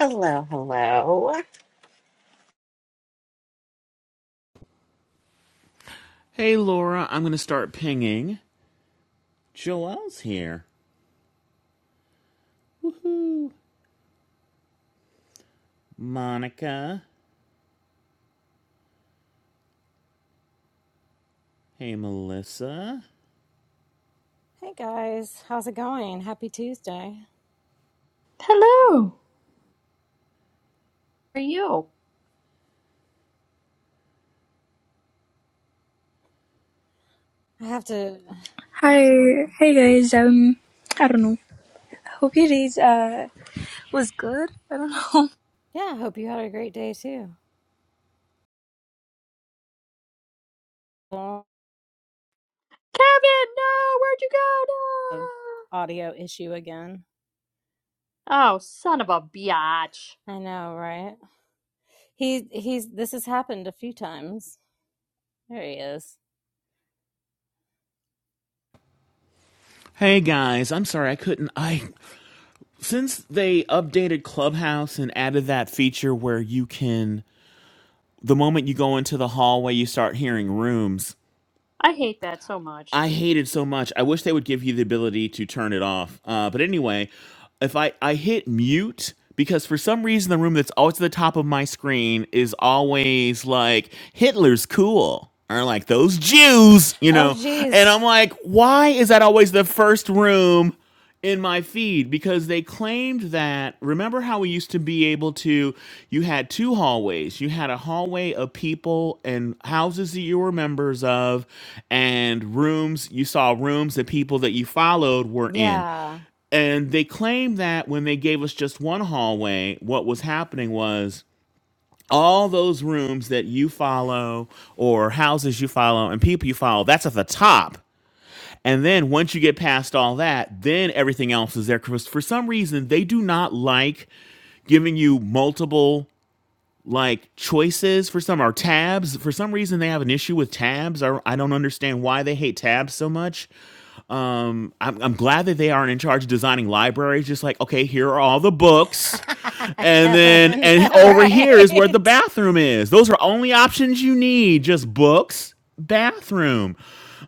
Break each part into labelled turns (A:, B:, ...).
A: Hello, hello.
B: Hey Laura, I'm gonna start pinging. Joelle's here. Woohoo. Monica. Hey Melissa.
C: Hey guys, how's it going? Happy Tuesday.
D: Hello. How are you?
C: I have to,
E: Hi, hey guys. Um, I don't know. Hope your days uh was good. I don't know.
C: yeah, hope you had a great day too. Well,
D: Kevin, no, where'd you go?
C: uh, Audio issue again.
D: No. Oh, son of a biatch.
C: I know, right? He he's this has happened a few times. There he is.
B: Hey guys, I'm sorry I couldn't I since they updated Clubhouse and added that feature where you can the moment you go into the hallway you start hearing rooms.
D: I hate that so much.
B: I hate it so much. I wish they would give you the ability to turn it off. Uh, but anyway, if I, I hit mute because for some reason the room that's always at the top of my screen is always like Hitler's cool or like those Jews, you
C: Oh
B: know. And
C: geez.
B: I'm like, why is that always the first room? in my feed because they claimed that remember how we used to be able to you had two hallways you had a hallway of people and houses that you were members of and rooms you saw rooms that people that you followed were in
C: Yeah.
B: and they claimed that when they gave us just one hallway what was happening was all those rooms that you follow or houses you follow and people you follow that's at the top and then once you get past all that, then everything else is there. Because for some reason, they do not like giving you multiple like choices for some or tabs. For some reason, they have an issue with tabs. I, I don't understand why they hate tabs so much. Um, I'm, I'm glad that they aren't in charge of designing libraries. Just like, okay, here are all the books. And then,
C: Kevin.
B: and over here is where the
C: right.
B: bathroom is. Those are only options you need. Just books, bathroom.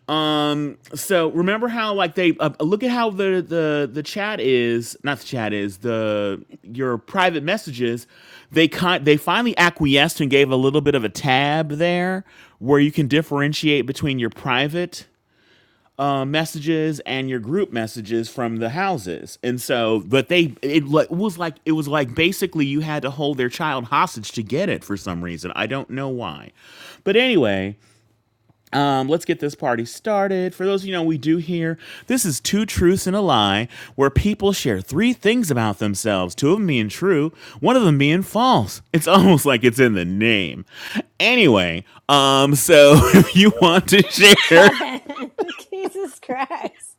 B: Um. So remember how like they uh, look at how the the the chat is not the chat is the your private messages. They kind they finally acquiesced and gave a little bit of a tab there where you can differentiate between your private uh, messages and your group messages from the houses. And so, but they it, li- it was like it was like basically you had to hold their child hostage to get it for some reason. I don't know why, but anyway. Um, let's get this party started. For those of you know, we do here. This is two truths and a lie, where people share three things about themselves. Two of them being true, one of them being false. It's almost like it's in the name. Anyway, um, so if you want to share
C: Kevin. Jesus Christ.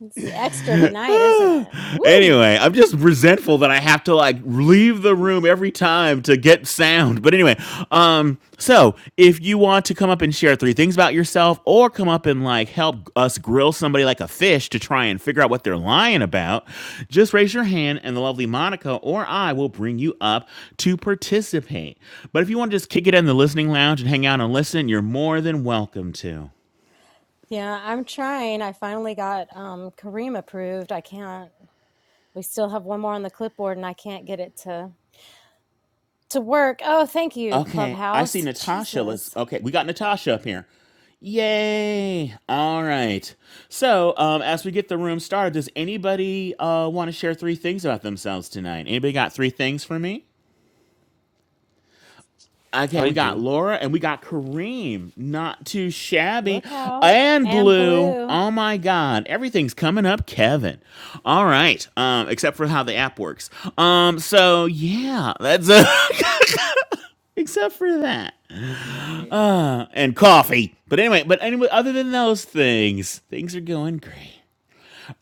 C: It's extra tonight, isn't it? Woo!
B: anyway, I'm just resentful that I have to like leave the room every time to get sound. But anyway, um, so if you want to come up and share three things about yourself, or come up and like help us grill somebody like a fish to try and figure out what they're lying about, just raise your hand, and the lovely Monica or I will bring you up to participate. But if you want to just kick it in the listening lounge and hang out and listen, you're more than welcome to.
C: Yeah, I'm trying. I finally got um Kareem approved. I can't we still have one more on the clipboard and I can't get it to to work. Oh, thank you,
B: Okay, I see
C: Clubhouse.
B: Natasha. Let's
C: Jesus.
B: okay, we got Natasha up here. Yay! All right. So, um, as we get the room started, does anybody uh, want to share three things about themselves tonight? Anybody got three things for me? Okay,
F: I
B: we got
F: do.
B: Laura and we got Kareem. Not too shabby.
C: Look out.
B: And
C: And
B: Blue.
C: blue.
B: Oh my God. Everything's coming up, Kevin. All right. Um, except for how the app works. Um, so yeah, that's a except for that.
C: Right.
B: Uh, and coffee. But anyway, but anyway, other than those things, things are going great.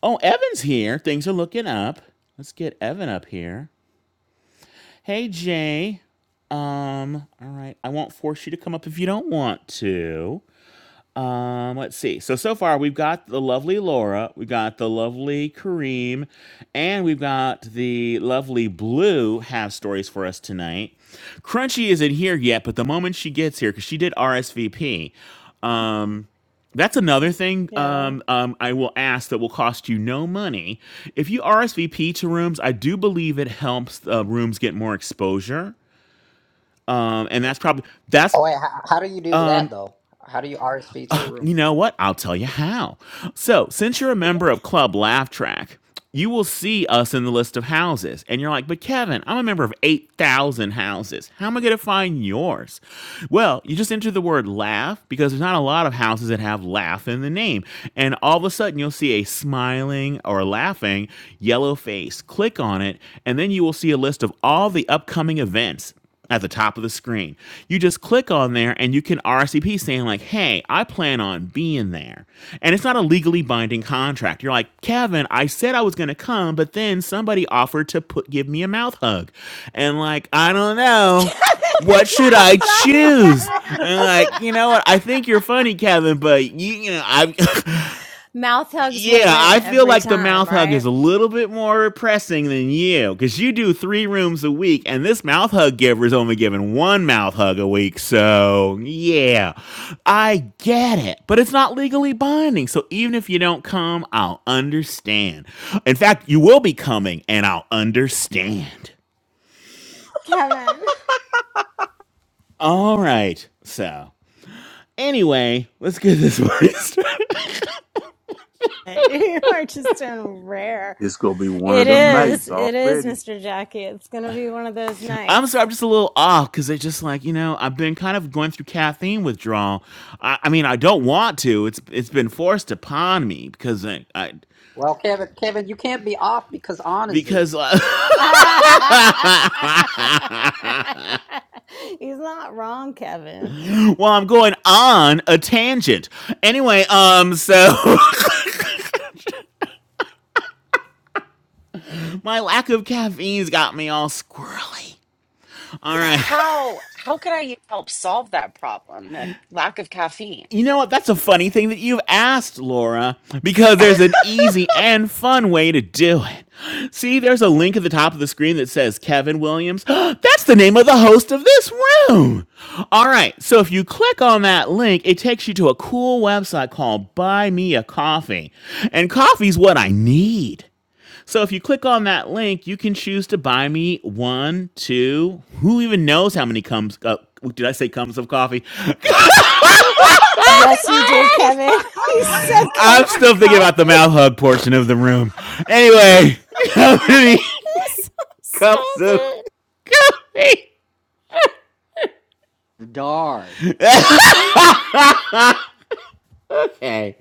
B: Oh, Evan's here. Things are looking up. Let's get Evan up here. Hey, Jay. Um, all right. I won't force you to come up if you don't want to. Um, let's see. So so far we've got the lovely Laura, we have got the lovely Kareem, and we've got the lovely Blue have stories for us tonight. Crunchy isn't here yet, but the moment she gets here, because she did RSVP. That's another thing
C: Yeah.
B: um, um, I will ask that will cost you no money. If you RSVP to rooms, I do believe it helps uh, rooms get more exposure, um, and that's probably that's
G: Oh wait, how, how do you do that though? How do you RSV to a room?
B: You know what? I'll tell you how. So, since you're a member of Club Laugh Track, you will see us in the list of houses. And you're like, but Kevin, I'm a member of 8,000 houses. How am I going to find yours? Well, you just enter the word laugh because there's not a lot of houses that have laugh in the name. And all of a sudden, you'll see a smiling or laughing yellow face. Click on it, and then you will see a list of all the upcoming events at the top of the screen. You just click on there and you can RSVP saying, like, hey, I plan on being there. And it's not a legally binding contract. You're like, Kevin, I said I was gonna come, but then somebody offered to put give me a mouth hug. And like, I don't
C: Kevin,
B: know. What should I
C: Stop it,
B: choose?
C: Kevin.
B: And like, you know what? I think you're funny, Kevin, but you, you know, I
C: Mouth hugs will
B: Yeah,
C: win
B: I feel
C: every
B: like the
C: time,
B: mouth hug
C: right?
B: is a little bit more pressing than you because you do three rooms a week, and this mouth hug giver is only giving one mouth hug a week. So, yeah, I get it, but it's not legally binding. So, even if you don't come, I'll understand. In fact, you will be coming, and I'll understand.
C: Kevin,
B: All right, so anyway, let's get this party started.
C: you are just doing rare.
H: It's gonna be one of
C: It
H: them
C: is.
H: nights
C: It is,
H: already.
C: Mr. Jackie. It's going to be one of those
B: I'm
C: nights.
B: sorry, I'm just a little off because it's just like you know I've been kind of going through caffeine withdrawal. I, I mean I don't want to. It's it's been forced upon me because I, I
G: Well, Kevin, Kevin, you can't be off because On is
B: because
G: here.
B: uh,
C: He's not wrong, Kevin.
B: well I'm going on a tangent anyway. Um, so my lack of caffeine's got me all squirrely. All right.
A: How how could I help solve that problem? The lack of caffeine.
B: You know what? That's a funny thing that you've asked, Laura, because there's an easy and fun way to do it. See, there's a link at the top of the screen that says Kevin Williams. That's the name of the host of this room. All right. So if you click on that link, it takes you to a cool website called Buy Me a Coffee. And coffee's what I need. So if you click on that link, you can choose to buy me one, two, who even knows how many comes, uh, did I say comes of coffee?
C: Yes,
G: That's
C: you
G: your-
C: did, Kevin. He
G: oh
C: said
B: I'm
C: cups of
B: still thinking about the
C: coffee.
B: mouth hug
C: I'm
B: portion of the room. Anyway, coffee.
C: sorry.
B: many
C: Stop
B: cups of
C: it.
B: coffee?
G: Dark.
B: Okay.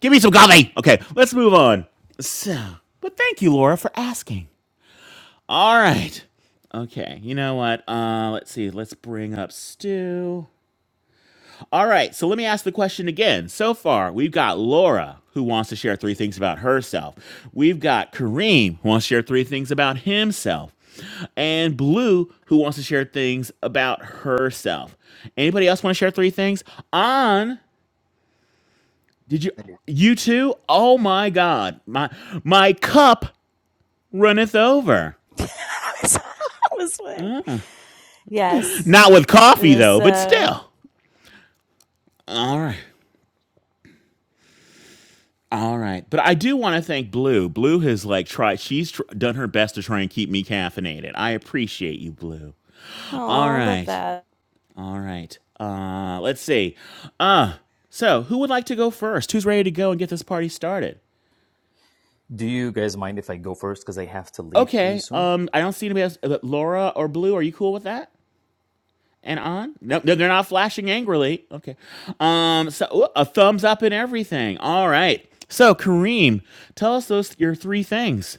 B: Give me some coffee. Okay, let's move on. So, but thank you, Laura, for asking. All right. Okay, you know what? Uh, let's see. Let's bring up Stu. All right, so let me ask the question again. So far, we've got Laura who wants to share three things about herself. We've got Kareem who wants to share three things about himself. And Blue who wants to share things about herself. Anybody else want to share three things? On, did you
G: my god.
B: you two? Oh my god. My my cup runneth over.
C: I'm sorry. I was like- yes,
B: Not with
C: it
B: coffee
C: is.
B: though, but
C: Uh,
B: still. All right. All right, but I do want to thank Blue. Blue has like tried; she's tr- done her best to try and keep me caffeinated. I appreciate you, Blue. All
C: oh, I love
B: right,
C: that.
B: all right. Uh, let's see. Uh, so who would like to go first? Who's ready to go and get this party started?
F: Do you guys mind if I go first? Because I have to leave pretty
B: Okay.
F: soon.
B: Um, I don't see anybody else. But Laura or Blue, are you cool with that? And on? No, no, they're not flashing angrily. Okay. Um, so ooh, a thumbs up and everything. All right. So Kareem, tell us those your three things.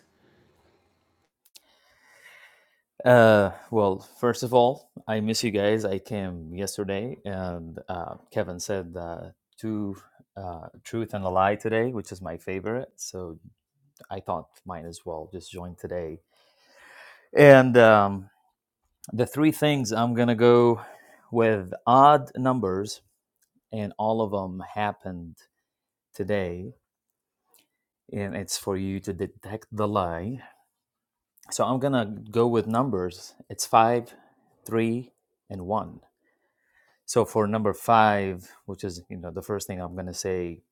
F: Uh, well, first of all, I miss you guys. I came yesterday, and uh, Kevin said uh, two uh, truth and a lie today, which is my favorite. So I thought might as well just join today. And um, the three things I'm gonna go with odd numbers, and all of them happened today. and it's for you to detect the lie. So I'm gonna go with numbers. It's five, three, and one. So for number five, which is you know the first thing I'm gonna say,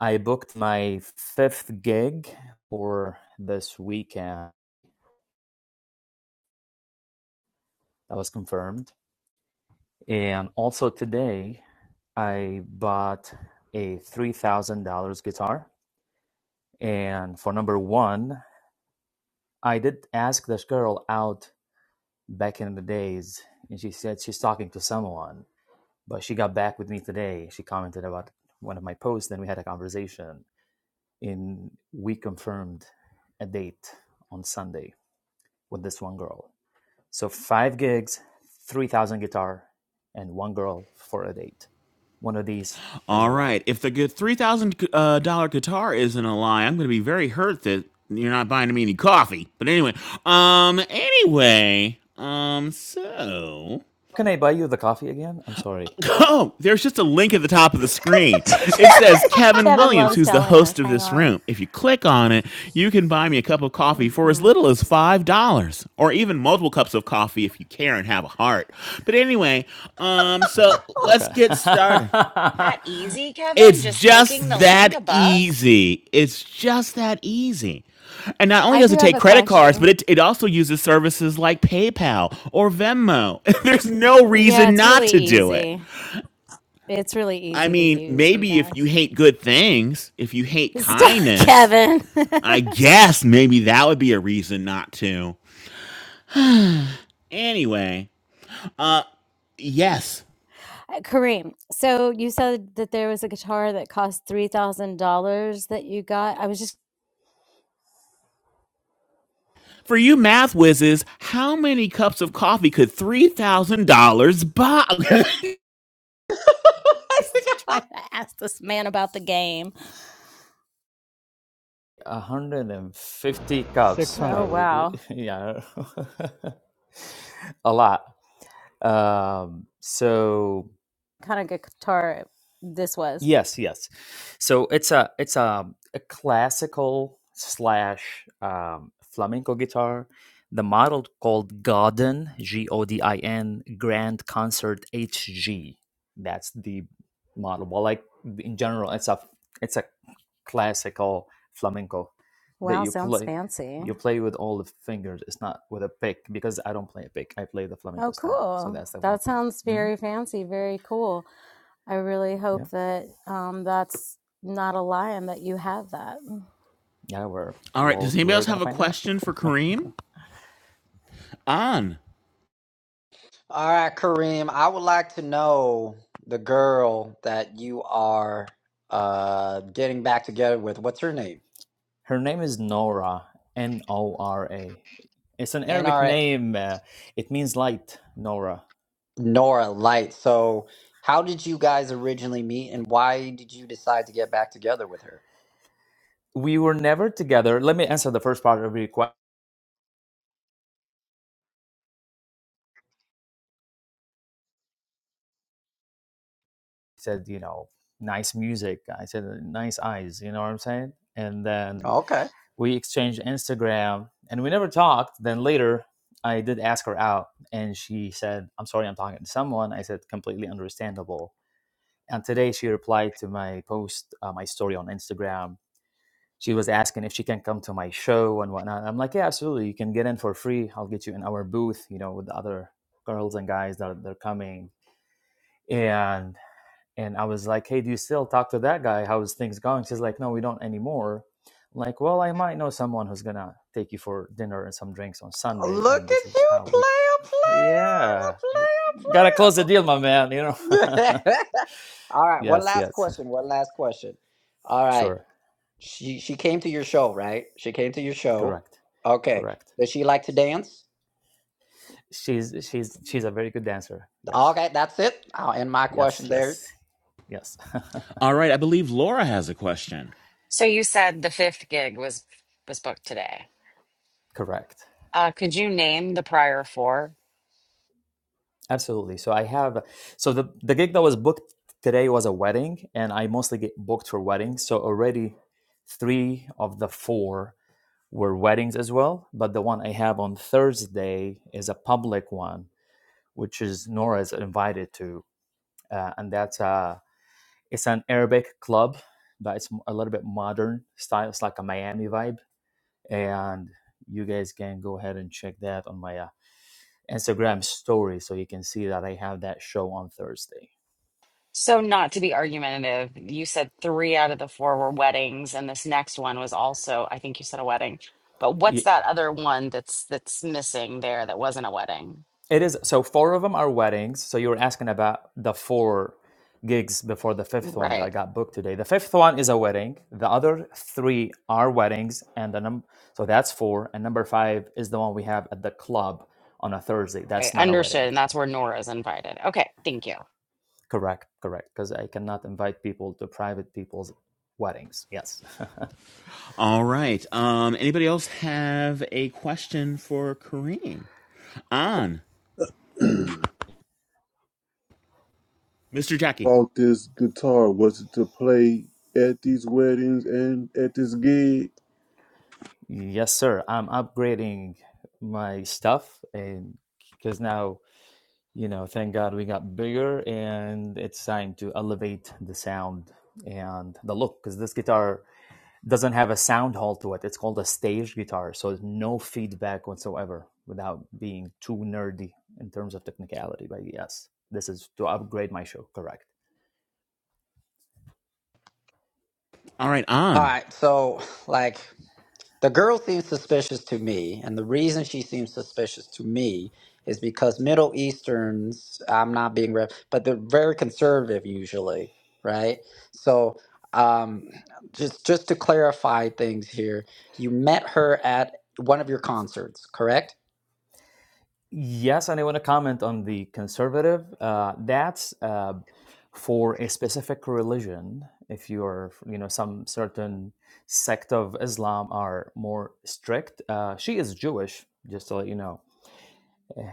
F: I booked my fifth gig for this weekend. That was confirmed, and also today, I bought a three thousand dollars guitar. And for number one, I did ask this girl out back in the days, and she said she's talking to someone, but she got back with me today. She commented about one of my posts, then we had a conversation, and we confirmed a date on Sunday with this one girl. So five gigs, three thousand guitar, and one girl for a date. One of these is
B: All
F: a lie.
B: right. If the good three thousand thousand dollar guitar isn't a lie, I'm going to be very hurt that you're not buying me any coffee. But anyway, um, anyway, um, so.
F: Can I buy you the coffee again? I'm sorry.
B: Oh, there's just a link at the top of the screen. It says Kevin
C: Kevin
B: Williams,
C: loves
B: who's the
C: telling
B: host
C: us.
B: of
C: Hang
B: this
C: on.
B: room. If you click on it, you can buy me a cup of coffee for as
C: Mm-hmm.
B: little as $5 or even multiple cups of coffee if you care and have a heart. But anyway, um so
F: Okay.
B: let's
F: Okay.
B: get started.
A: That easy, Kevin?
B: It's
A: Just clicking
B: just
A: the link
B: that
A: above?
B: easy. It's just that easy. And not only
C: I
B: does
C: do
B: it
C: have
B: take
C: a
B: credit cards, but
C: question.
B: it, it also uses services like PayPal or Venmo. There's no
C: Yeah,
B: reason
C: it's
B: not
C: really
B: to do it.
C: easy. It's really
B: I
C: easy to
B: mean,
C: use, you
B: maybe if you
C: guys.
B: hate good things, if you hate
C: Stop,
B: kindness,
C: Kevin.
B: I guess maybe that would be a reason not to. Anyway, yes.
C: Uh, Kareem, so you said that there was a guitar that cost $3,000 that you got. I was just
B: For you math whizzes, how many cups of coffee could $3,000 buy?
C: trying to ask this man about the game.
F: 150 cups
C: Oh,
I: 600.
F: probably
C: wow.
F: yeah a lot um so
C: Kind of good guitar this was.
F: Yes, yes. So it's a it's a, a classical slash um, flamenco guitar. The model called Godin G O D I N Grand Concert H G. That's the model. Well, like in general, it's a it's a classical flamenco that
C: Wow,
F: you
C: sounds
F: play
C: fancy.
F: you play with all the fingers. It's not with a pick because I don't play a pick. I play the
C: Oh,
F: flamenco style. So
C: cool.
F: that's the one.
C: That sounds
F: hmm
C: very fancy, very cool. I really
F: Yeah,
C: hope that um, that's not a lie and that you have that.
F: yeah. We're
B: All right. Does
F: well,
B: anybody
F: we're
B: else
F: gonna
B: have a
F: find out.
B: question for Kareem? On.
G: All right, Kareem, I would like to know the girl that you are uh getting back together with. What's her name?
F: Her name is Nora, N O R A. It's an
G: And all
F: Arabic
G: right,
F: name. uh, it means light, Nora.
G: Nora Light. So, how did you guys originally meet and why did you decide to get back together with her?
F: We were never together. Let me answer the first part of your question. I said, you know, nice music. I said, uh, nice eyes. You know what I'm saying? And then
G: Okay.
F: we exchanged Instagram and we never talked. Then later, I did ask her out and she said, I'm sorry, I'm talking to someone. I said, completely understandable. And today she replied to my post, uh, my story on Instagram she was asking if she can come to my show and whatnot. I'm like, yeah, absolutely. You can get in for free. I'll get you in our booth, you know, with the other girls and guys that are, they're coming. And and I was like, hey, do you still talk to that guy? How's things going? She's like, no, we don't anymore. I'm like, well, I might know someone who's gonna take you for dinner and some drinks on Sunday,
G: Look
F: and this
G: at
F: is
G: you,
F: how we.
G: player,
F: Yeah, gotta close the deal, my man. You
G: player, a player,
F: know.
G: player. All right, one
F: yes,
G: last
F: yes,
G: question. One last question. All right,
F: sure,
G: she she came to your show, right? She came to your show.
F: correct,
G: Okay,
F: correct.
G: does she like to dance?
F: She's she's she's a very good dancer. Yes
G: Okay, that's it. I'll end my
F: yes
G: question there.
F: yes yes
B: All right. I believe Laura has a question.
A: So you said the fifth gig was was booked today.
F: correct
A: Uh, could you name the prior four?
F: absolutely so i have so the, the gig that was booked today was a wedding and i mostly get booked for weddings so already three of the four were weddings as well but the one i have on thursday is a public one which is nora's invited to uh, and that's uh it's an arabic club but it's a little bit modern style it's like a miami vibe and you guys can go ahead and check that on my uh, Instagram story so you can see that I have that show on Thursday.
A: So not to be argumentative, you said three out of the four were weddings, and this next one was also, I think you said a wedding. But what's that other one that's that's missing there that wasn't a wedding?
F: It is so four of them are weddings. So you were asking about the four gigs before the fifth one that
A: Right.
F: I got booked today. The fifth one is a wedding. The other three are weddings, and the num so that's four. And number five is the one we have at the club on a Thursday.
A: Okay,
F: That's not a
A: understood.
F: wedding.
A: And that's where Nora's invited. Okay, thank you.
F: Correct, correct. Because I cannot invite people to private people's weddings. Yes.
B: All right. Um. Anybody else have a question for Kareem? On. Mr. Jackie.
H: Bought this guitar. Was it to play at these weddings and at this gig?
F: Yes, sir. I'm upgrading my stuff and because now, you know, thank God we got bigger and it's time to elevate the sound and the look because this guitar doesn't have a sound hole to it. It's called a stage guitar, so there's no feedback whatsoever without being too nerdy in terms of technicality. But yes, this is to upgrade my show, correct.
B: All right.
G: All
B: On.
G: right, so like. The girl seems suspicious to me, and the reason she seems suspicious to me is because Middle Easterns, I'm not being rep, but they're very conservative usually, right? So, um, just just to clarify things here, you met her at one of your concerts, correct?
F: Yes, and I want to comment on the conservative. Uh, that's uh, for a specific religion. If you're, you know, some certain sect of Islam are more strict. Uh, she is Jewish, just to let you know.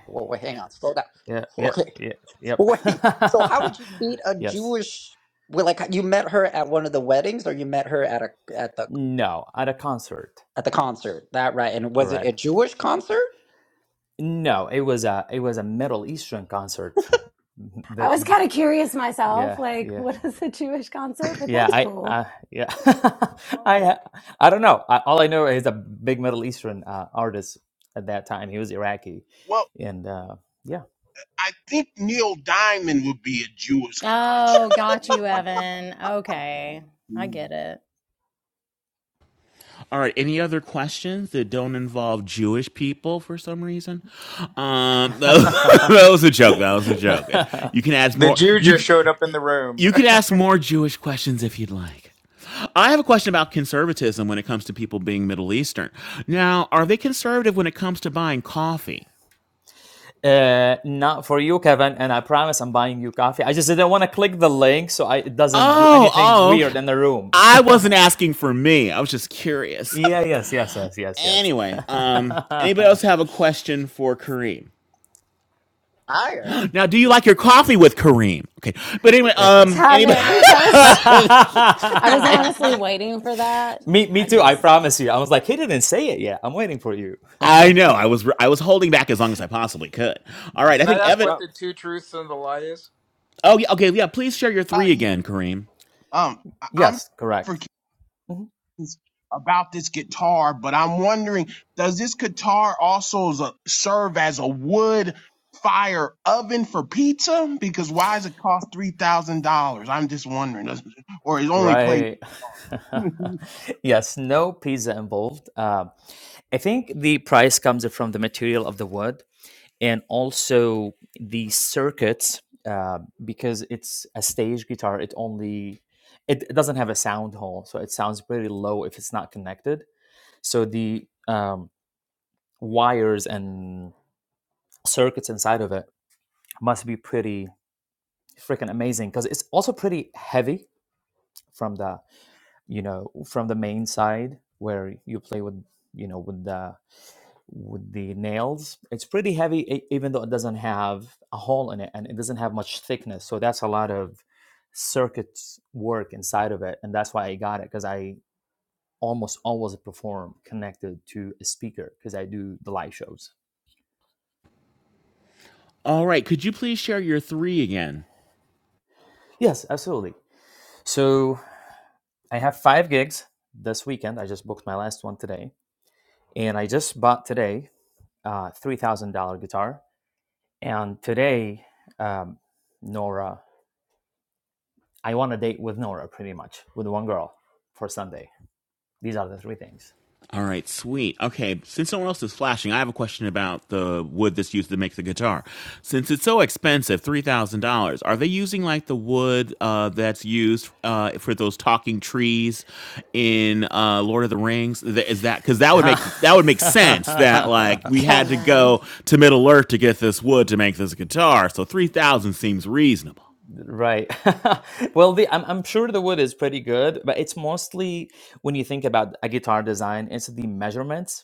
G: Well, wait, hang on, slow down.
F: Yeah, yeah,
G: Okay,
F: yeah, yep.
G: wait. So, how did you meet a
F: yes.
G: Jewish? Well, like you met her at one of the weddings, or you met her at a at the
F: No, at a concert.
G: at the concert? That right? And was it a
F: Correct.
G: Jewish concert?
F: No, it was a it was a Middle Eastern concert.
C: I
F: That
C: was kind of curious myself,
F: yeah,
C: like,
F: yeah.
C: what is a Jewish concert? But
F: Yeah,
C: that's
F: I,
C: cool.
F: uh, yeah, I,
J: Um,
F: uh, I don't know. I, all I know is a big Middle Eastern uh, artist at that time. He was Iraqi,
J: Well,
F: and uh, yeah.
J: I think Neil Diamond would be a Jewish concert.
C: Oh,
J: I
C: got
J: think.
C: you, Evan. Okay, I get it.
B: All right. Any other questions that don't involve Jewish people for some reason? Um, that, was that was a joke. That was a joke. You can ask
K: The
B: more.
K: Jew
B: You
K: just showed up in the room.
B: you can ask more Jewish questions if you'd like. I have a question about conservatism when it comes to people being Middle Eastern. Now, are they conservative when it comes to buying coffee?
F: uh, not for you, Kevin. And I promise I'm buying you coffee. I just didn't want to click the link so I, it doesn't do
B: Oh,
F: anything
B: oh, okay.
F: weird in the room.
B: I wasn't asking for me. I was just curious.
F: yeah.
B: Okay.
F: Yes. Yes. Yes. Yes. Yes.
B: Anyway, um, anybody else have a question for Kareem?
G: higher.
B: Now, do you like your coffee with Kareem? Okay, but anyway,
F: yeah.
B: um, anybody?
C: Kevin, I was I was honestly waiting for that.
F: me. Me
C: I
F: too. I
C: just,
F: promise you. I was like, he didn't say it yet. I'm waiting for you.
B: I know I was I was holding back as long as I possibly could. All right, I
K: Can
F: Yeah,
K: I
B: think
F: good
K: ask
B: Evan.
K: what
F: job.
K: the two truths and the lie is?
B: Oh, yeah, okay, yeah. Please share your
J: Uh,
B: three
J: y-
B: again, Kareem.
J: um, I- I'm
F: Yes, correct.
J: forgetting
F: Mhm.
J: about this guitar, but I'm wondering, does this guitar also as a, serve as a wood fire oven for pizza? Because why does it cost three thousand dollars? I'm just wondering, Does- or is only played.
F: Right.
J: oh
F: yes, no pizza involved. Uh, I think the price comes from the material of the wood and also the circuits uh, because it's a stage guitar. It only it, it doesn't have a sound hole, so it sounds very low if it's not connected. So the um, wires and circuits inside of it must be pretty freaking amazing because it's also pretty heavy from the you know from the main side where you play with you know with the with the nails it's pretty heavy e- even though it doesn't have a hole in it and it doesn't have much thickness so that's a lot of circuit work inside of it and that's why i got it because i almost always perform connected to a speaker because i do the live shows
B: All right, could you please share your three again?
F: yes absolutely so i have five gigs this weekend i just booked my last one today and i just bought today a $3000 guitar And today, um, Nora, I want a date with Nora pretty much, with one girl for Sunday. These are the three things.
B: All right, sweet. Okay, since no one else is flashing, I have a question about the wood that's used to make the guitar. Since it's so expensive, three thousand dollars, are they using like the wood uh, that's used uh, for those talking trees in uh, Lord of the Rings? Th- Is that because that would make that would make sense that like we had to
C: Kevin.
B: go to Middle Earth to get this wood to make this guitar, so three thousand seems reasonable.
F: right. well, the, I'm, I'm sure the wood is pretty good, but it's mostly when you think about a guitar design, it's the measurements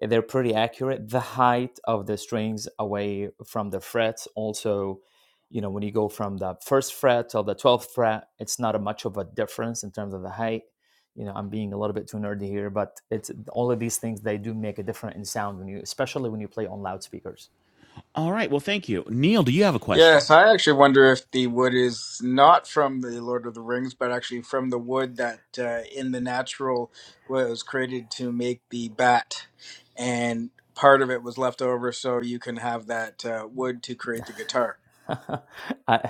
F: they're pretty accurate. The height of the strings away from the frets also, you know, when you go from the first fret to the twelfth fret, it's not a much of a difference in terms of the height. You know, I'm being a little bit too nerdy here, but it's all of these things they do make a difference in sound when you, especially when you play on loudspeakers.
B: All right, well, thank you, Neil. Do you have a question?
K: Yes, I actually wonder if the wood is not from the Lord of the Rings, but actually from the wood that uh, in the natural was created to make the bat, and part of it was left over so you can have that uh, wood to create the guitar.
F: I, I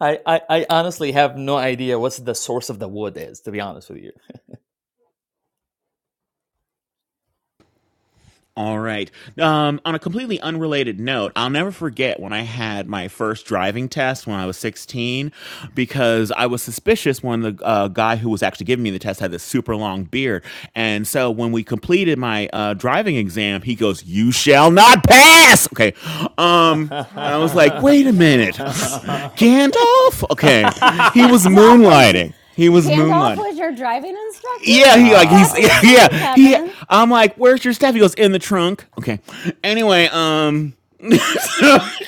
F: I I honestly have no idea what's the source of the wood is, to be honest with you.
B: All right. Um, on a completely unrelated note, I'll never forget when I had my first driving test when I was 16 because I was suspicious when the uh, guy who was actually giving me the test had this super long beard. And so when we completed my uh, driving exam, he goes, You shall not pass. Okay. Um, I was like,
C: Kevin,
B: Wait a minute.
C: no.
B: Gandalf? Okay. He was
C: Gandalf was
B: moonlighting. He was
C: Gandalf
B: moonlighting
C: was your driving
B: yeah,
C: instructor?
B: he like he's
C: That's
F: Ah.
B: yeah,
C: insane,
B: yeah he
C: Kevin.
B: I'm like, "Where's your stuff?" He goes, "In the trunk." Okay. Anyway, um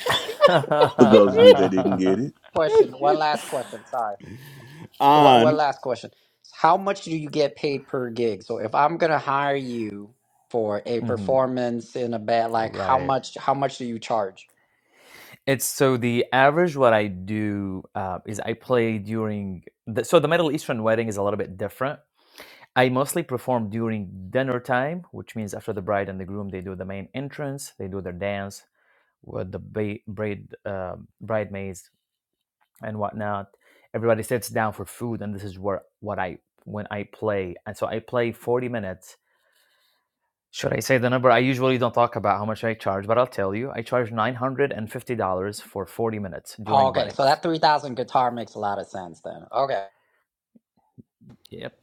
H: For those of you that didn't get it,
G: Question. One last question. Sorry. One, one
B: on.
G: last question. How much do you get paid per gig? So if I'm gonna hire you for a
F: Mhm.
G: performance in a band, like how
F: Right.
G: much? How much do you charge?
F: It's so the average what I do uh, is I play during the, so the Middle Eastern wedding is a little bit different. I mostly perform during dinner time, which means after the bride and the groom, they do the main entrance, they do their dance with the ba- braid, uh, bridesmaids and whatnot. Everybody sits down for food, and this is where what I when I play, and so I play forty minutes Should I say the number? I usually don't talk about how much I charge, but I'll tell you. I charge $950 for 40 minutes
G: Oh,
F: during
G: okay, so
F: weddings.
G: that three thousand guitar makes a lot of sense then. Okay.
F: Yep.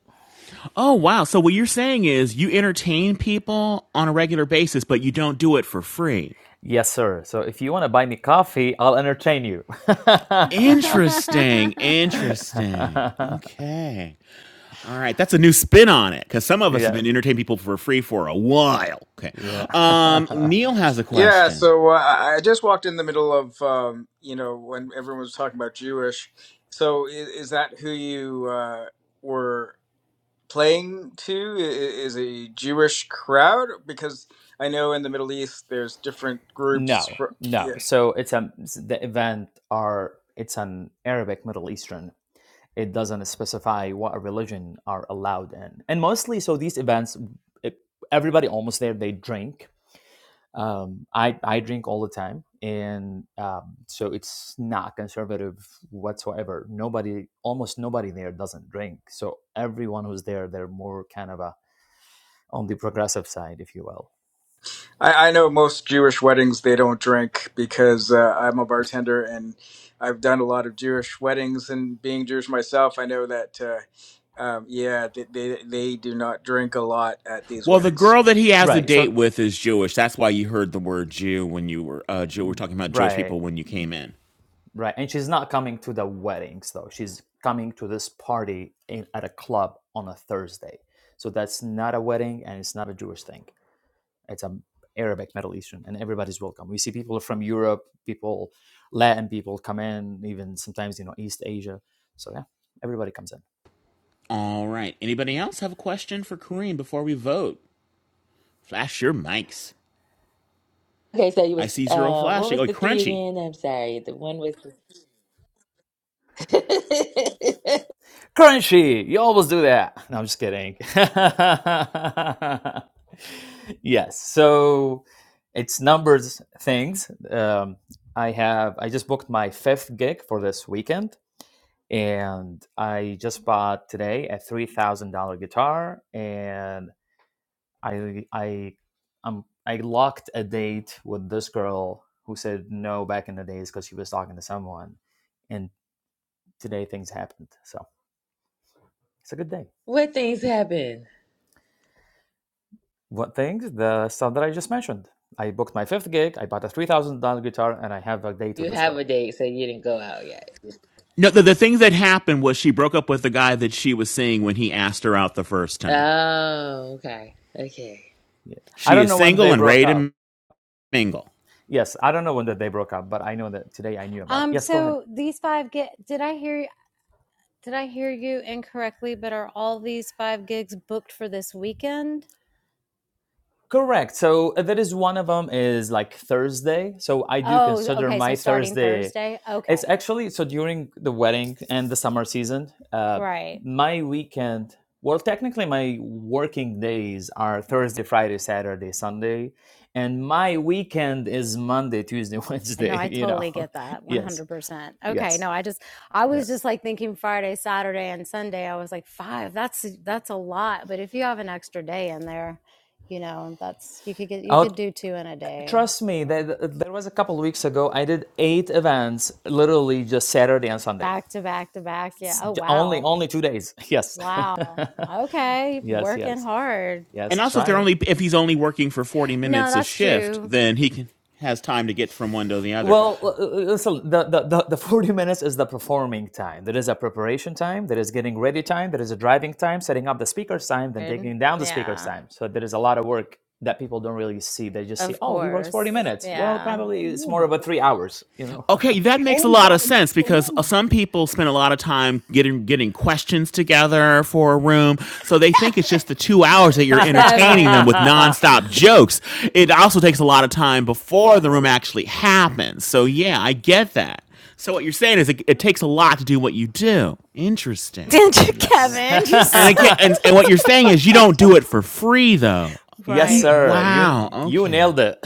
B: Oh, wow. So what you're saying is you entertain people on a regular basis, but you don't do it for free.
F: Yes, sir. So if you want to buy me coffee, I'll entertain you. yeah,
B: Interesting. Interesting. Okay. All right. That's a new spin on it because some of us have been entertaining people for free for a while. Okay. Um,
F: yeah.
B: Neil has a
K: Yeah,
B: question.
K: so uh, I I just walked in the middle of um, you know when everyone was talking about Jewish. So is, is that who you uh, were? playing to i- is a Jewish crowd because I know in the Middle East there's different groups
F: no,
K: for.
F: no.
K: Yeah,
F: So it's a the event are it's an Arabic Middle Eastern. It doesn't specify what religion are allowed in, and mostly so these events, it, everybody almost there they drink um, I I drink all the time, and um, so it's not conservative whatsoever. Nobody, almost nobody there doesn't drink. So everyone who's there, they're more kind of a on the progressive side, if you will.
K: I, I know most Jewish weddings they don't drink because uh, I'm a bartender and I've done a lot of Jewish weddings and being Jewish myself, I know that uh, um, yeah, they, they they do not drink a lot at these
B: Well, the
K: weddings.
B: girl that he has a
F: Right.
B: date
F: So
B: with is Jewish. That's why you heard the word Jew when you were uh, Jew. We're talking about Jewish
F: right,
B: people when you came in.
F: right, and she's not coming to the weddings though. She's coming to this party in, at a club on a Thursday. So that's not a wedding, and it's not a Jewish thing. It's a Arabic Middle Eastern, and everybody's welcome. We see people from Europe, people, Latin people come in, even sometimes you know East Asia. So yeah, everybody comes in.
B: All right. Anybody else have a question for Kareem before we vote? Flash your mics.
L: Okay, so you
B: I
L: was
B: see zero
L: uh what
B: flashing.
L: was
B: Oh,
L: the three
B: crunchy.
L: again? I'm sorry. The one was
F: Currency, you always do that. No, I'm just kidding. yes, so it's numbers things. Um, I have I just booked my fifth gig for this weekend, and I just bought today a three thousand dollar guitar and I I um I locked a date with this girl who said no back in the days because she was talking to someone, and today things happened. So it's a good day.
L: What things happen?
F: What things? The stuff that I just mentioned. I booked my fifth gig. I bought a three thousand dollar guitar, and I have a date with
L: You
F: this
L: have
F: girl.
L: a date, so you didn't go out yet.
B: No, the, the thing that happened was she broke up with the guy that she was seeing when he asked her out the first time.
L: Oh, okay. Okay.
F: Yeah. I
B: She
F: don't
B: is
F: know when they
B: single
F: Wow.
B: and
F: broke
B: ready
F: up.
B: to mingle.
F: Yes, I don't know when that they broke up, but I know that today I knew about it.
C: um,
F: Yes, go ahead.
C: so these five get did I hear did I hear you incorrectly, but are all these five gigs booked for this weekend?
F: Correct. So uh, that is one of them is like Thursday. So I do
C: Oh,
F: consider
C: okay, so
F: my
C: starting
F: Thursday.
C: Thursday.
F: It's
C: Okay.
F: actually so during the wedding and the summer season, uh,
C: Right.
F: my weekend. Well, technically, my working days are Thursday, Friday, Saturday, Sunday, and my weekend is Monday, Tuesday,
C: No,
F: Wednesday.
C: I
F: You
C: totally
F: know,
C: get that.
F: yes,
C: 100%. Okay,
F: yes,
C: no, I just I was just
F: yes.
C: like thinking Friday, Saturday and Sunday. I was like, 5. That's that's a lot, but if you have an extra day in there, you know, that's you could get you
F: Oh,
C: could do two in a day.
F: trust me.
C: So,
F: That there was a couple of weeks ago. I did eight events, literally just Saturday and Sunday.
C: back to back to back. Yeah. Oh,
F: Only
C: wow.
F: only two days. Yes,
C: Wow. Okay.
F: yes,
C: Working
F: yes,
C: hard.
B: And
F: yes.
B: also, if they're
F: Try.
B: only if he's only working for forty
C: No,
B: minutes a
C: that's
B: shift,
C: true.
B: then he can, has time to get from one to the other.
F: Well, so The, the the the forty minutes is the performing time. There is a preparation time. There is getting ready time. There is a driving time, setting up the speakers time, then
C: Good.
F: taking down the speakers
C: Yeah.
F: time. So there is a lot of work that people don't really see. They just see,
C: Of
F: oh, he works forty
C: course.
F: minutes. Well,
C: Yeah.
F: probably it's more about
J: yeah,
F: three hours. You
B: Okay, that makes
J: and
B: a
J: you
B: lot of
J: gotta make
B: sense
J: some
B: because uh,
J: room.
B: some people spend a lot of time getting getting questions together for a room, so they think it's
C: Kevin.
B: just the two hours that
F: know.
B: you're entertaining them
C: Kevin.
B: with nonstop jokes. It also takes a lot of time before the room actually happens. So yeah, I get that. So what you're saying is it, it takes a lot to do what you do. Interesting.
C: Didn't you,
B: All right,
F: yes.
C: Kevin? You
B: and
C: said.
B: again, and, and what you're saying is you don't do it for free though.
F: Yes,
B: And,
C: Right.
F: sir. You
B: wow.
F: you
B: Okay.
F: nailed it.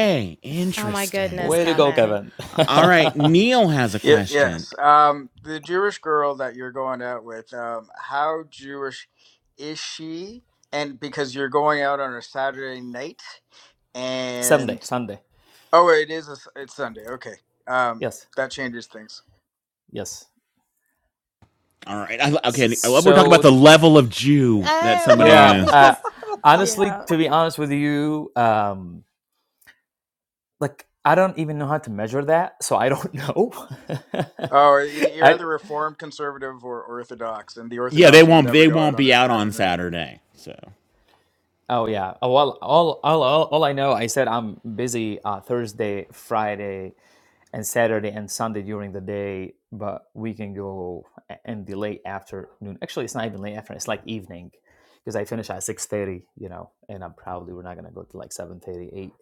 C: Oh my
B: interesting.
C: goodness,
F: Way to go,
C: Kevin.
F: Kevin.
B: All right, Neil has a
K: Yeah,
B: question.
K: yes. Um, the Jewish girl that you're going out with, um, how Jewish is she? And because you're going out on a Saturday night,
F: Sunday,
K: and
F: Sunday.
K: oh, it is a s it's Sunday. Okay, um,
F: Yes,
K: that changes things.
F: yes.
B: All right, I, okay. I
F: S-
B: love we're talking about the
F: So
B: level of Jew that
C: Uh,
B: somebody
C: well,
F: yeah,
B: is.
F: uh,
C: because,
F: honestly,
C: yeah.
F: to be honest with you, um, like I don't even know how to measure that, so I don't know.
K: Oh, y- you're
F: I
K: either Reformed, Conservative, or Orthodox, and the
B: Yeah, they
K: Orthodox will
B: won't.
K: never
B: They
K: go out
B: won't
K: on
B: be
K: a
B: out on
K: Saturday night.
B: Saturday. So,
F: Oh yeah. Oh, well, all, all, all, all I know, I said I'm busy uh, Thursday, Friday, and Saturday and Sunday during the day, but we can go a- and be late afternoon. Actually, it's not even late afternoon. It's like evening, because I finish at six thirty. You know, and I'm probably we're not gonna go to like seven thirty, eight.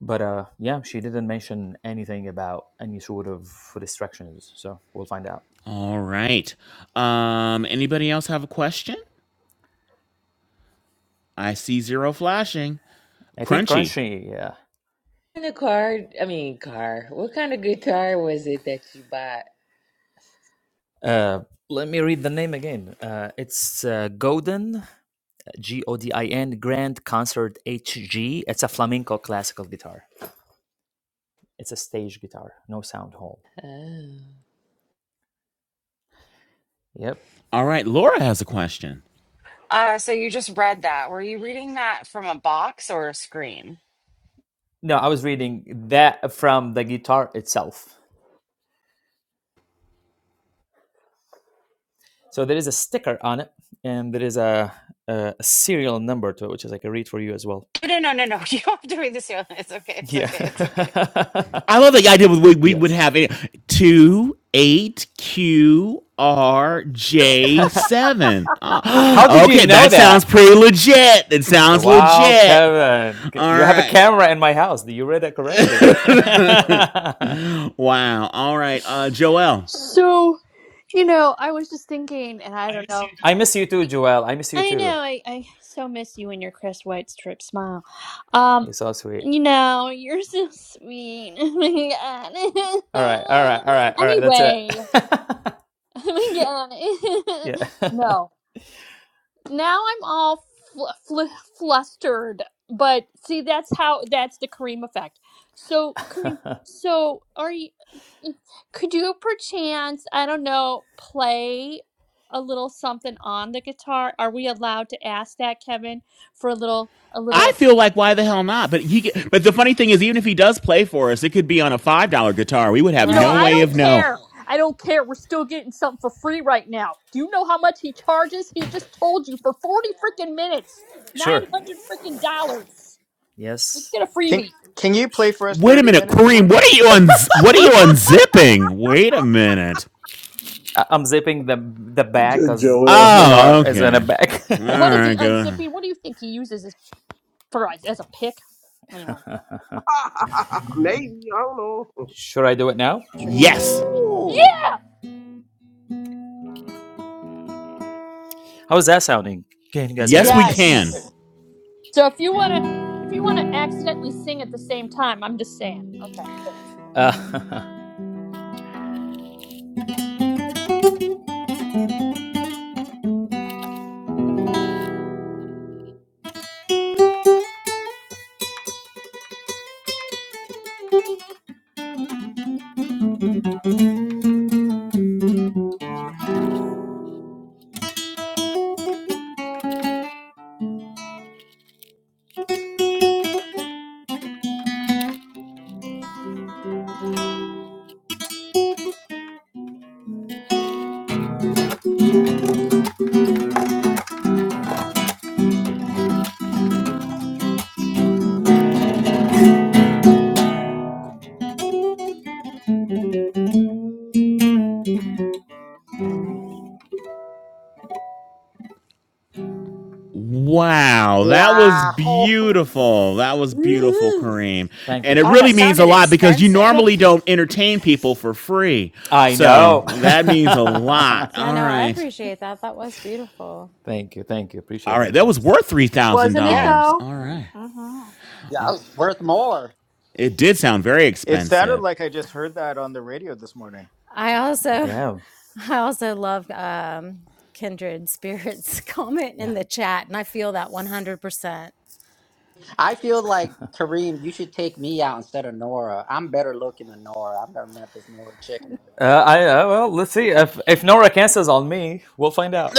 F: But uh, yeah, she didn't mention anything about any sort of restrictions, so we'll find out.
B: all right. Um, anybody else have a question? I see zero flashing.
F: I think
B: Crunchy.
F: Crunchy. Yeah.
L: And the car, I mean car. What kind of guitar was it that you bought?
F: Uh, let me read the name again. Uh, it's uh, Godin. G O D I N Grand Concert HG. It's a flamenco classical guitar. It's a stage guitar, no sound hole.
L: Oh.
F: Yep.
B: All right, Laura has a question.
A: Uh, so you just read that. Were you reading that from a box or a screen?
F: No, I was reading that from the guitar itself. So there is a sticker on it, and there is a, a serial number to it, which is I can read for you as well.
A: No, no, no, no. no. You don't have to read this. Yolanda. It's okay. It's
F: Yeah.
A: okay. It's okay.
B: I love the idea we, we would
F: yes.
B: have it two eight Q R J seven.
F: How
B: Ah,
F: did you
B: okay,
F: know
B: that sounds
F: that?
B: pretty legit. It sounds
F: Wow,
B: legit.
F: Kevin,
B: All
F: you have a
B: right.
F: camera in my house. You read that correctly.
B: wow. All right, uh, Joel.
D: So, you know, I was just thinking, and I don't know.
F: I miss you too, Joel. I miss you
D: I
F: too.
D: know, I, I so miss you and your Chris White strip smile. Um,
F: You so sweet.
D: you know, you're so sweet.
F: All right, all right,
D: Oh my
F: all
D: god.
F: right, all right. That's it.
D: anyway, oh my god.
F: yeah,
D: no. now I'm all fl- fl- flustered. But see, that's how that's the Kareem effect. So Kareem, so are you? Could you perchance, I don't know, play a little something on the guitar? Are we allowed to ask that, Kevin, for a little, a
B: I
D: little?
B: feel like why the hell not? But he. but the funny thing is, even if he does play for us, it could be on a five dollar guitar. We would have
D: You know,
B: no
D: I
B: way
C: Right.
D: don't
B: of knowing.
D: care. I don't care. We're still getting something for free right now. Do you know how much he charges? He just told you for forty freaking minutes, nine
F: Sure.
D: hundred freaking dollars. Let's
F: Yes.
D: get a
K: Can
D: freebie.
K: Can you play for us
B: Wait a
K: thirty
B: minute,
K: minutes
B: Kareem.
K: worth?
B: What are you on? un? What are you unzipping? Wait a minute.
F: I- I'm zipping the the bag
H: J-
F: because
H: Joel
F: because the
H: Honey.
B: Oh,
F: gar is in a
B: okay.
F: bag.
B: All
D: What is he
B: right, go ahead.
D: unzipping? What do you think he uses as, for as, as a pick? Anyway,
F: Should I do it now?
D: sure.
B: Yes,
G: Ooh,
D: Yeah.
F: How's that sounding? Can you guys hear
B: yes,
F: it?
B: we can.
D: Yes. So if you wanna, if you wanna accidentally sing at the same time, I'm just saying. Okay. Thanks.
F: Uh,
B: Wow, that was
G: wow.
B: beautiful. That was beautiful,
L: Woo-hoo.
B: Kareem.
F: thank
B: And
F: you.
B: it
A: God,
B: really
A: that
J: Oh,
B: means a
A: sounded
B: lot because you normally
A: expensive.
D: Thanks.
B: don't entertain people for free.
F: I
B: So
F: know.
B: that means a lot.
C: Yeah,
B: All
C: no, I
B: right.
C: appreciate that. That was beautiful.
F: thank you, thank you. Appreciate
B: All right.
F: that,
B: That was
F: guys.
B: worth
D: Wasn't it
A: Yeah,
B: $3,000.
D: though?
B: All right.
D: Mm-hmm.
G: Yeah, it's worth more.
B: It did sound very
K: It sounded
B: expensive.
K: like I just heard that on the radio this morning.
C: I also,
F: Yeah,
C: I also love um, kindred spirits comment
F: Yeah.
C: in the chat, and I feel that 100%.
G: I feel like Kareem, you should take me out instead of Nora. I'm better looking than Nora. I've never met this Nora chick. in my life.
F: Uh, I uh, well, let's see if if Nora cancels on me, we'll find out.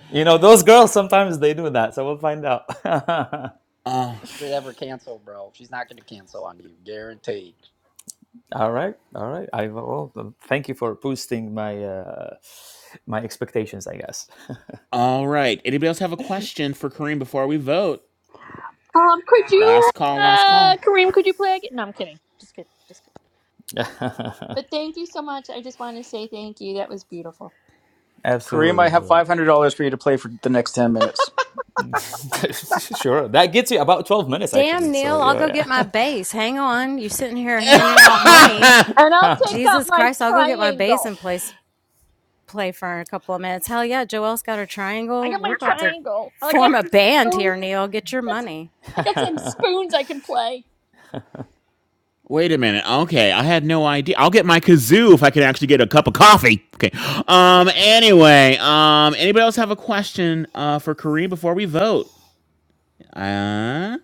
F: you know, those girls sometimes they do that, so we'll find out. all
G: ever cancel, bro. She's not going to cancel on you, guaranteed.
F: right, all right. I will. well, um, thank you for boosting my uh, my expectations, I guess.
B: All right. Anybody else have a question for Kareem before we vote?
D: Um, could you,
B: Last call, last
D: uh,
B: call.
D: Kareem, could you play again? No, I'm kidding. Just kidding. Just kidding. But thank you so much. I just want to say thank you. That was beautiful.
K: Kareem, I
F: Absolutely,
K: have
F: Joe.
K: five hundred dollars for you to play for the next ten minutes.
F: sure. That gets you about twelve minutes,
C: Damn,
F: actually. So
C: Neil, I'll go
F: yeah.
C: get my base. Hang on. You sitting here handing out money.
D: And I'll take
F: yeah.
D: out
C: Jesus
D: my
C: Christ, I'll go get my base
D: triangle.
C: and play, play for a couple of minutes. Hell yeah, Joelle's got her
D: I
C: triangle.
D: got
C: We're
D: my
C: about to
D: triangle. Oh, I got
C: form a
D: some
C: band
D: stones.
C: here, Neil. Get your
D: That's.
C: money.
D: I got some spoons I can play.
B: Wait a minute. Okay, I had no idea. I'll get my kazoo if I can actually get a cup of coffee. Okay. Um. Anyway. Um. Anybody else have a question? Uh. For Kareem before we vote. Uh.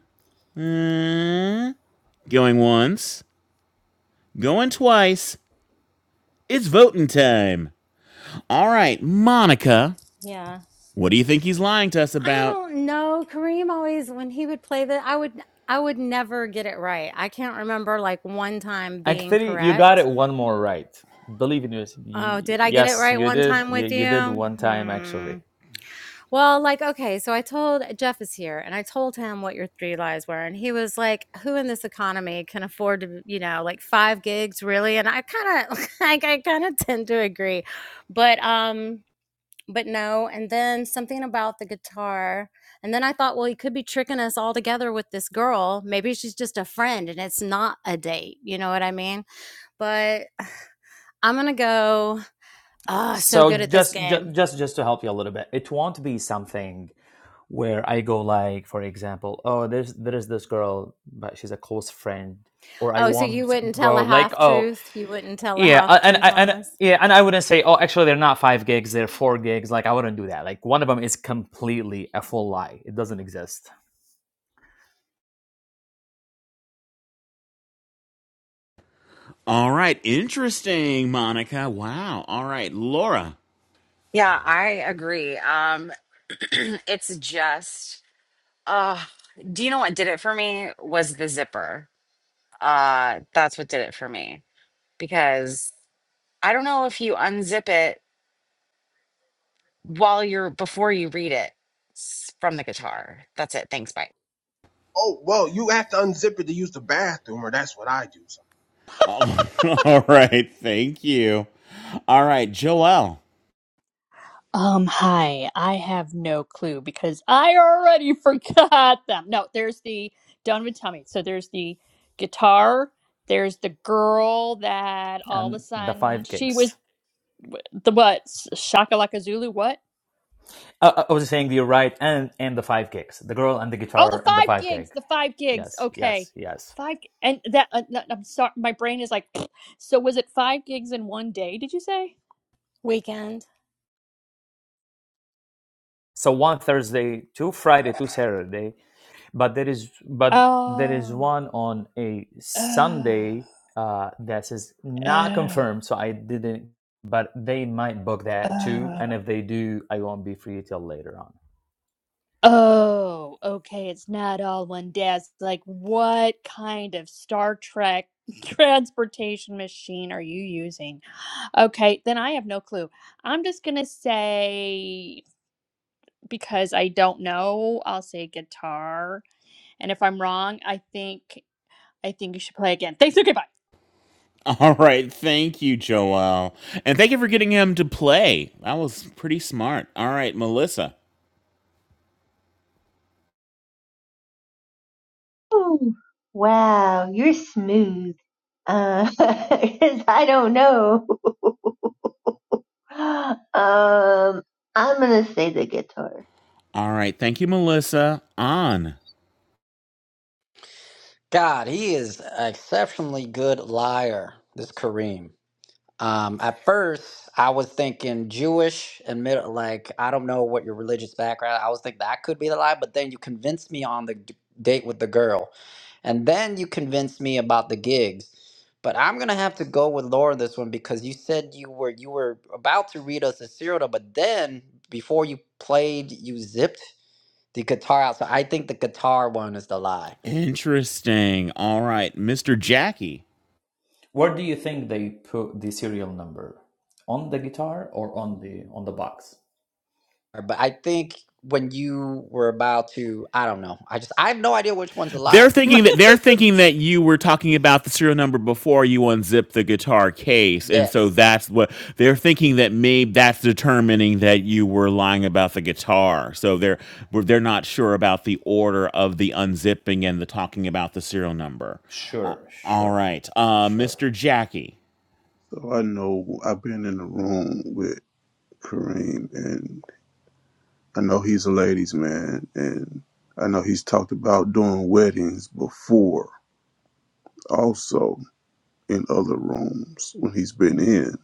B: uh, going once. Going twice. It's voting time. All right, Monica.
C: Yeah.
B: What do you think he's lying to us
C: I
B: about?
C: don't know. Kareem always when he would play the I would I would never get it right. I can't remember like one time being
F: Actually, you got
C: correct.
F: it one more right. Believe in yours. Y-
C: Oh, did I get it
F: Yes,
C: right
F: you
C: one
F: did.
C: time
F: You,
C: with
F: you did
C: you?
F: one time
C: Hmm.
F: actually.
C: Well, like, okay, so I told Jeff is here and I told him what your three lies were. And he was like, Who in this economy can afford to, you know, like five gigs really? And I kind of like I kind of tend to agree. But um, but no. And then something about the guitar. And then I thought, well, he could be tricking us all together with this girl. Maybe she's just a friend and it's not a date. You know what I mean? But I'm gonna go. Ah, so
F: So
C: good at this
F: just, just
C: game.
F: just just to help you a little bit, it won't be something where I go like, for example, oh, there's there's this girl, but she's a close friend, or I
C: Oh, so you
F: won't
C: wouldn't tell
F: go
C: a
F: like,
C: half
F: oh,
C: truth? You wouldn't tell a
F: Yeah,
C: half
F: a- and
C: truth
F: I
C: on
F: and uh,
C: us
F: yeah, and I wouldn't say, oh, actually, they're not five gigs; they're four gigs. Like I wouldn't do that. Like one of them is completely a full lie; it doesn't exist.
B: All right. Interesting, Monica. Wow. All right, Laura.
A: yeah, I agree. Um, it's just, uh, do you know what did it for me? Was the zipper. Uh, that's what did it for me because I don't know if you unzip it while you're before you read it s- from the guitar. That's it. Thanks. Bye.
J: Oh well, you have to unzip it to use the bathroom, or that's what I do.
B: Oh, all right. Thank you. All right, Joelle.
D: Um, hi. I have no clue because I already forgot them. No, there's the Done with Tummy. So there's the guitar. There's the girl that all of a
F: And the
D: sudden
F: five
D: she was
F: gigs.
D: the what? Shakalaka Zulu? What?
F: Uh, uh, I was saying you're right, and and the five gigs, the girl and the
D: Oh, the
F: guitar and the
D: five
F: five gig.
D: gigs. The five gigs.
F: yes
D: Okay,
F: yes yes
D: five and that. Uh, no, I'm sorry. My brain is like. So was it five gigs in one day? Did you say?
C: weekend?
F: so one thursday two friday two saturday but there is but there is
D: Oh.
F: one on a
D: Oh.
F: sunday uh that is not
D: Oh.
F: confirmed so i didn't but they might book that too
D: Oh,
F: and if they do i won't be free till later on
D: oh, okay. It's not all one desk. Like, what kind of Star Trek transportation machine are you using? Okay, then I have no clue. I'm just gonna say, because I don't know, I'll say guitar. And if I'm wrong, I think I think you should play again. Thanks. Okay, bye.
B: All right. Thank you, Joel. And thank you for getting him to play. That was pretty smart. All right, Melissa.
M: Ooh, wow, you're smooth. Uh, 'cause I don't know. um, I'm gonna say the guitar.
B: All right. Thank you, Melissa. On.
G: God, he is an exceptionally good liar. This Kareem. Um, at first, I was thinking Jewish and middle, like I don't know what your religious background. I was thinking that could be the lie, but then you convinced me on the d- date with the girl, and then you convinced me about the gigs. But I'm gonna have to go with Laura this one because you said you were you were about to read us a serial, number, but then before you played, you zipped The guitar outside. I think the guitar one is the lie.
B: Interesting. All right, Mr. Jackie.
F: where do you think they put the serial number on the guitar or on the on the box
G: uh, But I think when you were about to, I don't know. I just, I have no idea which one's a lie.
B: They're thinking that they're thinking that you were talking about the serial number before you unzip the guitar case, and so
G: yes.
B: that's what they're thinking that maybe that's determining that you were lying about the guitar. So they're they're not sure about the order of the unzipping and the talking about the serial number. Uh,
F: Sure,
B: all
F: sure,
B: right, uh,
F: sure.
B: Mr. Jackie.
H: So I know I've been in the room with Kareem, and I know he's a ladies' man, and I know he's talked about doing weddings before, also in other rooms when he's been in.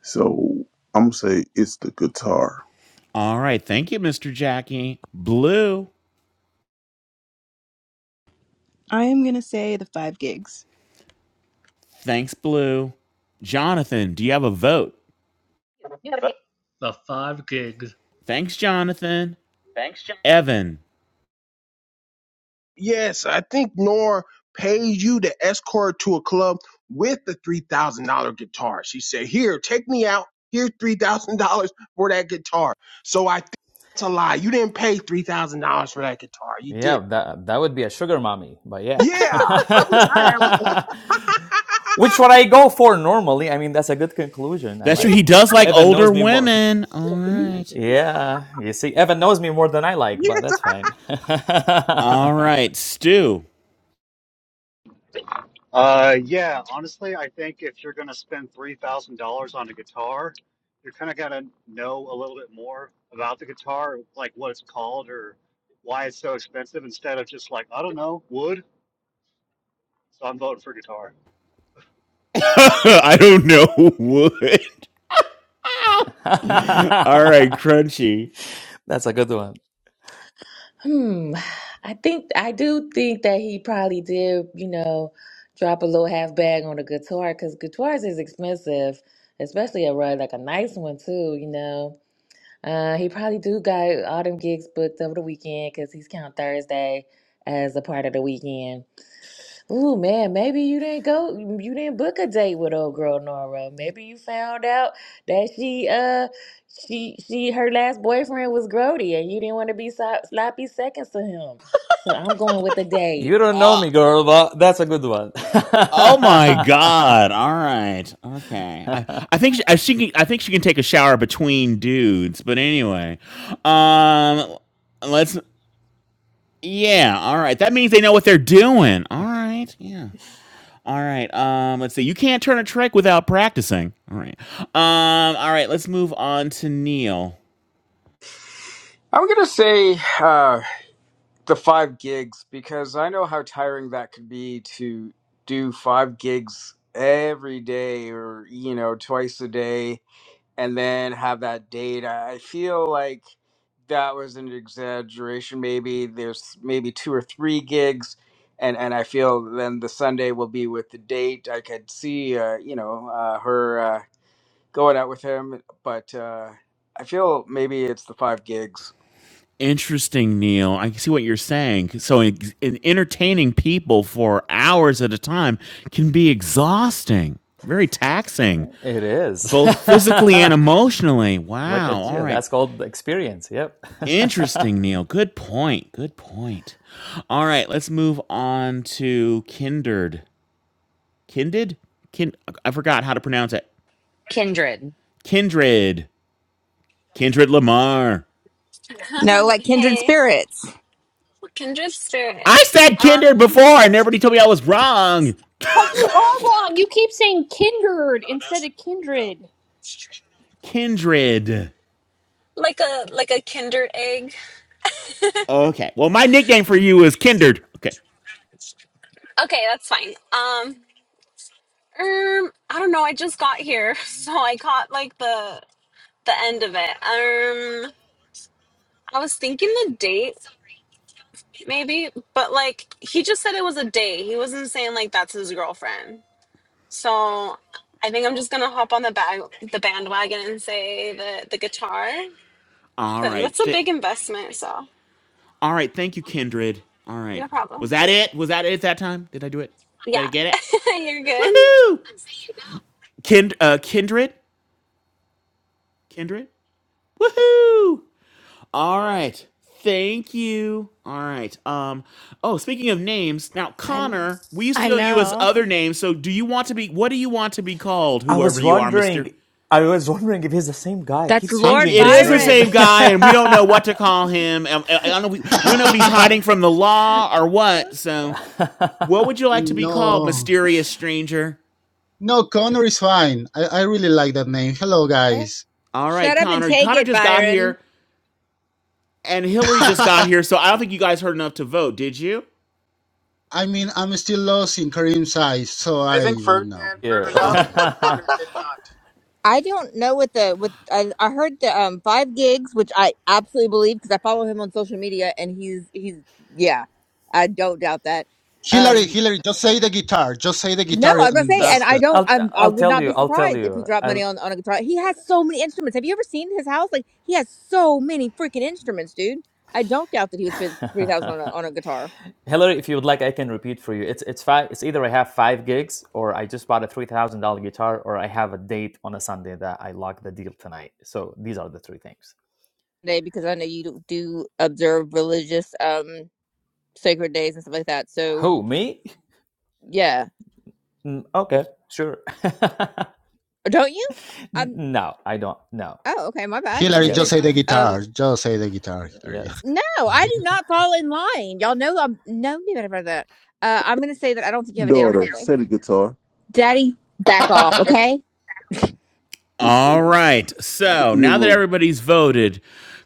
H: So I'm gonna say it's the guitar.
B: All right, thank you, Mr. Jackie. Blue,
N: I am going to say the five gigs.
B: thanks, Blue. Jonathan, do you have a vote?
O: You have a The five gigs.
B: Thanks, Jonathan.
O: thanks, Jim.
B: Evan,
J: Yes, I think Nora pays you to escort to a club with the three thousand dollar guitar. She said, "Here, take me out. Here, three thousand dollars for that guitar." So I think it's a lie. You didn't pay three thousand dollars for that guitar. You did.
F: Yeah, that that would be a sugar mommy, but yeah.
J: Yeah, I wish I had one.
F: Which what I go for normally. I mean, that's a good conclusion. I
B: That's true. He
F: like.
B: does like
F: Evan
B: older
F: knows me more.
B: women. All
J: yeah,
B: right.
F: Yeah, you see, Evan knows me more than I like, but
J: yeah.
F: that's fine.
B: All right, Stu.
I: Uh, yeah, honestly, I think if you're going to spend $3,000 on a guitar, you're kind of got to know a little bit more about the guitar, like what it's called or why it's so expensive instead of just like, I don't know, wood. So I'm voting for guitar.
B: I don't know what. All right, Crunchy.
F: that's a good one.
L: Hmm. I think I do think that he probably did, you know, drop a little half bag on a guitar because guitars is expensive, especially a rug like a nice one too, you know. Uh, he probably do got all them gigs booked over the weekend because he's counting Thursday as a part of the weekend. Ooh, man, maybe you didn't go, mm, you didn't book a date with old girl Nora. Maybe you found out that she, uh, she, she, her last boyfriend was Grody, and you didn't want to be so, sloppy seconds to him. So I'm going with the
F: You
L: date.
F: don't know
B: Uh,
F: me, girl, but that's a good one.
B: oh my God! All right, okay. I, I think she, I, she can, I think she can take a shower between dudes. But anyway, um, let's yeah. All right, that means they know what they're doing. All right, yeah. All right. Um, let's see. You can't turn a trick without practicing. All right. Um, all right. Let's move on to Neil.
K: I'm gonna say uh, the five gigs because I know how tiring that could be to do five gigs every day or you know twice a day and then have that date. I I feel like that was an exaggeration. Maybe there's maybe two or three gigs, and and I feel then the Sunday will be with the date. I could see uh, you know uh, her uh, going out with him, but uh, I feel maybe it's the five gigs.
B: Interesting, Neil. I see what you're saying. So, in, in entertaining people for hours at a time can be exhausting, very taxing,
F: it is.
B: both physically and emotionally.
F: Look
B: Wow.
F: at
B: All
F: you.
B: right.
F: That's called experience. Yep.
B: Interesting, Neil. Good point. Good point. All right. Let's move on to Kindred. Kindred? Kin- I forgot how to pronounce it.
A: Kindred.
B: Kindred. Kindred Lamar.
P: No, like kindred
Q: hey,
P: spirits.
Q: kindred
B: I
Q: spirits.
B: said Kindred
Q: Um,
B: before, and everybody told me I was wrong.
D: Because you are wrong. You keep saying kindred instead of kindred.
B: Kindred.
Q: like a like a kinder egg.
B: Okay. Well, my nickname for you is Kindred. Okay.
Q: Okay, that's fine. Um, um, I don't know. I just got here, so I caught like the the end of it. Um, I was thinking the date maybe, but like he just said it was a date. He wasn't saying like that's his girlfriend. So I think I'm just gonna hop on the bag the bandwagon and say the the guitar
B: All
Q: because
B: right.
Q: that's a
B: Th-
Q: big investment. So
B: all right. Thank you, Kindred. All right.
Q: no problem.
B: Was that it? Was that it that time? Did I do it? Did I
Q: Yeah,
B: get it?
Q: you're good.
B: Woohoo! Kind- uh, Kindred? Kindred? Woohoo! All right. Thank you. All right. Um. Oh, speaking of names, now
C: I
B: Connor, we used to
C: I
B: know you as
C: know.
B: other names. So, do you want to be? What do you want to be called?
F: I
B: Whoever
F: was
B: you are, Mister.
F: wondering. I was wondering if he's the same guy. He
P: That's
F: Keeps
B: Uh,
P: Lord
F: changing
B: it
F: his
B: is the
F: name.
B: same
P: Byron.
B: guy, and we don't know what to call him. Um, I, I don't know. We, we don't know if he's hiding from the law or what. So, what would you like to be called,
R: No,
B: mysterious stranger?
R: no, Connor is fine. I, I really like that name. Hello,
C: Hey,
R: guys.
B: All right,
P: Shut up and
B: Connor.
P: take
B: Connor
P: it,
B: just got
P: Byron.
B: here, and Hillary just got
R: I
B: here. So, I don't think you guys heard enough to vote. Did you?
R: mean, I'm still lost in Kareem's eyes, so
K: I think
R: I don't know.
K: Ferdinand heard
F: Here.
R: I don't
K: enough,
R: know.
K: but Connor did not.
P: I don't know what the what I, I heard the um five gigs, which I absolutely believe because I follow him on social media, and he's he's yeah, I don't doubt that.
R: Hillary,
P: Um,
R: Hillary, just say the guitar. Just say the
P: No,
R: guitar,
P: I was gonna
R: and
P: say,
F: i
P: and
R: that's
P: I
R: the.
F: will
P: don't.
F: I'll
P: I'm, I
F: I'll
P: would
F: tell
P: not
F: you.
P: be
F: I'll tell
P: surprised if he
F: you.
P: dropped money
F: I'll
P: on on a guitar. He has so many instruments. Have you ever seen his house? Like he has so many freaking instruments, dude. I don't doubt that he would spend three thousand on a on a guitar.
F: Hillary, if you would like, I can repeat for you. It's it's five. It's either I have five gigs, or I just bought a three thousand dollar guitar, or I have a date on a Sunday that I lock the deal tonight. So these are the three things.
P: day because I know you do do observe religious um sacred days and stuff like that. So
F: Who me?
P: yeah,
F: Mm, okay, sure.
P: don't you?
F: N- No, I don't. No.
P: Oh, okay, my bad. I
R: Hillary,
P: thought you
R: just
P: did.
F: Yes.
R: say the
P: Um,
R: guitar. Just say the guitar, Hillary.
F: Yes.
P: no, I do not fall in line. Y'all know I'm no me better about that. Uh, I'm gonna say that I don't think you have a date on
H: daughter,
P: Sunday.
H: say the guitar.
P: Daddy, back off, okay?
B: All right. So
H: your
B: now that
H: room.
B: everybody's voted,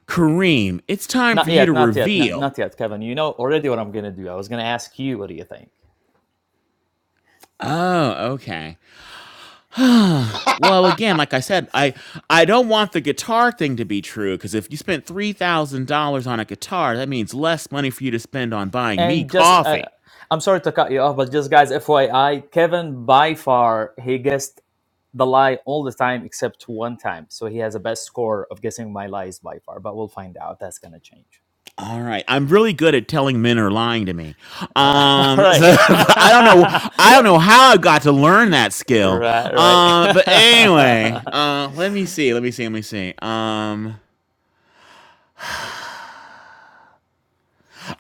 B: Kareem, it's time
F: Not
B: for you
F: yet.
B: to
F: Not yet. Not,
B: reveal.
F: not yet, Kevin. You know already what I'm going to do. I was going to ask you, what do you think?
B: Oh, okay. Well, again, like I said, I I don't want the guitar thing to be true because if you spent three thousand dollars on a guitar, that means less money for you to spend on buying me
F: And just, uh,
B: coffee.
F: I'm sorry to cut you off, but just guys, FYI, Kevin, by far, he guessed the lie all the time except one time. So he has a best score of guessing my lies by far, but we'll find out. That's going to change.
B: All right, I'm really good at telling men are lying to me.
F: Uh, all
B: Um, so
F: right.
B: I don't know, I don't know how I got to learn that skill.
F: right.
B: Um, but anyway, uh, let me see, let me see, let me see. Um.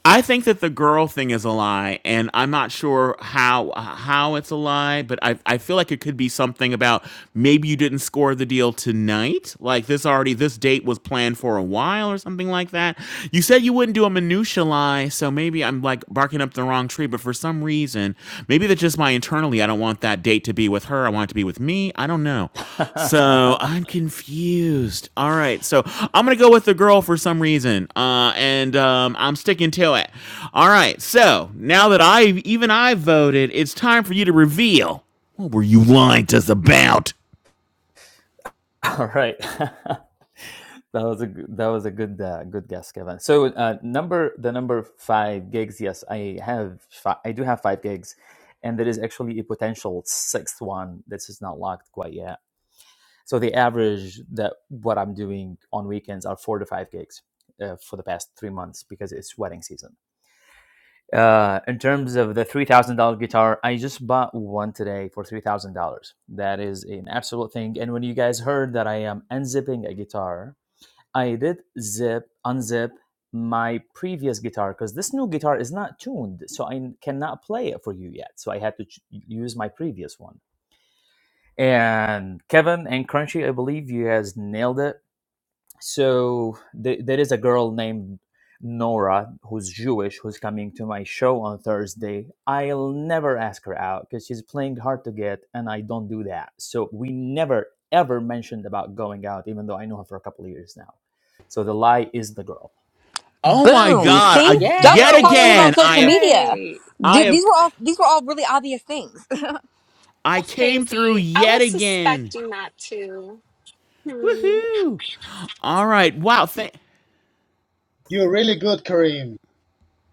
B: I think that the girl thing is a lie, and I'm not sure how how it's a lie, but I I feel like it could be something about maybe you didn't score the deal tonight, like this already this date was planned for a while or something like that. You said you wouldn't do a minutia lie, so maybe I'm like barking up the wrong tree, but for some reason, maybe that's just my internally. I don't want that date to be with her. I want it to be with me. I don't know.
F: Right.
B: So I'm confused. All right, so I'm gonna go with the girl for some reason, uh, and um, I'm sticking to it. All right, so now that I even I voted, it's time for you to reveal what were you lying to us about.
F: all right. That was a g- that was a good uh, good guess, Kevin. So uh, number the number five gigs. Yes, I have fi- I do have five gigs, and there is actually a potential sixth one that is not locked quite yet. So the average that what I'm doing on weekends are four to five gigs uh, for the past three months because it's wedding season. Uh, in terms of the three thousand dollar guitar, I just bought one today for three thousand dollars. That is an absolute thing. And when you guys heard that I am unzipping a guitar I did zip, unzip my previous guitar because this new guitar is not tuned, so I cannot play it for you yet. So I had to ch- use my previous one. And Kevin and Crunchy, I believe you guys nailed it so th- there is a girl named Nora who's Jewish who's coming to my show on Thursday. I'll never ask her out because she's playing hard to get, and I don't do that. So we never ever mentioned about going out, even though I know her for a couple of years now. So the lie is the girl.
B: Oh my
P: Boom.
B: God!
P: See? Y'all
B: I yet
P: gotta follow him
L: Yay! I
P: on
B: again
L: got it
B: I
P: social
B: have
P: media.
L: right.
B: I
P: Dude,
B: have
P: these were all these were all really obvious things.
B: I
Q: That's
B: came through
Q: crazy. I
B: yet
Q: was
B: again.
Q: suspecting that too. Hmm.
B: Woohoo! All right, wow. Thank.
R: You're really good, Kareem.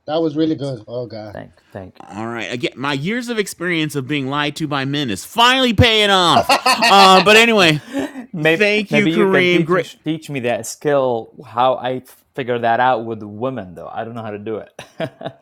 R: That was really good. Oh, God.
F: Thank, thank you.
B: All right. Again, my years of experience of being lied to by men is finally paying off. Uh, but anyway,
F: maybe
B: thank you,
F: maybe you can
B: Kareem.
F: teach
B: Great.
F: teach me that skill how I figure that out with women though. I don't know how to do it.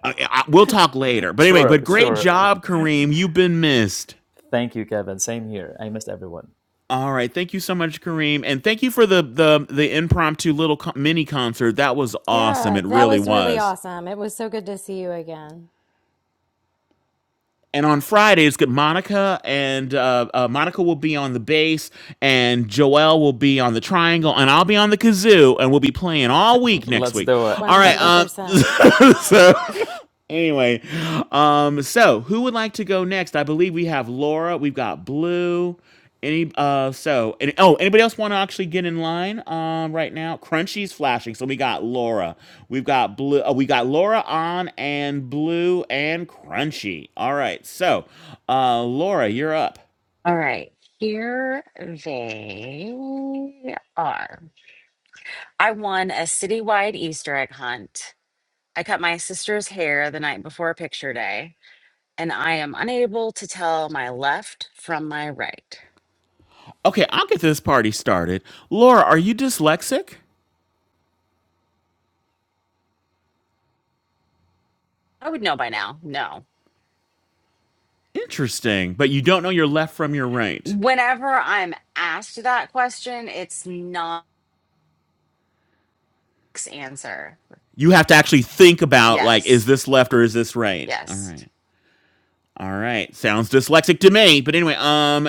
B: I, I, we'll talk later. But anyway,
F: sure,
B: but great
F: sure.
B: job, Kareem. You've been missed.
F: Thank you, Kevin. Same here. I missed everyone.
B: All right. Thank you so much, Kareem, and thank you for the the the impromptu little co- mini concert. That was awesome.
C: Yeah,
B: It
C: that
B: really
C: was really
B: was.
C: awesome. It was so good to see you again.
B: And on Fridays, good Monica and uh, uh, Monica will be on the bass, and Joel will be on the triangle, and I'll be on the kazoo, and we'll be playing all week next
F: Let's
B: week.
F: do it.
C: One
B: All right,
C: hundred
B: um,
C: percent.
B: so anyway, um, so who would like to go next? I believe we have Laura. We've got Blue. Any uh, so and oh, anybody else want to actually get in line? Um, right now, Crunchy's flashing. So we got Laura. We've got Blue. Uh, we got Laura on and Blue and Crunchy. All right. So, uh, Laura, you're up.
A: All right. Here they are. I won a citywide Easter egg hunt. I cut my sister's hair the night before picture day, and I am unable to tell my left from my right.
B: Okay, I'll get this party started. Laura, are you dyslexic?
A: I would know by now. No.
B: Interesting, but you don't know your left from your right.
A: Whenever I'm asked that question, it's not answer.
B: You have to actually think about like, is
A: Yes.
B: this left or is this right? All
A: Yes.
B: right. All right. Sounds dyslexic to me. But anyway, um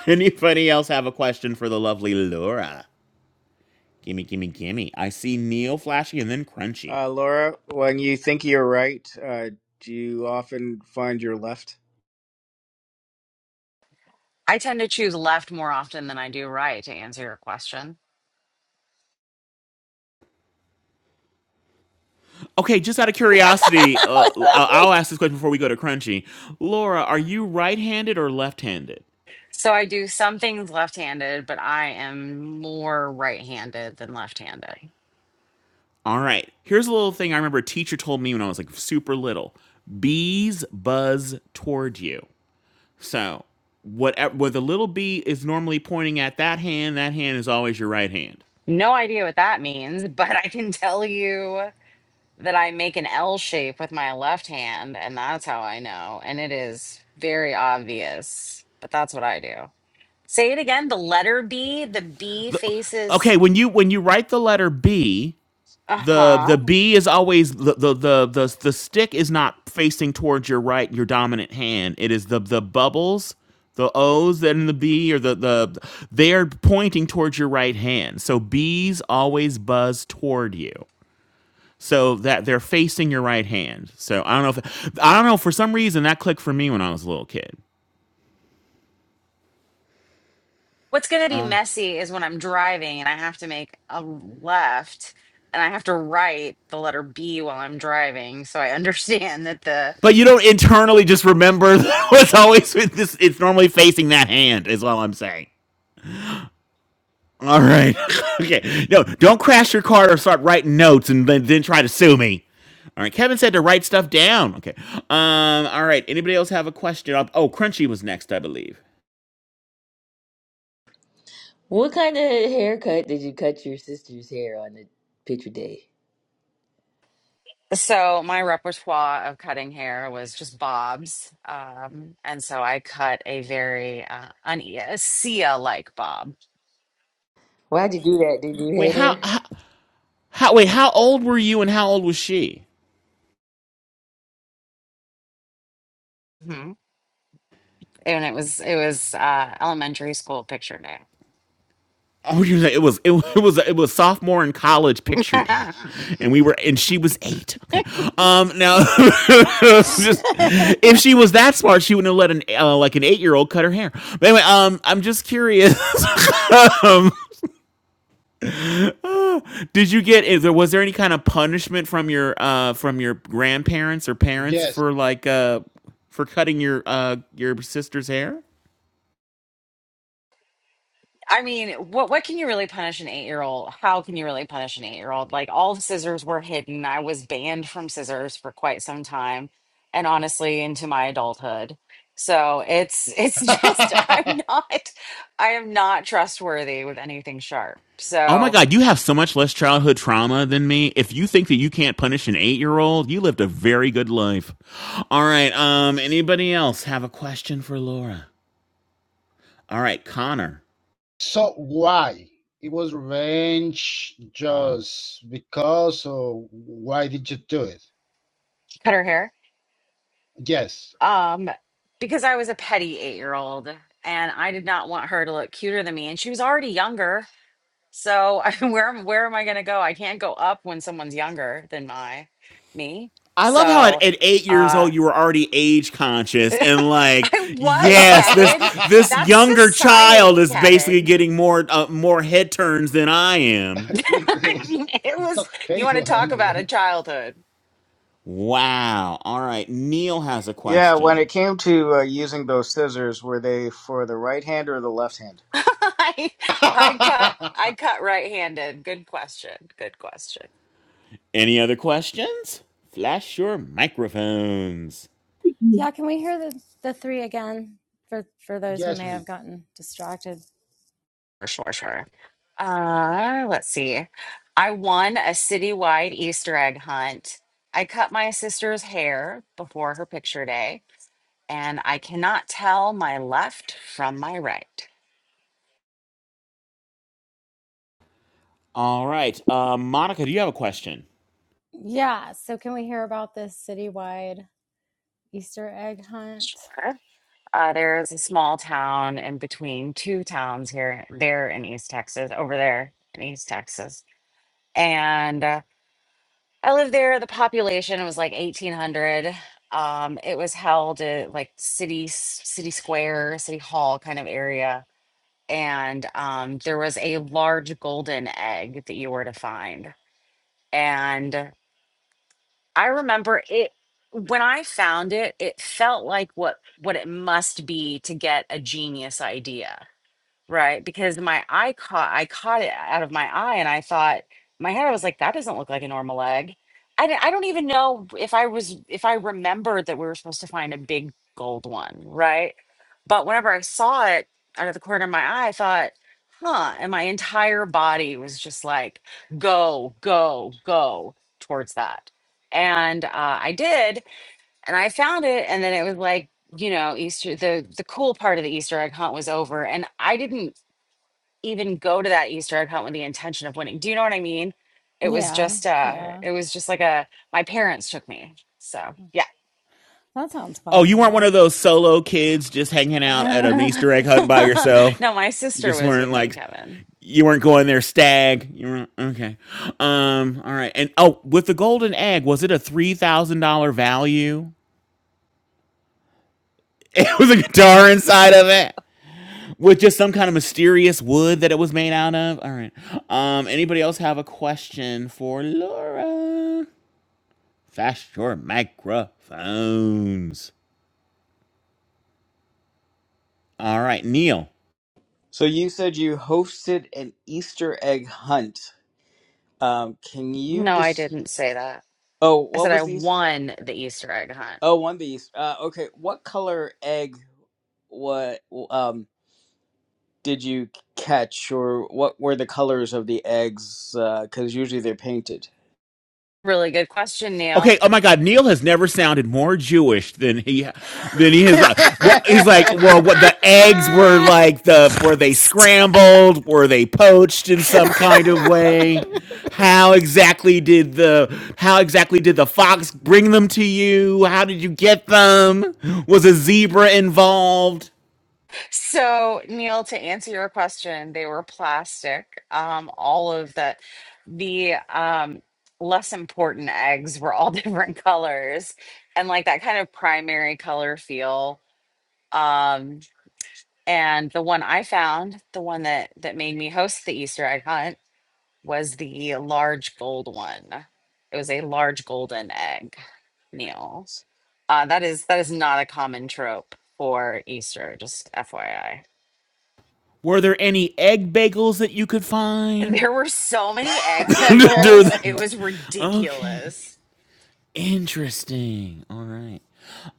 B: anybody else have a question for the lovely Laura? Gimme, gimme, gimme. I see Neil flashing and then Crunchy.
K: Uh, Laura, when you think you're right, uh, do you often find your left?
A: I tend to choose left more often than I do right to answer your question.
B: Okay, just out of curiosity, uh, i I'll ask this question before we go to Crunchy. Laura, are you right handed or left handed?
A: So I do some things left handed, but I am more right handed than left handed.
B: All right. Here's a little thing I remember a teacher told me when I was like super little bees buzz toward you. So what uh, what the little b is normally pointing at that hand, that hand is always your right hand.
A: No idea what that means, but I can tell you that I make an L shape with my left hand, and that's how I know. And it is very obvious, but that's what I do. Say it again the letter B, the B
B: The- okay,
A: faces.
B: when you when you write the letter b,
A: Uh
B: the
A: huh.
B: the b is always the the the the, the stick is not facing towards your right your dominant hand. It is the the bubbles the O's and the B or the the they're pointing towards your right hand. So B's always buzz toward you. So that they're facing your right hand. So I don't know if I don't know for some reason that clicked for me when I was a little kid.
A: What's going to be
B: Uh,
A: messy is when I'm driving and I have to make a left and I have to write the letter B while I'm driving. So I understand that the.
B: but you don't internally just remember that was always with this. It's normally facing that hand, is all I'm saying. All right. okay. No, don't crash your car or start writing notes and then, then try to sue me. All right. Kevin said to write stuff down. Okay. Um. All right. Anybody else have a question? Uh, Oh, Crunchy was next, I believe.
L: What kind of haircut did you cut your sister's hair on the picture day?
A: So my repertoire of cutting hair was just bobs. Um, and so I cut a very uh, un- yeah, a Sia like bob.
L: Why'd you do that? Did you
B: Wait.
L: hate
B: How?
L: her?
B: How? how wait. How old were you and how old was she?
A: hmm And it was it was uh, elementary school picture
B: Oh, you know, it was it, it was it was sophomore in college picture day,
A: day.
B: and we were and she was eight. Okay, um, now just if she was that smart, she wouldn't have let an uh, like an eight year old cut her hair. But anyway, um, I'm just curious. um, did you get is there was there any kind of punishment from your uh from your grandparents or parents
R: yes.
B: for like uh for cutting your uh your sister's hair?
A: I mean, what what can you really punish an eight year old? How can you really punish an eight year old? Like all the scissors were hidden. I was banned from scissors for quite some time, and honestly, into my adulthood. So it's it's just I'm not I am not trustworthy with anything sharp.
B: Oh my
A: So
B: God, you have so much less childhood trauma than me. If you think that you can't punish an eight year old, you lived a very good life. All right. Um, anybody else have a question for Laura? All right, Connor.
R: So why? It was revenge just because or why did you do it?
A: cut her hair.
R: Yes.
A: Um, because I was a petty eight year old and I did not want her to look cuter than me, and she was already younger. So I, mean, where am- where am I going to go? I can't go up when someone's younger than my me.
B: I love how at,
A: So
B: at eight years
A: uh
B: old you were already age conscious and like,
A: I was
B: yes, this
A: Kevin.
R: it's
B: this
A: That's
B: younger child
A: society,
B: is basically
A: Kevin.
B: getting more uh, more head turns than I am.
A: I mean, it
R: so
A: was you want to
R: hateful, oh
A: talk
R: my
A: about a childhood.
B: Wow. All right, Neil has a
K: Yeah, when
B: question.
K: it came to uh, using those scissors, were they for the right hand or the left hand?
A: I I cut
R: god.
A: I cut right-handed. Good question. Good question.
B: Any other questions? Flash your microphones.
C: Yeah, can we hear the the three again for for those who
R: yes,
C: may
R: please.
C: have gotten distracted?
A: For sure, sure. Uh, let's see. I won a citywide Easter egg hunt. I cut my sister's hair before her picture day. and I cannot tell my left from my right.
B: All right. Uh, Monica, do you have a question?
C: Yeah. So can we hear about this citywide Easter egg hunt?
A: Sure. Uh, there's a small town in between two towns here, there in East Texas, over there in East Texas. And uh, I lived there. The population was like 1,800. Um, it was held at like city, s- city square, city hall kind of area. And um, there was a large golden egg that you were to find. and. I remember it when I found it, it felt like what what it must be to get a genius idea. Right, because my eye caught I caught it out of my eye and I thought in my head I was like that doesn't look like a normal egg. I d- I don't even know if I was if I remembered that we were supposed to find a big gold one, right? But whenever I saw it out of the corner of my eye, I thought, "Huh," and my entire body was just like, "Go, go, go towards that." And uh, I did, and I found it, and then it was like you know easter the the cool part of the easter egg hunt was over and i didn't even go to that Easter egg hunt with the intention of winning. Do you know what I mean? It was
C: Yeah,
A: just uh
C: yeah.
A: it was just like a my parents took me. So yeah.
C: That sounds
B: Oh,
C: fun
B: you weren't one of
C: though.
B: those solo kids just hanging out at an Easter egg hunt by yourself.
A: no, my
B: You
A: sister
B: just
A: was with
B: weren't
A: me,
B: like
A: Kevin.
B: you weren't going there stag. You weren't okay. Um, all right. And oh, with the golden egg, was it a three thousand dollar value? It was a guitar inside of it. With just some kind of mysterious wood that it was made out of. All right. Um, anybody else have a question for Laura? Fast your microphones. All right, Neil.
K: So you said you hosted an Easter egg hunt. Um, can you
A: No, I
K: just?
A: didn't say that.
K: Oh,
A: I
K: what
A: said I
K: was these?
A: won the Easter egg hunt.
K: Oh, one of these. Uh, okay, what color egg? What um did you catch, or what were the colors of the eggs? Because usually they're painted.
A: Really good question, Neil.
B: Okay. Oh my God. Neil has never sounded more Jewish than he than he is. Like, what he's like. Well, what the eggs were like? The were they
C: Stop.
B: scrambled? Were they poached in some kind of way? How exactly did the How exactly did the fox bring them to you? How did you get them? Was a zebra involved?
A: So, Neil, to answer your question, they were plastic. Um, all of the the um, less important eggs were all different colors and like that kind of primary color feel. Um, and the one I found, the one that that made me host the Easter egg hunt, was the large gold one. It was a large golden egg, Neil. Uh, that is that is not a common trope for Easter, just FYI.
B: Were there any egg bagels that you could find?
A: There were so many egg bagels. It was
B: okay.
A: ridiculous.
B: Interesting. All right.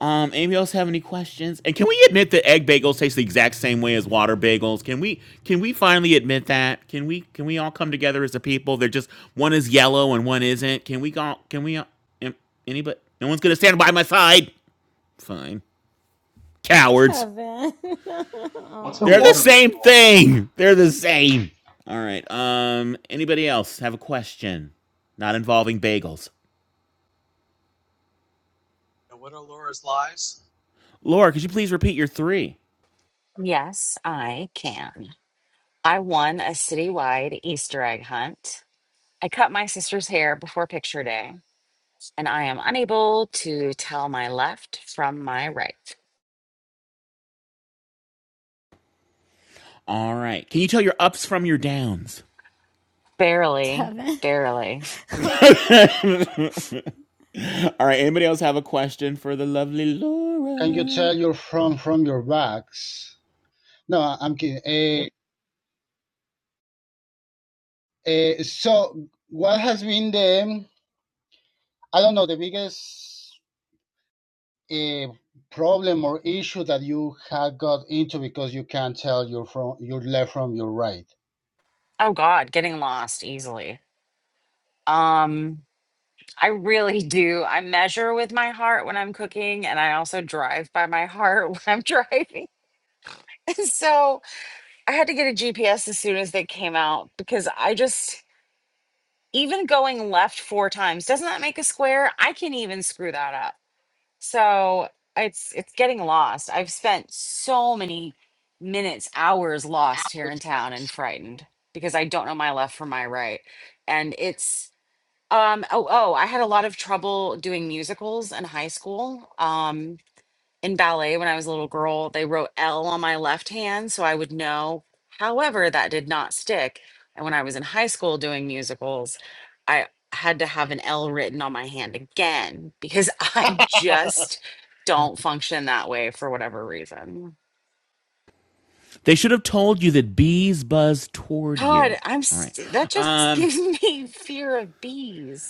B: Um, anybody else have any questions? And can we admit that egg bagels taste the exact same way as water bagels? Can we can we finally admit that? Can we can we all come together as a people? They're just one is yellow and one isn't. Can we go can we all- am- anybody no one's gonna stand by my side? Fine. Cowards.
C: Kevin.
I: What's a
B: They're
C: Aw.
B: the
I: water
B: same
I: bagel?
B: thing. They're the same. All right. Um anybody else have a question? Not involving bagels.
S: And what are Laura's lies?
B: Laura, could you please repeat your three?
A: Yes, I can. I won a citywide Easter egg hunt. I cut my sister's hair before picture day, and I am unable to tell my left from my right.
B: All right. Can you tell your ups from your downs?
A: Barely,
C: Kevin.
A: barely.
C: Oh, God.
B: All right. Anybody else have a question for the lovely
R: Can you
B: Laura?
R: tell your from from your backs? No, I- I'm kidding. Eh, eh, so what has been the I don't know the biggest uh, problem or issue that you had got into because you can't tell your from your left from your right?
A: Oh God, getting lost easily. Um, I really do. I measure with my heart when I'm cooking, and I also drive by my heart when I'm driving. So I had to get a GPS as soon as they came out because I just even going left four times doesn't that make a square? I can even screw that up. So it's it's getting lost. I've spent so many minutes, hours lost here in town and frightened because I don't know my left from my right. And it's um oh oh, I had a lot of trouble doing musicals in high school. Um in ballet when I was a little girl, they wrote L on my left hand so I would know. However, that did not stick. And when I was in high school doing musicals, I had to have an L written on my hand again because I just don't function that way for whatever reason.
B: They should have told you that bees buzz toward you.
A: God, I'm
B: All right.
A: st- that just
B: Um,
A: gives me fear of bees.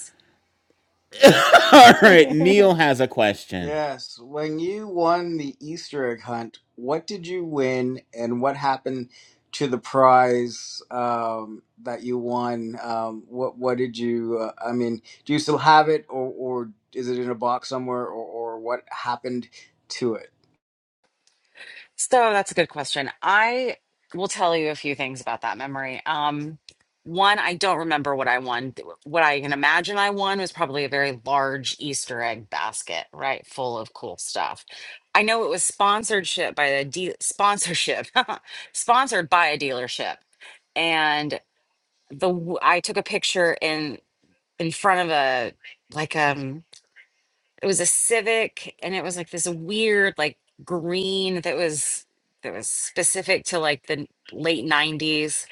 B: All right. Neil has a question.
K: yes, when you won the Easter egg hunt, what did you win and what happened to the prize um, that you won? Um, what what did you uh, I mean, do you still have it or or is it in a box somewhere or or what happened to it?
A: So that's a good question. I will tell you a few things about that memory. Um, one, I don't remember what I won. What I can imagine I won was probably a very large Easter egg basket, right, full of cool stuff. I know it was sponsorship by the de- sponsorship, sponsored by a dealership, and the w- I took a picture in in front of a like um it was a civic and it was like this weird like green that was that was specific to like the late 90s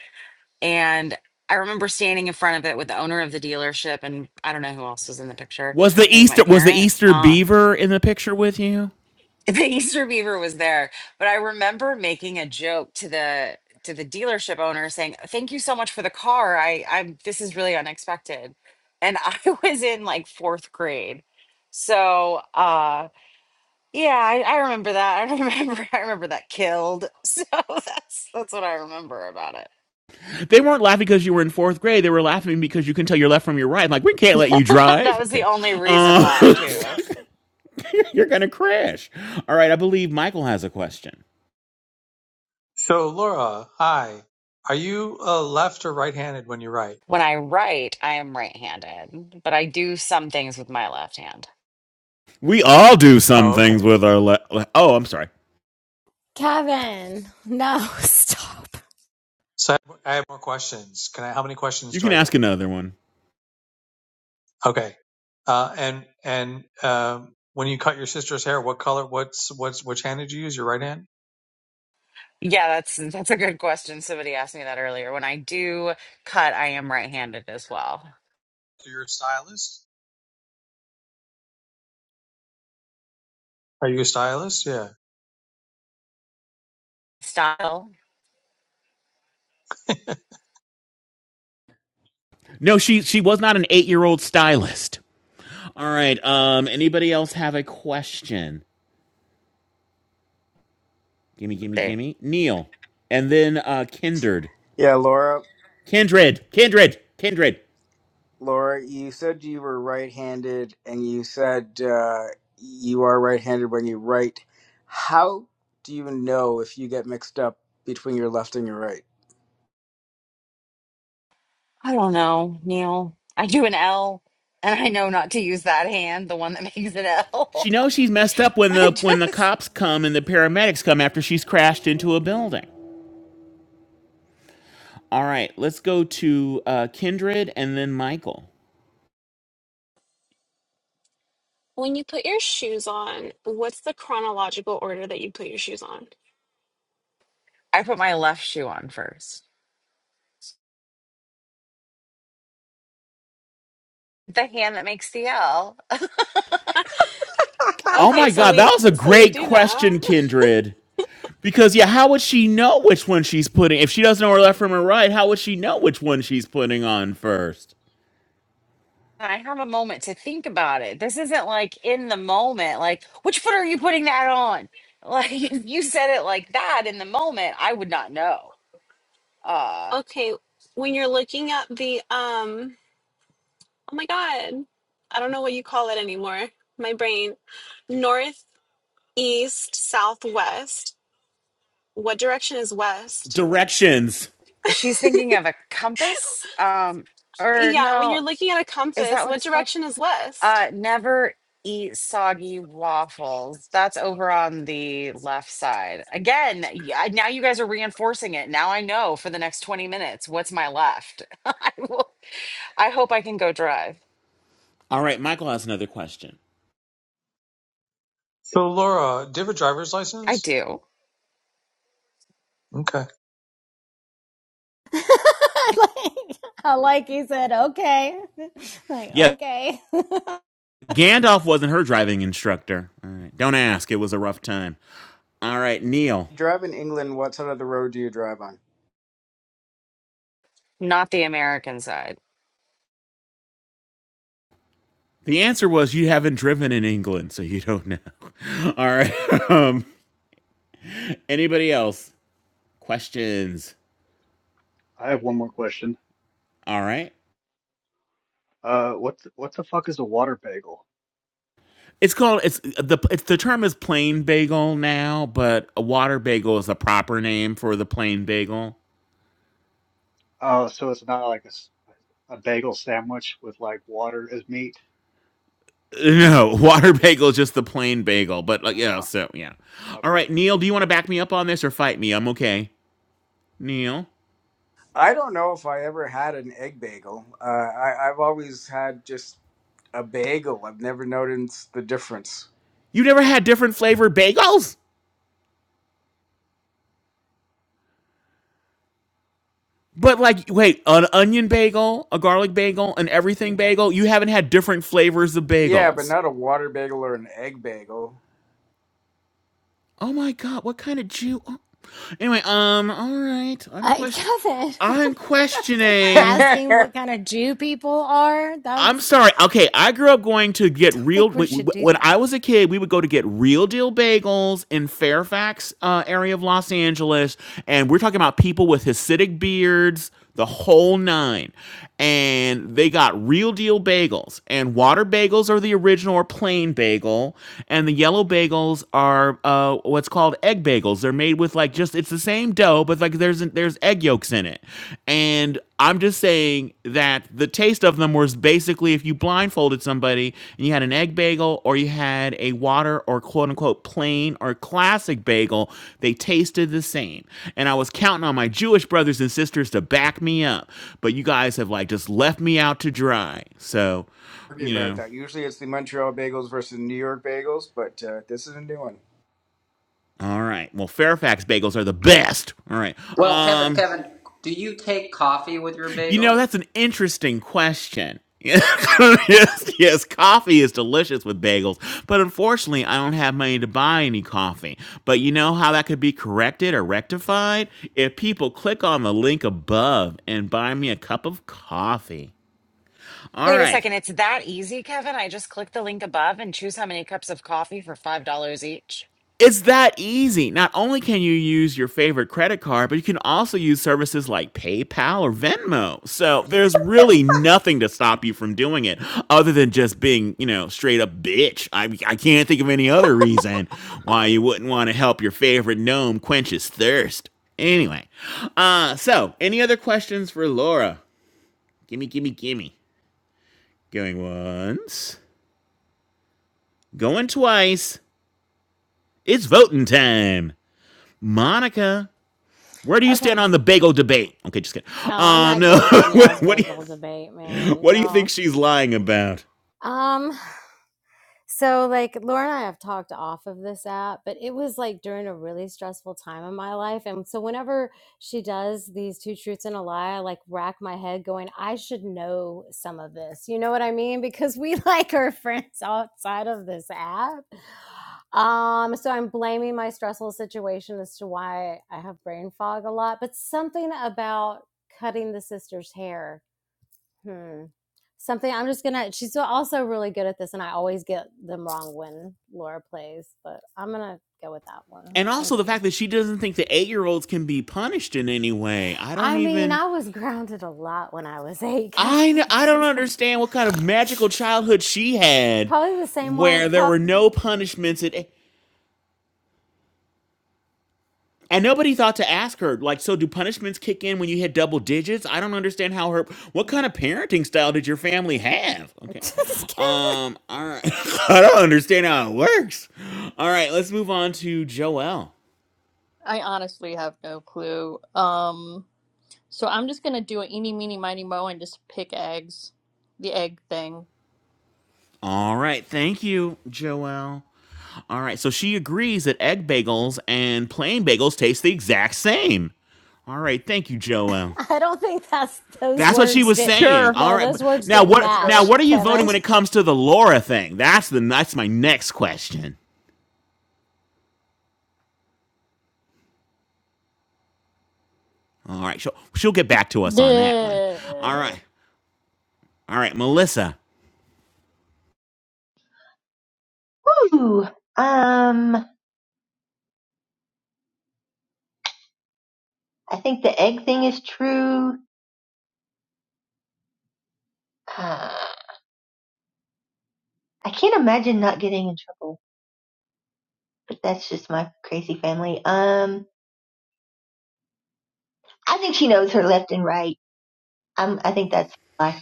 A: and i remember standing in front of it with the owner of the dealership and i don't know who else was in the picture
B: was the
A: maybe my
B: Easter was the
A: parent
B: Easter
A: uh
B: beaver in the picture with you?
A: the easter beaver was there but i remember making a joke to the to the dealership owner saying thank you so much for the car i i'm this is really unexpected and i was in like fourth grade so uh yeah, I, I remember that. I remember I remember that killed. So that's that's what I remember about it.
B: They weren't laughing because you were in fourth grade. They were laughing because you can tell your left from your right. I'm like, we can't let you
A: That
B: drive.
A: was the
B: Okay.
A: only reason
B: Um,
A: why too.
B: You're gonna crash. All right. I believe Michael has a question.
S: So, Laura, hi. Are you uh, left or right-handed when you write?
A: When I write, I am right-handed, but I do some things with my left hand.
B: We all do some
S: Oh,
B: things
S: okay.
B: with our. Le- oh, I'm sorry.
C: Kevin. No, stop.
S: So I have, I have more questions. Can I? How many questions
B: You
S: do
B: can
S: I
B: ask
S: get?
B: another one.
S: Okay. Uh, and and um, when you cut your sister's hair, what color? What's what's which hand did you use? Your right hand?
A: Yeah, that's that's a good question. Somebody asked me that earlier. When I do cut, I am right-handed as well.
S: You're a stylist. Are you a stylist? Yeah.
A: Style,
B: No, she she was not an eight year old stylist. All right. Um. Anybody else have a question? Gimme, gimme,
A: they,
B: gimme. Neil, and then uh, Kindred,
K: Yeah, Laura,
B: Kindred, Kindred, Kindred.
K: Laura, you said you were right-handed, and you said uh, you are right-handed when you write. How do you know if you get mixed up between your left and your right?
A: I don't know, Neil. I do an L, and I know not to use that hand, the one that makes an
B: She
A: L.
B: knows she's messed up when
A: I
B: the when the
A: just
B: cops come and the paramedics come after she's crashed into a building. All right. Let's go to uh, Kindred and then Michael.
Q: When you put your shoes on, what's the chronological order that you put your shoes on?
A: I put my left shoe on first the hand that makes the L.
B: Oh
Q: Okay,
B: my
Q: so
B: God,
Q: we
B: that was a
Q: so we
B: great
Q: do
B: question,
Q: know.
B: Kindred. Because yeah, how would she know which one she's putting? If she doesn't know her left from her right, how would she know which one she's putting on first?
A: I have a moment to think about it. This isn't like in the moment, like, which foot are you putting that on? Like, if you said it like that in the moment, I would not know. Uh,
Q: Okay, when you're looking at the um oh my god. I don't know what you call it anymore. My brain. North, east, southwest. What direction is west?
B: Directions.
A: she's thinking of a compass. Um, or
Q: Yeah, when
A: no,
Q: you're looking at a
A: is that
Q: compass,
A: what
Q: what
A: it's called?
Q: direction is west?
A: Uh, never eat soggy waffles. That's over on the left side. Again, y- I- now you guys are reinforcing it. Now I know for the next 20 minutes what's my left. I will I hope I can go drive.
B: All right, Michael has another question.
S: So, Laura, do you have a driver's
A: I
S: license?
A: do.
S: Okay.
C: like, I like he said, okay. Like,
B: Yeah,
C: okay.
B: Gandalf wasn't her driving instructor. All right, don't ask. It was a rough time. All right, Neil.
K: You drive in England. What side of the road do you drive on?
A: Not the American side.
B: The answer was you haven't driven in England, so you don't know. All right. Um, anybody else? Questions?
I: I have one more question.
B: All right.
I: Uh, what the, what the fuck is a water bagel?
B: It's called it's the it's, the term is plain bagel now, but a water bagel is a proper name for the plain bagel.
I: Oh, so it's not like a, s- a bagel sandwich with like water as meat?
B: No, water bagel is just the plain bagel, but like yeah,
I: Oh,
B: so yeah.
I: okay.
B: All right, Neil, do you want to back me up on this or fight me? I'm okay. Neil,
K: I don't know if I ever had an egg bagel. Uh, I, I've always had just a bagel. I've never noticed the difference.
B: you never had different flavored bagels? But like wait, an onion bagel, a garlic bagel, an everything bagel, you haven't had different flavors of
K: Yeah, but
B: bagels.
K: not a water bagel or an egg bagel.
B: Oh my god, what kind of Jew? oh. Anyway, um, all right. I'm
C: I,
B: question.
C: Kevin,
B: I'm
C: like
B: questioning.
C: asking
K: Argue
C: what kind of Jew people are.
B: I'm
C: That's,
B: sorry. Okay, I grew up going to
C: I
B: get
C: don't
B: real.
C: think we
B: wh-
C: should
B: wh-
C: do
B: When
C: that.
B: I was a kid, we would go to get real deal bagels in Fairfax uh, area of Los Angeles, and we're talking about people with Hasidic beards, the whole nine. And they got real deal bagels, and water bagels are the original or plain bagel, and the yellow bagels are uh, what's called egg bagels. They're made with like just it's the same dough, but like there's there's egg yolks in it, and I'm just saying that the taste of them was basically if you blindfolded somebody and you had an egg bagel or you had a water or quote unquote plain or classic bagel, they tasted the same. And I was counting on my Jewish brothers and sisters to back me up, but you guys have like just left me out to dry. So, you
K: about
B: know,
K: that. Usually it's the Montreal bagels versus New York bagels, but uh, this is a new one.
B: all right. Well, Fairfax bagels are the best. All right.
G: Well, Kevin,
B: Um
G: Kevin, do you take coffee with your
B: You know,
G: bagels?
B: that's an interesting question. yes, yes, coffee is delicious with bagels, but unfortunately, I don't have money to buy any coffee. But you know how that could be corrected or rectified? If people click on the link above and buy me a cup of coffee. All
A: Wait a
B: right.
A: second, it's that easy, Kevin? I just click the link above and choose how many cups of coffee for $5 each.
B: It's that easy. Not only can you use your favorite credit card, but you can also use services like PayPal or Venmo. So there's really nothing to stop you from doing it other than just being, you know, straight up bitch. I, I can't think of any other reason why you wouldn't want to help your favorite gnome quench his thirst. Anyway, uh, so any other questions for Laura? Gimme, gimme, gimme. Going once, going twice. It's voting time. Monica Where do you
C: Okay.
B: stand on the
C: Oh,
B: bagel debate? Okay, just kidding.
C: I'm
B: Um,
C: not
B: no.
C: getting in y'all's
B: what, what do
C: bagel
B: you
C: debate, man.
B: what do you
C: Y'all.
B: think she's lying about?
C: Um, so like Laura and I have talked off of this app, but it was like during a really stressful time in my life. And so whenever she does these two truths and a lie, I like rack my head going, I should know some of this. You know what I mean? Because we like our friends outside of this app. Um, so I'm blaming my stressful situation as to why I have brain fog a lot, but something about cutting the sister's hair. Hmm something i'm just gonna she's so, also really good at this and i always get them wrong when laura plays but i'm gonna go with that one
B: And also
C: thank
B: the
C: you
B: fact that she doesn't think the eight year olds can be punished in any way. I don't
C: i mean
B: even
C: i was grounded a lot when i was eight
B: I I
C: kevin
B: n- I
C: It's
B: don't
C: like-
B: understand what kind of magical childhood she had,
C: probably the same
B: where
C: one
B: there
C: probably
B: were no punishments at. eight. And nobody thought to ask her, like, so do punishments kick in when you hit double digits? I don't understand how her. What kind of parenting style did your family have? Okay,
C: just kevin
B: um, all right, I don't understand how it works. All right, let's move on to Joelle.
D: I honestly have no clue. Um. So I'm just gonna do an eeny, meeny, miny, mo, and just pick eggs. The egg thing.
B: All right, thank you, Joelle. All right, so she agrees that egg bagels and plain bagels taste the exact same. All right, thank you, Joelle.
C: i don't think that's those
B: That's what she
C: words
B: was
C: did
B: saying.
D: Sure.
B: All
C: no
B: right. but-
C: those words
B: Now
C: didn't
B: what now
C: match
D: Sure.
B: what are you voting
C: kevin
B: when it comes to the Laura thing? That's the that's my next question. All right. She'll she'll get back to us on that one. All
D: Yeah.
B: right. All right, Melissa.
M: Ooh, um, I think the egg thing is true. Uh, I can't imagine not getting in trouble, but that's just my crazy family. Um, I think she knows her left and right. i I think that's life.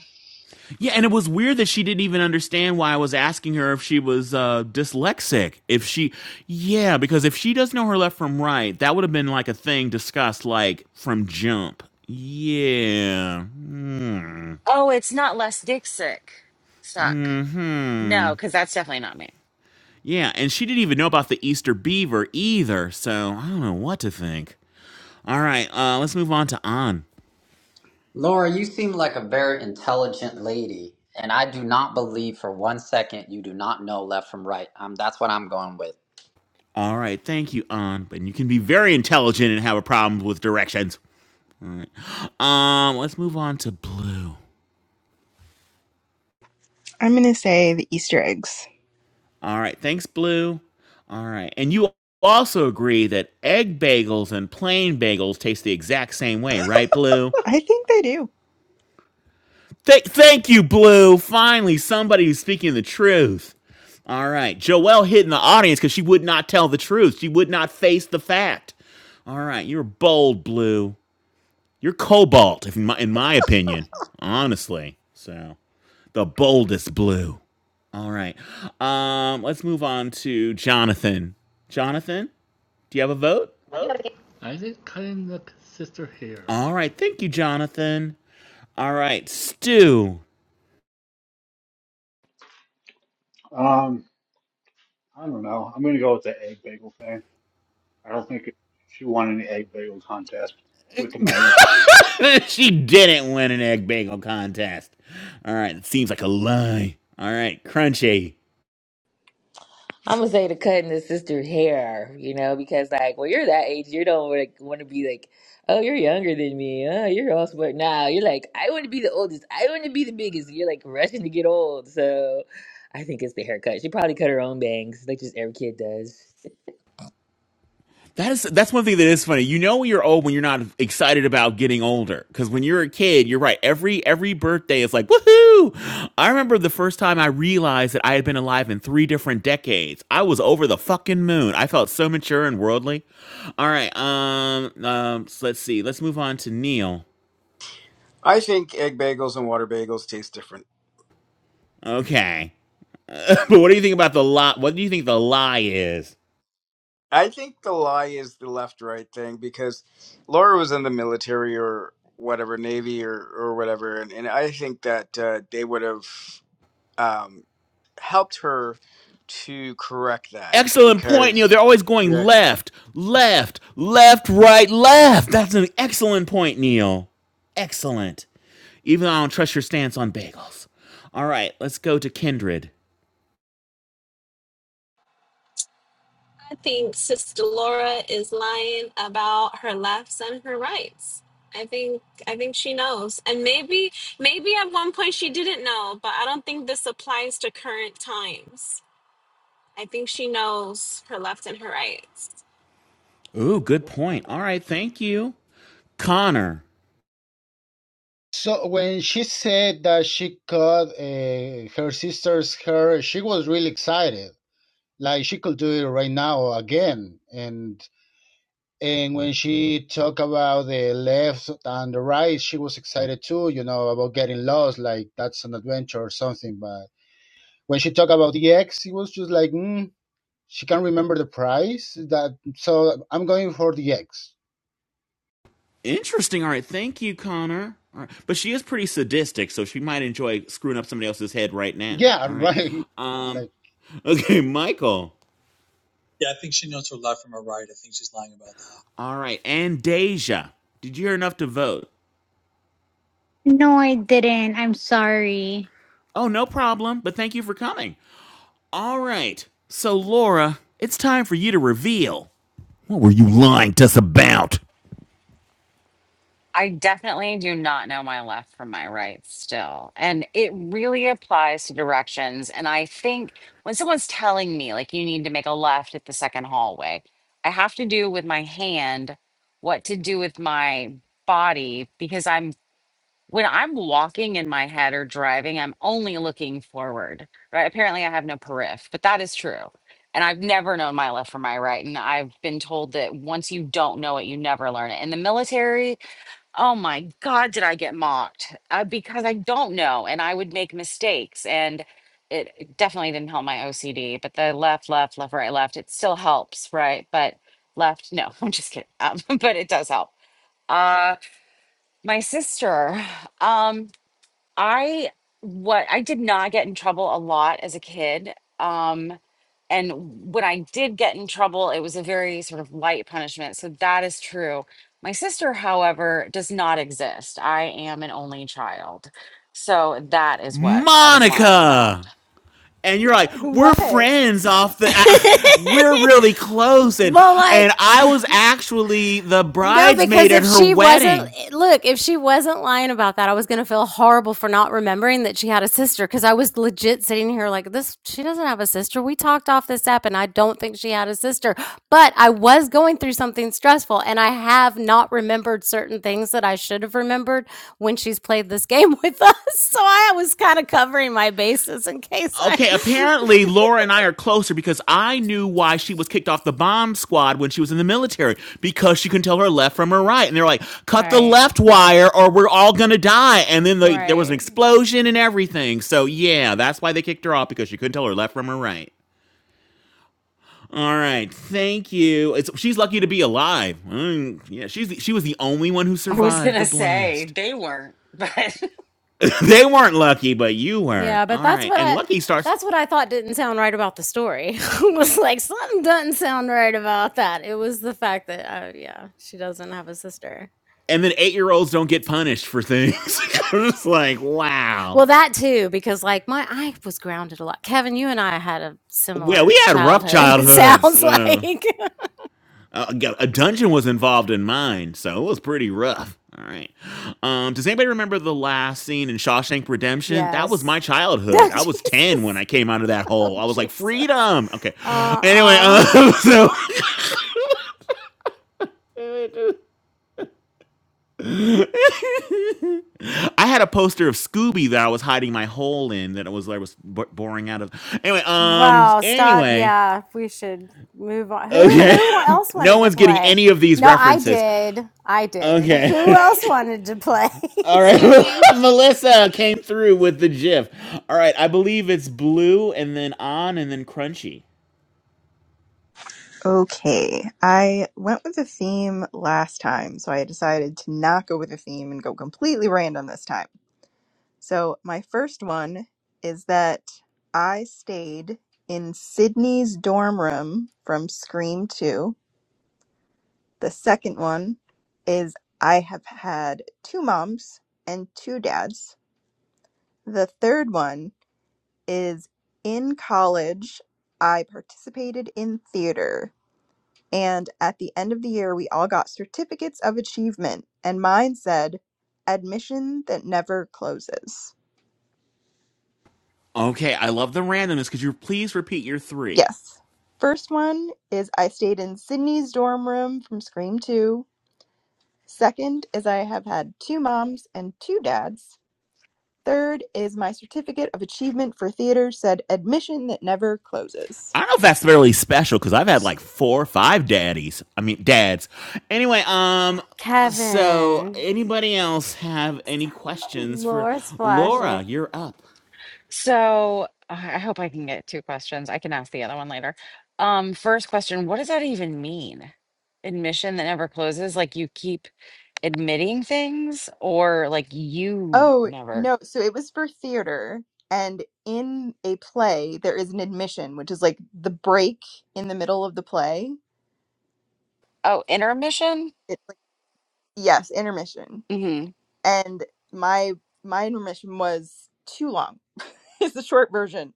B: Yeah, and it was weird that she didn't even understand why I was asking her if she was uh dyslexic. If she Yeah, because if she does not know her left from right, that would have been like a thing discussed like from jump. Yeah. Hmm.
A: Oh, it's not less dick sick. Suck.
B: Mhm.
A: No, because that's definitely not me.
B: Yeah, and she didn't even know about the Easter beaver either, so I don't know what to think. All right, uh, let's move on to An.
G: Laura, you seem like a very intelligent lady, and I do not believe for one second you do not know left from right. Um, that's what I'm going with.
B: All right, thank you, An. But you can be very intelligent and have a problem with directions. All right. Um, let's move on to Blue.
N: I'm going to say the Easter eggs.
B: All right, thanks, Blue. All right, and you also agree that egg bagels and plain bagels taste the exact same way, right, Blue?
N: I think they do.
B: Th- thank you, Blue. Finally, somebody who's speaking the truth. All right. Joelle hid in the audience because she would not tell the truth. She would not face the fact. All right. You're bold, Blue. You're cobalt, if in, my, in my opinion, honestly. So, the boldest Blue. All right. Um, let's move on to Jonathan. Jonathan, do you have a vote?
O: You have a I did cutting the sister hair.
B: All right. Thank you, Jonathan. All right. Stu.
I: Um, I don't know. I'm gonna go with the egg bagel thing. I don't think she won any egg bagel contest with the mayor.
B: she didn't win an egg bagel contest. All right, it seems like a lie. All right, crunchy.
L: I'm gonna say to cutting the sister hair, you know, because like when you're that age, you don't like want to be like, oh, you're younger than me. Oh, you're all smart. Nah, you're like, I want to be the oldest. I want to be the biggest. You're like rushing to get old. So I think it's the haircut. She probably cut her own bangs, like just every kid does.
B: That is that's one thing that is funny. You know when you're old when you're not excited about getting older because when you're a kid, you're right. Every every birthday is like woohoo. I remember the first time I realized that I had been alive in three different decades. I was over the fucking moon. I felt so mature and worldly. All right, um, um, so let's see. Let's move on to Neil.
K: I think egg bagels and water bagels taste different.
B: Okay, but what do you think about the lie? What do you think the lie is?
K: I think the lie is the left right thing because Laura was in the military or whatever, Navy or, or whatever. And, and I think that uh, they would have um, helped her to correct that
B: excellent point. You know,
K: because,
B: they're always going
K: yeah,
B: left, left, left, right, left. That's an excellent point, Neil. Excellent. Even though I don't trust your stance on bagels. All right, let's go to Kindred.
Q: I think Sister Laura is lying about her lefts and her rights. I think I think she knows. And maybe maybe at one point she didn't know, but I don't think this applies to current times. I think she knows her left and her rights.
B: Ooh, good point. All right, thank you. Connor.
R: So when she said that she cut uh, her sister's hair, she was really excited. Like she could do it right now again. And and when she talked about the left and the right, she was excited too. You know about getting lost, like that's an adventure or something. But when she talked about the X, it was just like mm, she can't remember the price. That so I'm going for the X.
B: Interesting. All right, thank you, Connor. All right. But she is pretty sadistic, so she might enjoy screwing up somebody else's head right now.
R: Yeah,
B: All right.
R: right.
B: Um,
R: Like.
B: okay, Michael.
S: Yeah, I think she knows her left from her right. I think she's lying about that.
B: All right, and Deja. Did you hear enough to vote?
T: No, I didn't. I'm sorry.
B: Oh, no problem, but thank you for coming. All right. So, Laura, it's time for you to reveal. What were you lying to us about?
A: I definitely do not know my left from my right still. And it really applies to directions. And I think when someone's telling me, like, you need to make a left at the second hallway, I have to do with my hand what to do with my body because I'm, when I'm walking in my head or driving, I'm only looking forward, right? Apparently, I have no periph, but that is true. And I've never known my left from my right. And I've been told that once you don't know it, you never learn it. In the military, Oh my God, did I get mocked? Uh, because I don't know, and I would make mistakes, and it it definitely didn't help my OCD. But the left, left, left, right, left, it still helps, right? But left, no, I'm just kidding. Um, but it does help. Uh, my sister. Um, I what I did not get in trouble a lot as a kid. Um and when I did get in trouble, it was a very sort of light punishment. So that is true. My sister, however, does not exist. I am an only child. So that is what I was lying about.
B: Monica! And you're like, we're
C: what
B: friends off the, ah, we're really close, and
C: well
B: and
C: like
B: I was actually the
C: No, because
B: bridesmaid at
C: if
B: her
C: she wasn't,
B: wedding.
C: look, if she wasn't lying about that, I was going to feel horrible for not remembering that she had a sister because I was legit sitting here like, this, she doesn't have a sister. We talked off this app and I don't think she had a sister. But I was going through something stressful and I have not remembered certain things that I should have remembered when she's played this game with us. So I was kind of covering my bases in case I.
B: Okay, apparently Laura and I are closer because I knew why she was kicked off the bomb squad when she was in the military because she couldn't tell her left from her right. And they're like, cut the
C: Right,
B: left wire or we're all going to die. And then they, there was an
C: right.
B: explosion and everything. So, yeah, that's why they kicked her off because she couldn't tell her left from her right. All right, thank you. It's, she's lucky to be alive. Mm, yeah, she's the, she was the only one who
A: I was going
B: survived the
A: to say
B: blast.
A: they weren't, but
B: they weren't lucky, but you were.
C: Yeah, but
B: All
C: that's
B: right,
C: what
B: and
C: I
B: lucky starts.
C: that's what I thought didn't sound right about the story. I was like, something doesn't sound right about that. It was the fact that, uh, yeah, she doesn't have a sister.
B: and then eight year olds don't get punished for things. I'm just like, wow.
C: Well, that too, because like my I was grounded a lot. Kevin, you and I had a
B: Well,
C: similar
B: we had rough
C: childhood. It
B: childhoods.
C: sounds
B: Well,
C: like
B: Uh, a dungeon was involved in mine, so it was pretty rough. All right. Um, does anybody remember the last scene in Shawshank Redemption? That was my
C: yes. No,
B: childhood. I was 10 when
C: Jesus.
B: I came out of that
C: Oh,
B: hole. I was like,
C: Jesus.
B: freedom. Okay.
C: Uh
B: Anyway,
C: uh
B: um, so I had a poster of Scooby that I was hiding my hole in that it was I was b- boring out of. Anyway, um,
C: Wow, stop.
B: anyway,
C: Yeah, we should move on. Who
B: Okay.
C: who else
B: no
C: wanted to
B: one's getting
C: play?
B: any of these
C: No, I
B: references.
C: did. I did. Who
B: Okay.
C: else wanted to play?
B: All
Q: It's
B: right.
Q: giving.
B: Melissa came through with the GIF. All right. I believe it's blue and then on and then crunchy.
N: Okay. I went with a theme last time, so I decided to not go with a theme and go completely random this time. So, my first one is that I stayed in Sydney's dorm room from Scream 2. The second one is I have had two moms and two dads. The third one is in college, I participated in theater. And at the end of the year, we all got certificates of achievement. And mine said, admission that never closes.
B: Okay, I love the randomness. Could you please repeat your three?
N: Yes. First one is I stayed in Sydney's dorm room from Scream 2. Second is I have had two moms and two dads. Third is my certificate of achievement for theater said admission that never closes.
B: I don't know if that's really special because I've had like four or five daddies. I mean, dads. Anyway, um, so
C: Kevin.
B: anybody else have any questions for
C: Laura's flashing.
B: Laura? You're up.
A: so I I hope I can get two questions. I can ask the other one later. Um first question, what does that even mean? Admission that never closes like you keep admitting things or like you
N: Oh,
A: never
N: no. So it was for theater. And in a play, there is an admission, which is like the break in the middle of the play.
A: oh intermission
N: It's like, yes, intermission.
A: hmm
N: And my my intermission was too long. It's the short version.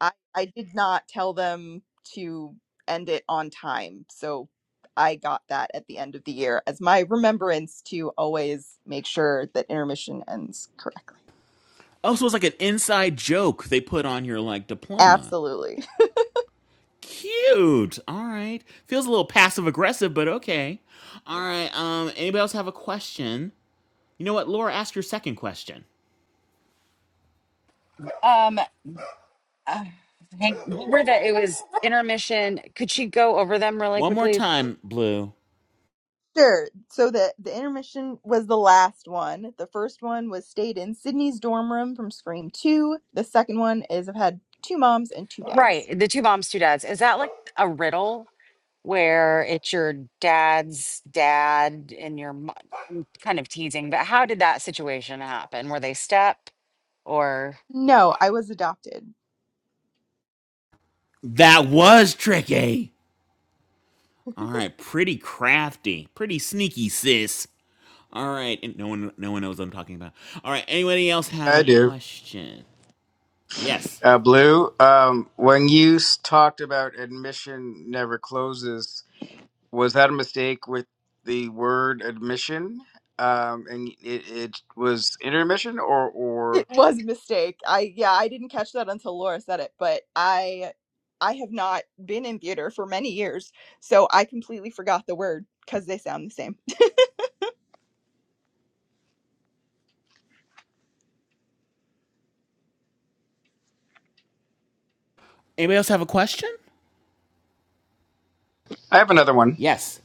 N: I, I did not tell them to end it on time. So I got that at the end of the year as my remembrance to always make sure that intermission ends correctly.
B: Also, it's like an inside joke they put on your like diploma.
N: Absolutely.
B: Cute. All right. Feels a little passive aggressive, but okay. All right. Um. Anybody else have a question? You know what, Laura? Ask your second question
A: um uh, hank where that it was intermission could she go over them really
B: one more
A: quickly
B: time, Blue.
N: Sure. So the the intermission was the last one. The first one was stayed in Sydney's dorm room from Scream Two. The second one is I've had two moms and two dads.
A: right the two moms two dads is that like a riddle where it's your dad's dad and your mom? I'm kind of teasing but how did that situation happen were they step or
N: No, I was adopted.
B: That was tricky. All right. Pretty crafty. Pretty sneaky, sis. All right. And no one, no one knows what I'm talking about. All right. Anybody else have
K: I
B: a
K: do.
B: question? Yes.
K: Uh, Blue, um, when you s- talked about admission never closes, was that a mistake with the word admission? Um, and it, it was intermission, or or
N: It was a mistake. I yeah, I didn't catch that until Laura said it, but I I have not been in theater for many years, so I completely forgot the word because they sound the same.
B: Anybody else have a question?
K: I have another one
B: Yes.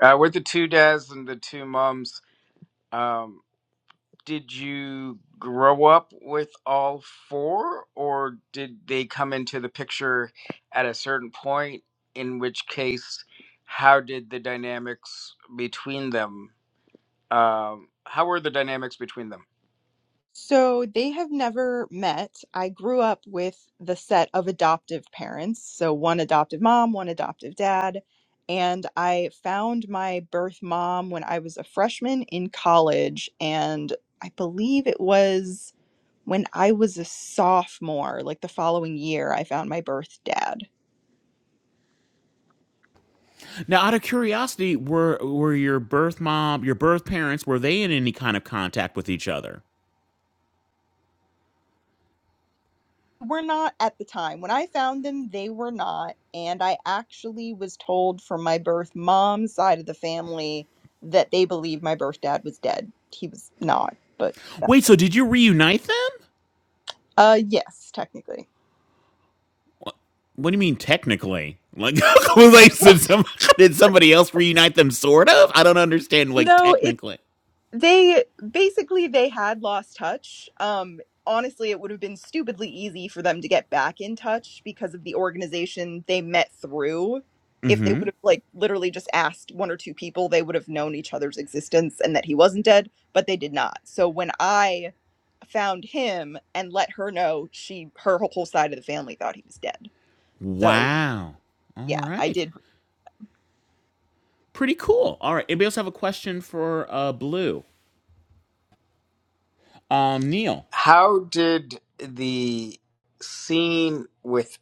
K: uh, with the two dads and the two moms. Um, did you grow up with all four, or did they come into the picture at a certain point? In which case, how did the dynamics between them? Um, how were the dynamics between them?
N: So they have never met. I grew up with the set of adoptive parents. So one adoptive mom, one adoptive dad. And I found my birth mom when I was a freshman in college. And I believe it was when I was a sophomore, like the following year, I found my birth dad.
B: Now, out of curiosity, were were your birth mom, your birth parents, were they in any kind of contact with each other?
N: Were not at the time. When I found them, they were not, and I actually was told from my birth mom's side of the family that they believed my birth dad was dead. He was not, but
B: Wait, so did you reunite them?
N: uh yes, technically.
B: What do you mean technically? Like, like did, some, did somebody else reunite them? Sort of. I don't understand. Like
N: No, it's
B: technically.
N: they basically they had lost touch um honestly it would have been stupidly easy for them to get back in touch because of the organization they met through if they would have like literally just asked one or two people they would have known each other's existence and that he wasn't dead but they did not so when i found him and let her know she her whole side of the family thought he was dead so
B: Wow.
N: yeah
B: All
N: i
B: right.
N: did
B: Pretty cool. All right. Anybody else have a question for uh, Blue? Um, Neil,
K: How did the scene with,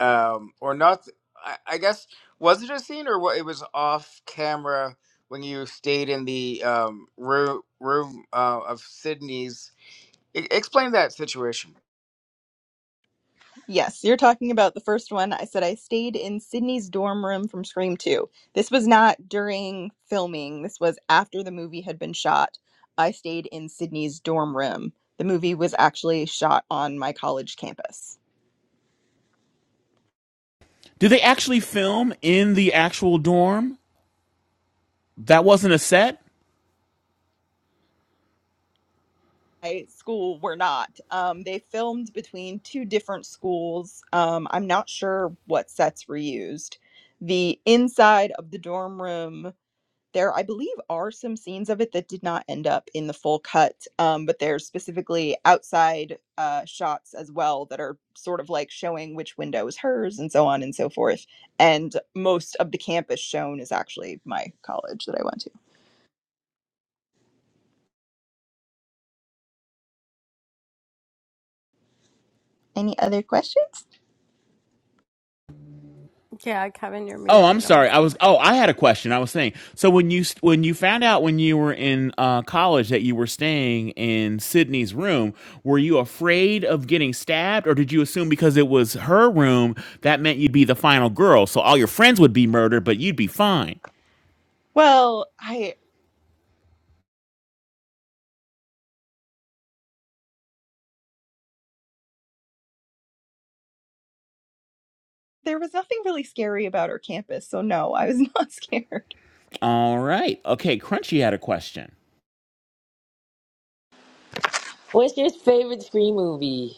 K: um, or not? I, I guess was it a scene or what? It was off camera when you stayed in the um, room room uh, of Sydney's. E- explain that situation.
N: Yes, you're talking about the first one. I said I stayed in Sydney's dorm room from Scream 2. This was not during filming, this was after the movie had been shot. I stayed in Sydney's dorm room. The movie was actually shot on my college campus.
B: do they actually film in the actual dorm? That wasn't a set.
N: My school were not. Um, they filmed between two different schools. Um, I'm not sure what sets were used. The inside of the dorm room there i believe are some scenes of it that did not end up in the full cut um, but there's specifically outside uh, shots as well that are sort of like showing which window is hers and so on and so forth and most of the campus shown is actually my college that i went to any other questions
C: Yeah, Kevin, you're
B: Oh, I'm
C: muted. I
B: sorry. I was.
C: wasn't.
B: Oh, I had a question. I was saying. So when you when you found out when you were in uh, college that you were staying in Sydney's room, were you afraid of getting stabbed, or did you assume because it was her room that meant you'd be the final girl, so all your friends would be murdered, but you'd be fine?
N: well i there was nothing really scary about our campus so no i was not scared
B: All right. Okay. Crunchy had a question.
L: What's your favorite screen movie?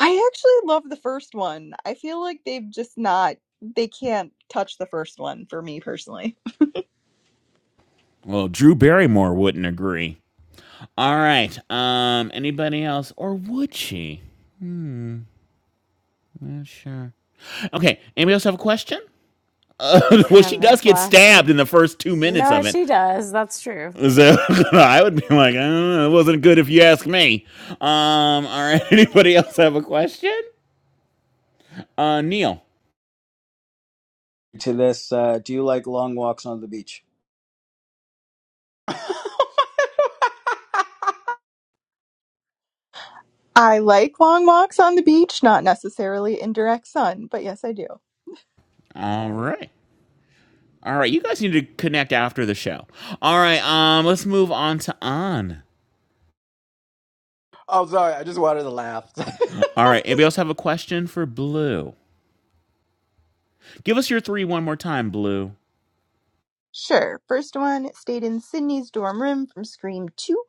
N: I actually love the first one. I feel like they've just not they can't touch the first one for me personally.
B: Well, Drew Barrymore wouldn't agree. All right. Um. Anybody else, or would she? Hmm. Not sure. Okay. Anybody else have a question? well, she
C: Kevin
B: does get stabbed
C: flashing.
B: in the first two minutes
C: No,
B: of it.
C: she does. That's true.
B: So I would be like, uh, it wasn't good if you ask me. Um, all right. Anybody else have a question? Uh, Neil.
K: To this, uh, do you like long walks on the beach?
N: I like long walks on the beach, not necessarily in direct sun, but yes, I do.
B: All right. All right. You guys need to connect after the show. All right. Um, let's move on to on.
G: I'm sorry. I just wanted to laugh.
B: All right. Anybody else have a question for Blue? Give us your three one more time, Blue.
N: Sure. First one stayed in Sydney's dorm room from Scream 2.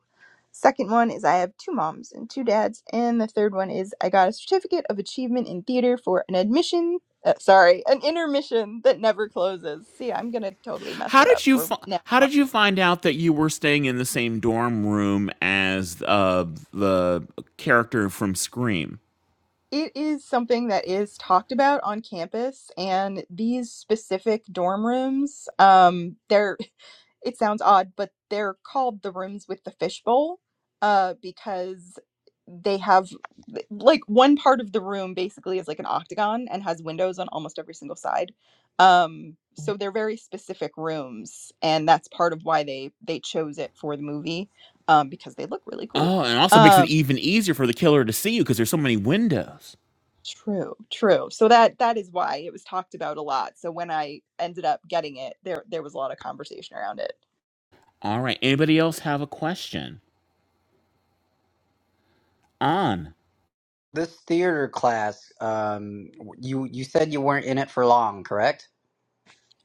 N: Second one is I have two moms and two dads. And the third one is I got a certificate of achievement in theater for an admission, uh, sorry, an intermission that never closes. See, I'm going to totally mess
B: How
N: that up
B: did you
N: for
B: fi-
N: now
B: How
N: on.
B: did you find out that you were staying in the same dorm room as uh, the character from Scream?
N: It is something that is talked about on campus, and these specific dorm rooms, um, they're it sounds odd, but they're called the rooms with the fishbowl uh, because they have like one part of the room basically is like an octagon and has windows on almost every single side. Um, so they're very specific rooms, and that's part of why they they chose it for the movie um, because they look really cool.
B: Oh, and also makes it
N: Um,
B: even easier for the killer to see you because there's so many windows.
N: true, true. So that that is why it was talked about a lot. So when I ended up getting it, there there was a lot of conversation around it.
B: All right. Anybody else have a question? On.
G: this theater class, um, you you said you weren't in it for long, correct?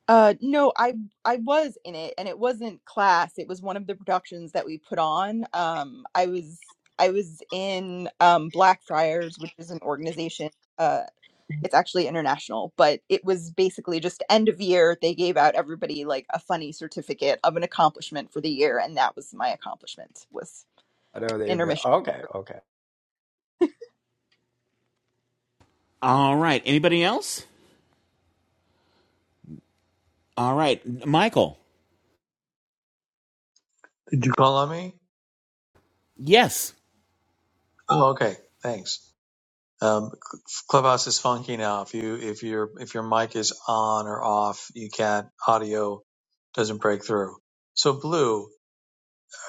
N: Uh, no, I I was in it, and it wasn't class. It was one of the productions that we put on. Um, I was I was in um, Blackfriars, which is an organization. Uh, it's actually international, but it was basically just end of year. They gave out everybody like a funny certificate of an accomplishment for the year, and that was my accomplishment was
G: I know they
N: an
G: were
N: intermission.
G: okay, okay.
B: All right. Anybody else? All right. Michael.
S: Did you call on me?
B: Yes.
S: Oh, okay. Thanks. Um, Clubhouse is funky now. If you if your if your mic is on or off, you can't audio doesn't break through. So Blue,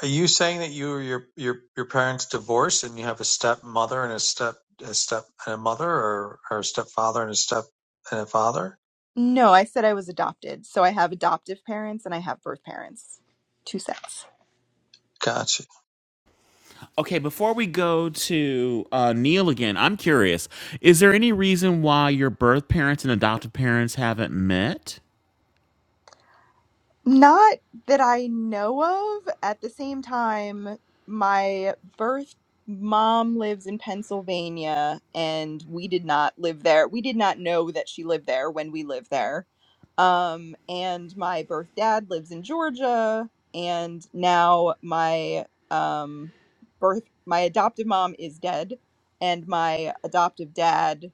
S: are you saying that you or your your your parents divorced and you have a stepmother and a step a step and a mother or or a stepfather and a step and a father?
N: No, I said I was adopted, so I have adoptive parents and I have birth parents, two sets.
S: Gotcha.
B: Okay. Before we go to uh, Neil again, I'm curious. Is there any reason why your birth parents and adoptive parents haven't met?
N: Not that I know of. At the same time, my birth mom lives in Pennsylvania, and we did not live there. We did not know that she lived there when we lived there. Um, and my birth dad lives in Georgia, and now my um, birth my adoptive mom is dead, and my adoptive dad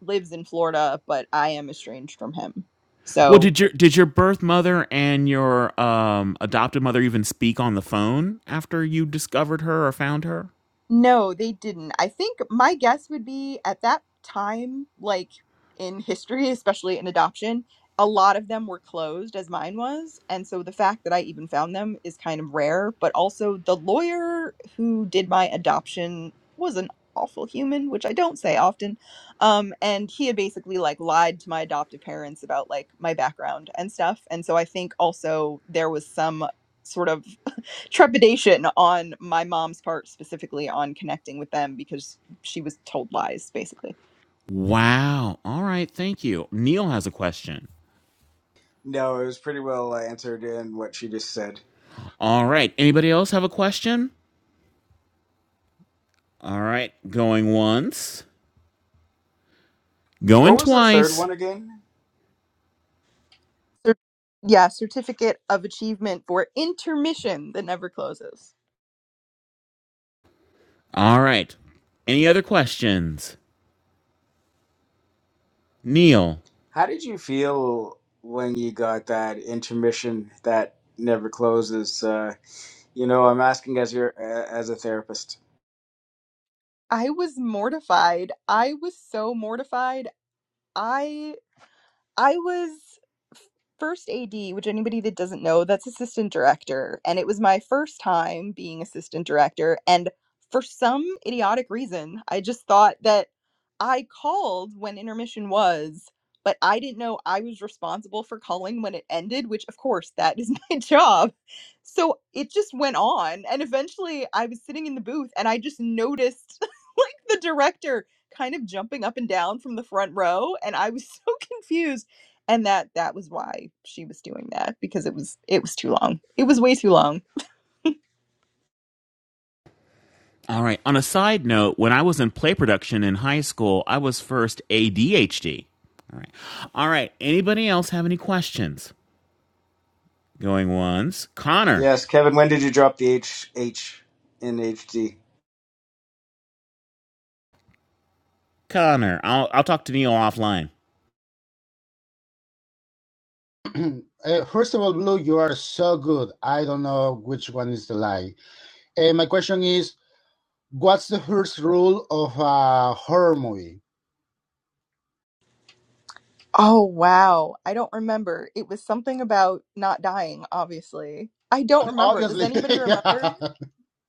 N: lives in Florida, but I am estranged from him. So
B: Well, did your did your birth mother and your um, adoptive mother even speak on the phone after you discovered her or found her?
N: No, they didn't. I think my guess would be at that time, like in history, especially in adoption, a lot of them were closed as mine was. And so the fact that I even found them is kind of rare. But also, the lawyer who did my adoption was an awful human, which I don't say often. Um, and he had basically like lied to my adoptive parents about like my background and stuff. And so I think also there was some sort of trepidation on my mom's part specifically on connecting with them because she was told lies basically
B: Wow. All right. Thank you. Neil has a question.
K: No, it was pretty well answered in what she just said.
B: All right. Anybody else have a question? All right. Going once,
K: What
B: going
K: was the third
B: twice.
K: one again?
N: yeah certificate of achievement for intermission that never closes
B: All right. Any other questions? Neil.
K: How did you feel when you got that intermission that never closes? Uh, You know, I'm asking as your uh, as a therapist.
N: i was mortified i was so mortified I. I was first AD, which anybody that doesn't know, that's assistant director. And it was my first time being assistant director. And for some idiotic reason, I just thought that I called when intermission was, but I didn't know I was responsible for calling when it ended, which of course that is my job. So it just went on. And eventually I was sitting in the booth and I just noticed like the director kind of jumping up and down from the front row. And I was so confused and that that was why she was doing that because it was it was too long it was way too long
B: All right. On a side note, when I was in play production in high school, I was first ADHD. All right. All right. Anybody else have any questions? Going once. Connor.
K: Yes, Kevin. When did you drop the H H in H am
B: Connor. I'll, I'll talk to Neil offline.
R: Uh, first of all, Blue, you are so good. I don't know which one is the lie. Uh, my question is, what's the first rule of a horror movie?
N: Oh, wow. I don't remember. It was something about not dying, obviously. I don't remember. Does
R: Obviously,
N: anybody
R: yeah.
N: remember?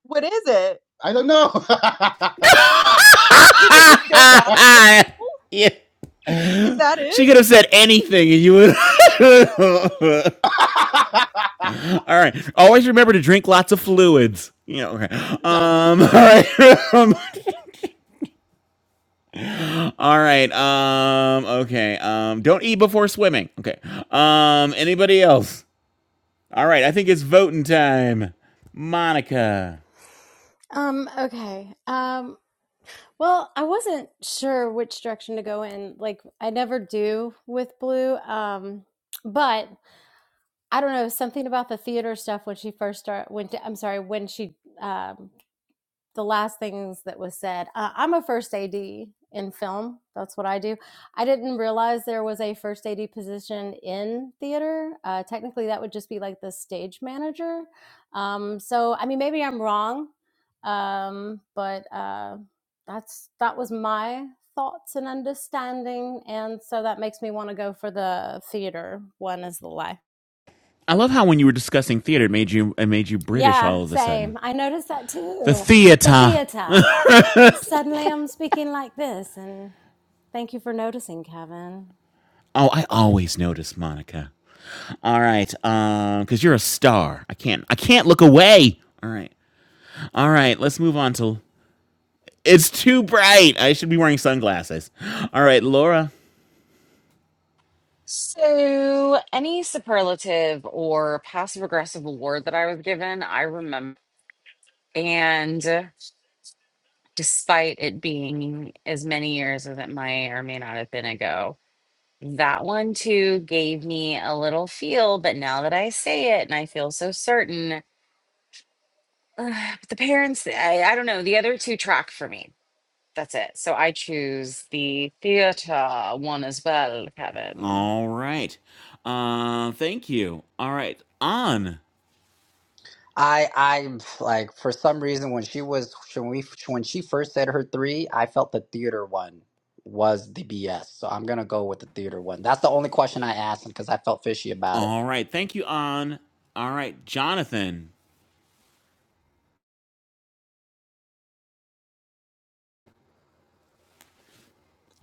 N: What is it?
R: I don't know.
N: uh, is it just don't die That's all?
B: yeah.
N: is that
B: She
N: it
B: could have said anything, and you would. all right. Always remember to drink lots of fluids. Yeah. Okay.
R: yeah,
B: Um. All right. Um, all right. Um. Okay. Um. Don't eat before swimming. Okay. Um. Anybody else? All right. I think it's voting time. Monica.
C: Um, okay. Um, well, I wasn't sure which direction to go in. Like I never do with Blue. Um, but I don't know, something about the theater stuff when she first started when I'm sorry, when she um the last things that was said. Uh, I'm a first AD in film. That's what I do. I didn't realize there was a first AD position in theater. Uh, technically, that would just be like the stage manager. Um, so, I mean, maybe I'm wrong, um, but uh, that's that was my thoughts and understanding, and so that makes me want to go for the theater one as the lie.
B: I love how when you were discussing theater, it made you it made you British
C: Yeah,
B: all of a sudden.
C: same. I noticed that
B: The
C: too. The
B: theater.
C: theater. Suddenly I'm speaking like this, and thank you for noticing, Kevin.
B: Oh, I always notice, Monica. All right, um, because you're a star. I can't I can't look away. All right, All right, let's move on to. It's too bright. I should be wearing sunglasses. All right, Laura.
A: so any superlative or passive aggressive award that i was given i remember And despite it being as many years as it may or may not have been ago, that one too gave me a little feel. But now that I say it and I feel so certain, but the parents, I, I don't know, the other two track for me. That's it. So I choose the theater one as well, Kevin.
B: All right. Uh, thank you. All right, on.
G: I I like for some reason when she was when we when she first said her three, I felt the theater one was the BS. So I'm gonna go with the theater one. That's the only question I asked him because I felt fishy about it.
B: All right, thank you, on. All right, Jonathan.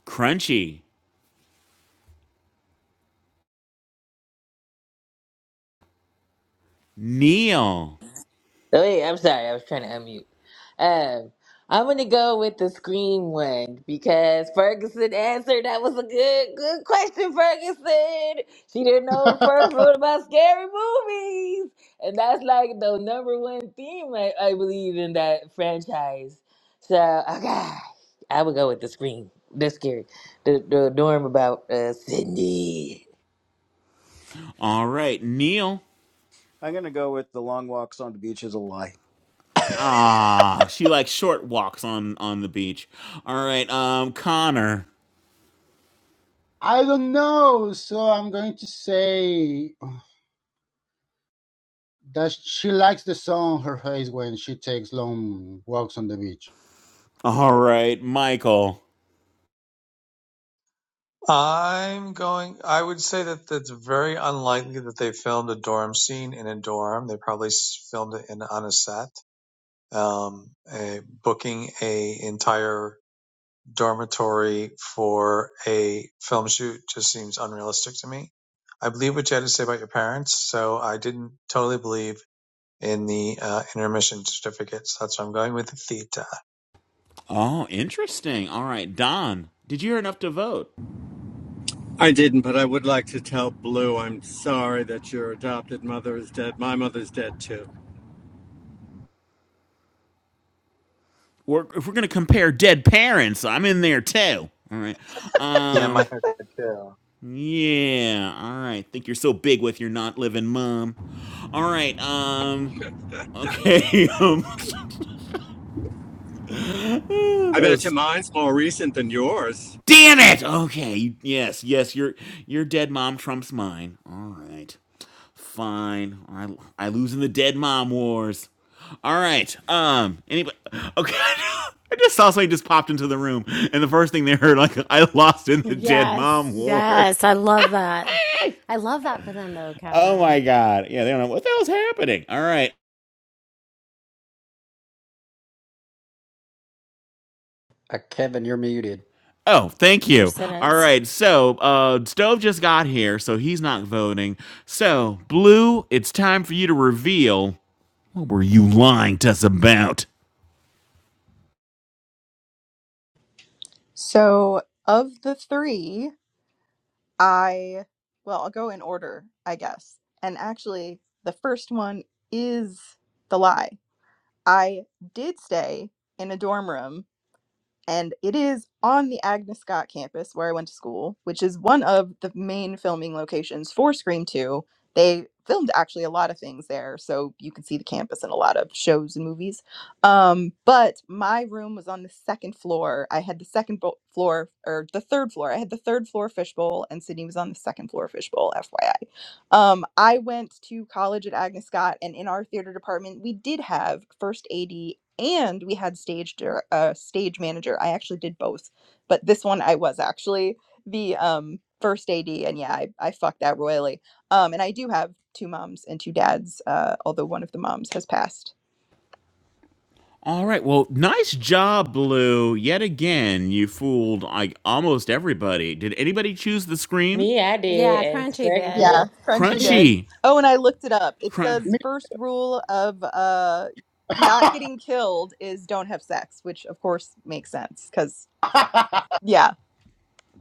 B: Crunchy. Neil.
L: Oh, wait, I'm sorry. I was trying to unmute. Um, I'm gonna go with the scream one because Ferguson answered. That was a good, good question, Ferguson. She didn't know the first rule about scary movies, and that's like the number one theme I, I believe in that franchise. So, okay, I would go with the scream. The scary, the the dorm about uh, Sydney.
B: All right, Neil.
K: gonna go with the long walks on the beach is a lie.
B: Ah, she likes short walks on on the beach. All right, um, Connor.
R: I don't know. So I'm going to say that she likes the sun on her face when she takes long walks on the beach.
B: All right, Michael.
S: I'm going. I would say that that's very unlikely that they filmed a dorm scene in a dorm. They probably s- filmed it in on a set. um, a, booking a entire dormitory for a film shoot just seems unrealistic to me. I believe what you had to say about your parents, so I didn't totally believe in the uh, intermission certificates. That's what I'm going with the theta.
B: Oh, interesting. All right, Don. Did you hear enough to vote?
U: I didn't, but I would like to tell Blue I'm sorry that your adopted mother is dead. My mother's dead too.
B: Or if we're gonna compare dead parents, I'm in there too. All right.
S: Yeah, my
B: Um.
S: head too.
B: Yeah. All right. Think you're so big with your not living mom. All right. Um. Okay. that
U: I bet you
B: was
U: mine's more recent than yours.
B: Damn it! Okay, yes, yes, your your dead mom trumps mine. All right, fine. I I lose in the dead mom wars. All right. Um. Anybody? Okay. I just saw somebody just popped into the room, and the first thing they heard, like, I lost in the dead mom
C: Yes, yes,
B: wars.
C: I love that. I love that for them though,
B: Oh
C: Kevin.
B: my god. Yeah, they don't know what the hell's happening. All right.
G: Uh, Kevin, you're muted.
B: Oh, thank
C: Your
B: you. All
C: sentence.
B: right. So, uh, Stove just got here, so he's not voting. So, Blue, it's time for you to reveal. What were you lying to us about?
N: So, of the three, I, well, I'll go in order, I guess. And actually, the first one is the lie. I did stay in a dorm room and it is on the Agnes Scott campus where I went to school, which is one of the main filming locations for Scream 2. They filmed actually a lot of things there, so you can see the campus in a lot of shows and movies. Um, but my room was on the second floor. I had the second bo- floor, or the third floor. I had the third floor fishbowl, and Sydney was on the second floor fishbowl, FYI. Um, I went to college at Agnes Scott, and in our theater department, we did have first AD and we had stage dir- uh, stage manager. I actually did both, but this one I was actually the um, first AD, and yeah, I, I fucked that royally. Um, and I do have two moms and two dads, uh, although one of the moms has passed.
B: All right, well, nice job, Blue. Yet again, you fooled like almost everybody. Did anybody choose the scream?
L: Me, I did,
C: Yeah,
L: and
C: Crunchy did.
R: Yes,
N: Yeah,
L: Ferguson.
N: Frenchie
R: me,
N: did.
B: Crunchy.
N: Oh, and I looked it up. It
B: Crun-
N: says
R: me.
N: first rule of uh, not getting killed is don't have sex, which of course makes sense because. Yeah,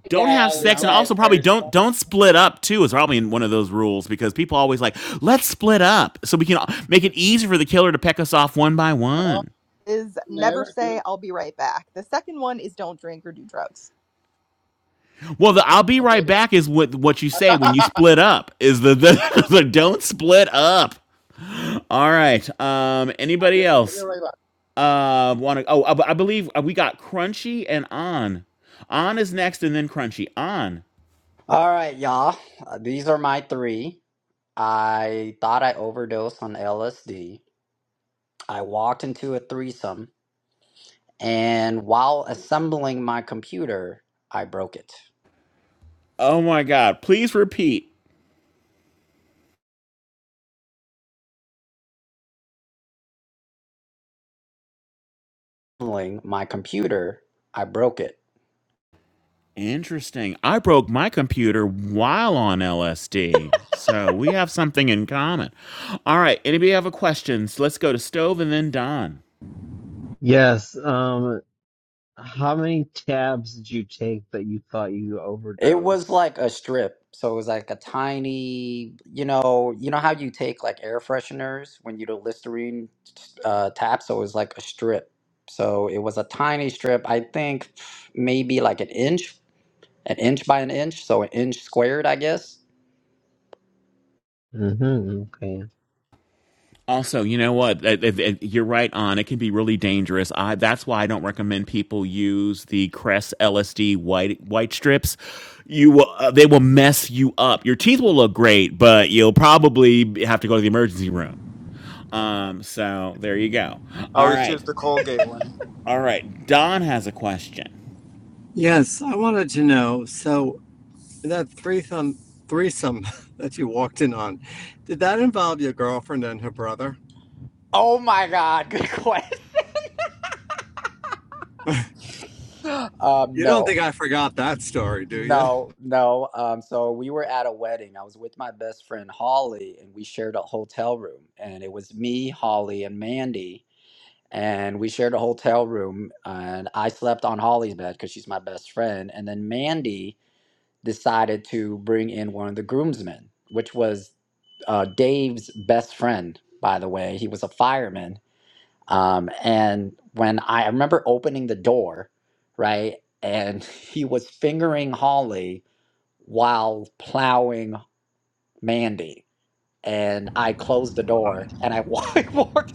L: That
B: don't
L: guy
B: have
L: always
B: sex
R: now
B: and
R: we
L: dies
B: also probably
L: first.
B: don't don't split up too is probably in one of those rules because people always like let's split up so we can make it easier for the killer to peck us off one by one
N: is never
R: never do it.
N: say I'll be right back. The second one is don't drink or do drugs.
B: well the i'll be
R: Okay,
B: right back is what what you say
R: I'll
B: when you split up is the the, the don't split up all right um
R: be,
B: anybody
R: I'll be
B: else
R: right back.
B: Uh, want to? Oh, I, I believe uh, we got Crunchy and On. On is next, and then Crunchy. On.
G: All right, y'all. Uh, these are my three. I thought I overdosed on LSD. I walked into a threesome, and while assembling my computer, I broke it.
B: Oh my God! Please repeat.
G: Assembling my computer, I broke it.
B: Interesting. I broke my computer while on LSD, so we have something in common. All right. Anybody have a questions? Let's go to Stove and then Don.
V: Yes. Um, how many tabs did you take that you thought you
G: It was
V: overdosed?
G: like a strip. So it was like a tiny, you know, you know how you take like air fresheners when you do Listerine uh, tap. So it was like a strip. So it was a tiny strip. I think maybe like an inch, an inch by an inch. So an inch squared, I guess.
V: Mm-hmm. Okay.
B: Also, you know what? Uh, uh, uh, You're right on. It can be really dangerous. I, that's why I don't recommend people use the Crest LSD white white strips. You will, uh, they will mess you up. Your teeth will look great, but you'll probably have to go to the emergency room. Um, so there you go.
K: I
B: All
K: always
B: right,
K: choose the Colgate one.
B: all right. Don has a question.
U: Yes, I wanted to know. So that threesome, threesome that you walked in on, did that involve your girlfriend and her brother?
G: Oh my God, good question. Um,
U: You don't
G: no,
U: think I forgot that story, do you?
G: no, no. Um, so we were at a wedding. I was with my best friend Holly, and we shared a hotel room. And it was me, Holly, and Mandy. and we shared a hotel room and i slept on holly's bed because she's my best friend and then mandy decided to bring in one of the groomsmen which was uh, dave's best friend by the way he was a fireman um, and when I, I remember opening the door right and he was fingering holly while plowing mandy and i closed the door and i walked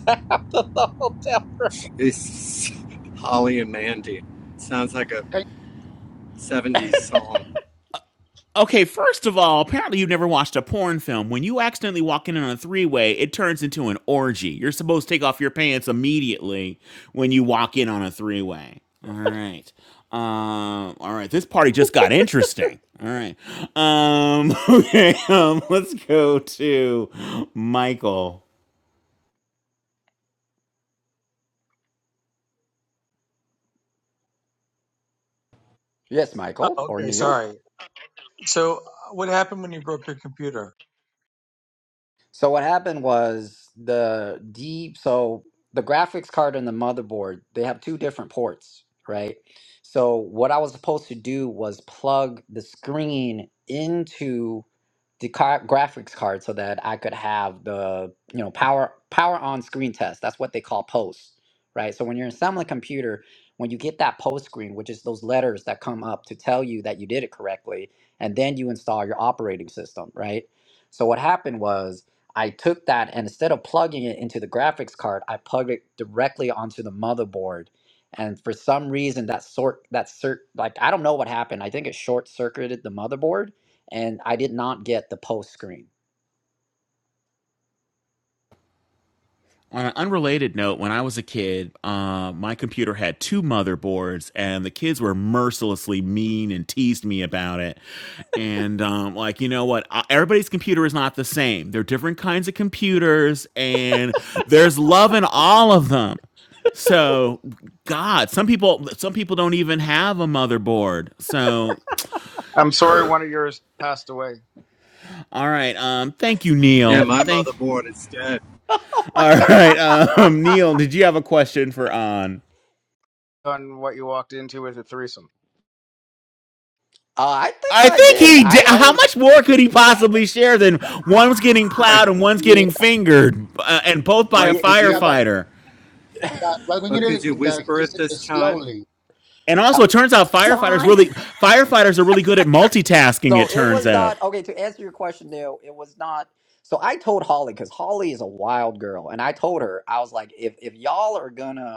G: out of the hotel room
U: It's Holly and Mandy. Sounds like a
R: Can
U: '70s song.
B: Okay, first of all, apparently you've never watched a porn film. When you accidentally walk in on a three way, it turns into an orgy. You're supposed to take off your pants immediately when you walk in on a three way. All right. Um, all right. This party just got interesting. All right. Um, okay. Um, let's go to Michael.
G: yes
S: Oh,
G: michael or
S: okay,
G: neil
S: sorry. So, uh, what happened when you broke your computer?
G: So what happened was the D so the graphics card and the motherboard, they have two different ports, right? So what I was supposed to do was plug the screen into the car- graphics card so that I could have the, you know, power power on screen test. That's what they call post, right? So when you're assembling a computer, when you get that post screen, which is those letters that come up to tell you that you did it correctly, and then you install your operating system, right? So what happened was I took that and instead of plugging it into the graphics card, I plugged it directly onto the motherboard. And for some reason, that sort that cert like I don't know what happened. I think it short circuited the motherboard, and I did not get the post screen.
B: On an unrelated note, when I was a kid, uh, my computer had two motherboards, and the kids were mercilessly mean and teased me about it. And um, like, you know what? Uh, Everybody's computer is not the same. They're different kinds of computers, and there's love in all of them. So, God, some people some people don't even have a motherboard. So,
K: I'm sorry, one of yours passed away.
B: all right. Um, thank you,
U: Yeah,
B: Neil.
U: my
B: Thank.
U: motherboard is dead.
B: All right, um, Neil, did you have a question for On?
K: On what you walked into with a threesome.
G: Uh, I think
B: I
G: I
B: think
G: did.
B: he did.
G: I
B: How
G: only
B: much more could he possibly share than one's getting
U: Right,
B: plowed and one's
R: yeah,
B: getting fingered, uh, and both by a
U: right.
G: yeah.
U: Could
R: yeah,
U: you,
R: but,
B: firefighter?
R: but, but we
U: or
R: need
U: could
R: it
U: you
R: the,
U: whisper
R: it's,
U: it
R: it
U: this time?
R: slowly.
B: And
G: uh,
B: also, it turns out firefighters
C: Dawn.
B: really firefighters are really good at multitasking. It
G: So it
B: turns
G: was
B: out
G: not okay. To answer your question, Neil, it was not. So I told Holly because Holly is a wild girl, and I told her I was like, if if y'all are gonna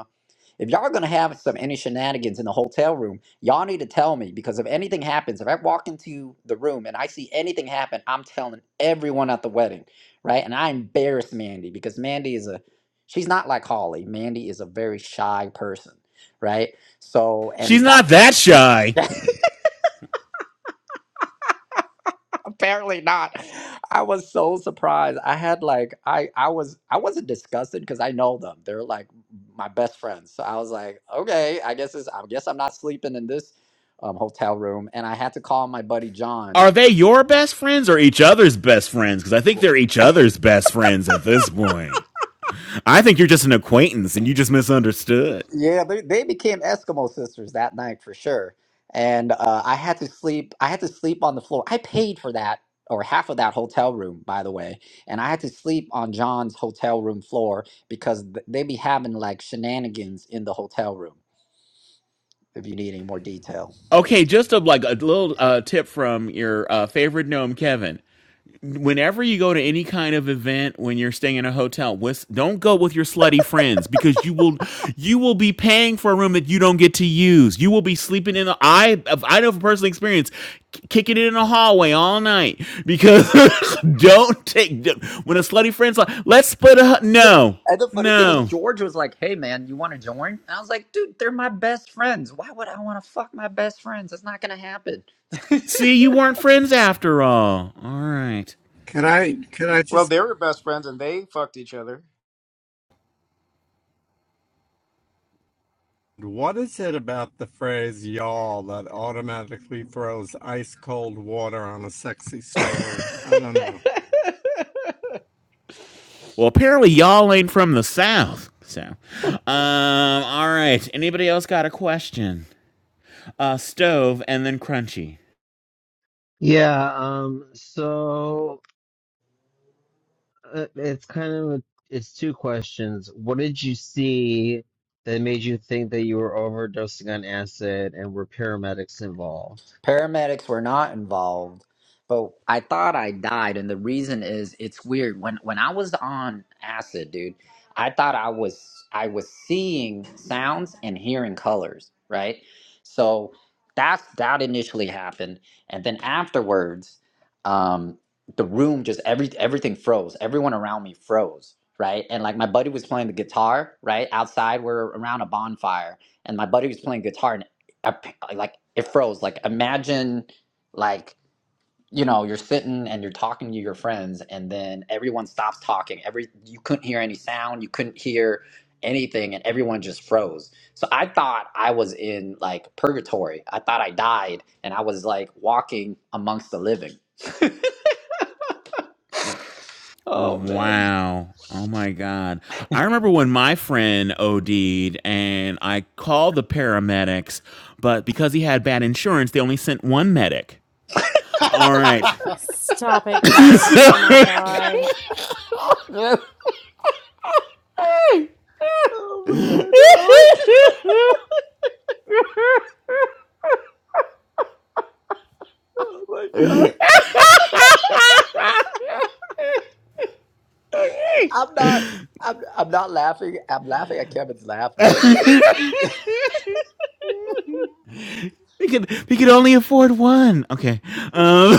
G: If y'all gonna have some any shenanigans in the hotel room, y'all need to tell me because if anything happens, if I walk into the room and I see anything happen, I'm telling everyone at the wedding, right? And I embarrass Mandy because Mandy is a she's not like Holly. Mandy is a very shy person, right? So
B: she's
G: and
B: not that shy.
G: that apparently not. I was so surprised. I had like I I was I wasn't disgusted because I know them. They're like my best friends. So I was like, okay, I guess it's I guess I'm not sleeping in this um, hotel room. And I had to call my buddy John
B: Are they your best friends or each other's best friends? Because I think they're each other's best friends at this point. I think you're just an acquaintance and you just misunderstood.
G: Yeah, they, they became Eskimo sisters that night for sure. And uh, I had to sleep. I had to sleep on the floor. I paid for that or half of that hotel room, by the way. And I had to sleep on John's hotel room floor because th- they be having like shenanigans in the hotel room. If you need any more detail.
B: Okay, just a like a little uh, tip from your uh, favorite gnome, Kevin. Whenever you go to any kind of event, when you're staying in a hotel, with, don't go with your slutty friends because you will you will be paying for a room that you don't get to use. You will be sleeping in the I I know from personal experience, k- kicking it in the hallway all night because don't take don't, when a slutty friend's like, let's split a hu-"
G: The,
B: no
G: and the funny thing is,
B: no.
G: George was like, "Hey, man, you want to join?" And I was like, "Dude, they're my best friends. Why would I want to fuck my best friends? That's not gonna happen."
B: See, you weren't friends after all. All right.
U: Can I can I
K: Well,
U: just
K: they were best friends and they fucked each other.
U: what is it about the phrase y'all that automatically throws ice cold water on a sexy story? I don't know.
B: Well, apparently y'all ain't from the South. So, um, all right. Anybody else got a question? Uh, stove and then crunchy.
V: Yeah. Um. So uh, it's kind of a, it's two questions. What did you see that made you think that you were overdosing on acid, and were paramedics involved?
G: Paramedics were not involved, but I thought I died, and the reason is it's weird. When when I was on acid, dude, I thought I was I was seeing sounds and hearing colors, right? So that's that initially happened, and then afterwards, um, the room just every everything froze. Everyone around me froze, right? And like my buddy was playing the guitar, right outside. We're around a bonfire, and my buddy was playing guitar, and I p- like it froze. Like imagine like you know you're sitting and you're talking to your friends and then everyone stops talking. Every you couldn't hear any sound, you couldn't hear anything and everyone just froze. So I thought I was in like purgatory. I thought I died and I was like walking amongst the living. Oh man.
B: Wow. Oh my God. I remember when my friend OD'd and I called the paramedics, but because he had bad insurance, they only sent one medic. All right.
C: Stop it, Kevin. Oh my God.
G: Oh man. Like I'm not I'm I'm not laughing. I'm laughing at Kevin's laugh, man. It's amazing.
B: We could we could only afford one. Okay. Um,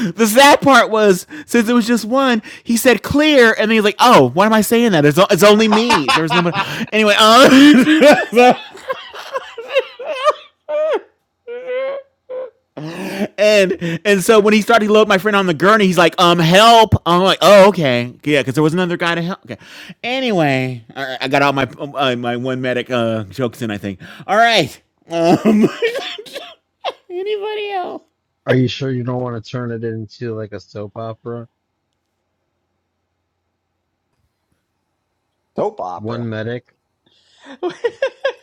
B: the sad part was since it was just one, he said clear, and then he's like, "Oh, why am I saying that? It's, it's only me. There's nobody." Anyway, um, and and so when he started to load my friend on the gurney, he's like, "Um, help!" I'm like, "Oh, okay, yeah," because there was another guy to help. Okay. Anyway, all right, I got all my uh, my one medic uh, jokes in. I think. All right. Um, anybody else?
V: Are you sure you don't want to turn it into like a soap opera?
G: Soap opera.
V: One medic.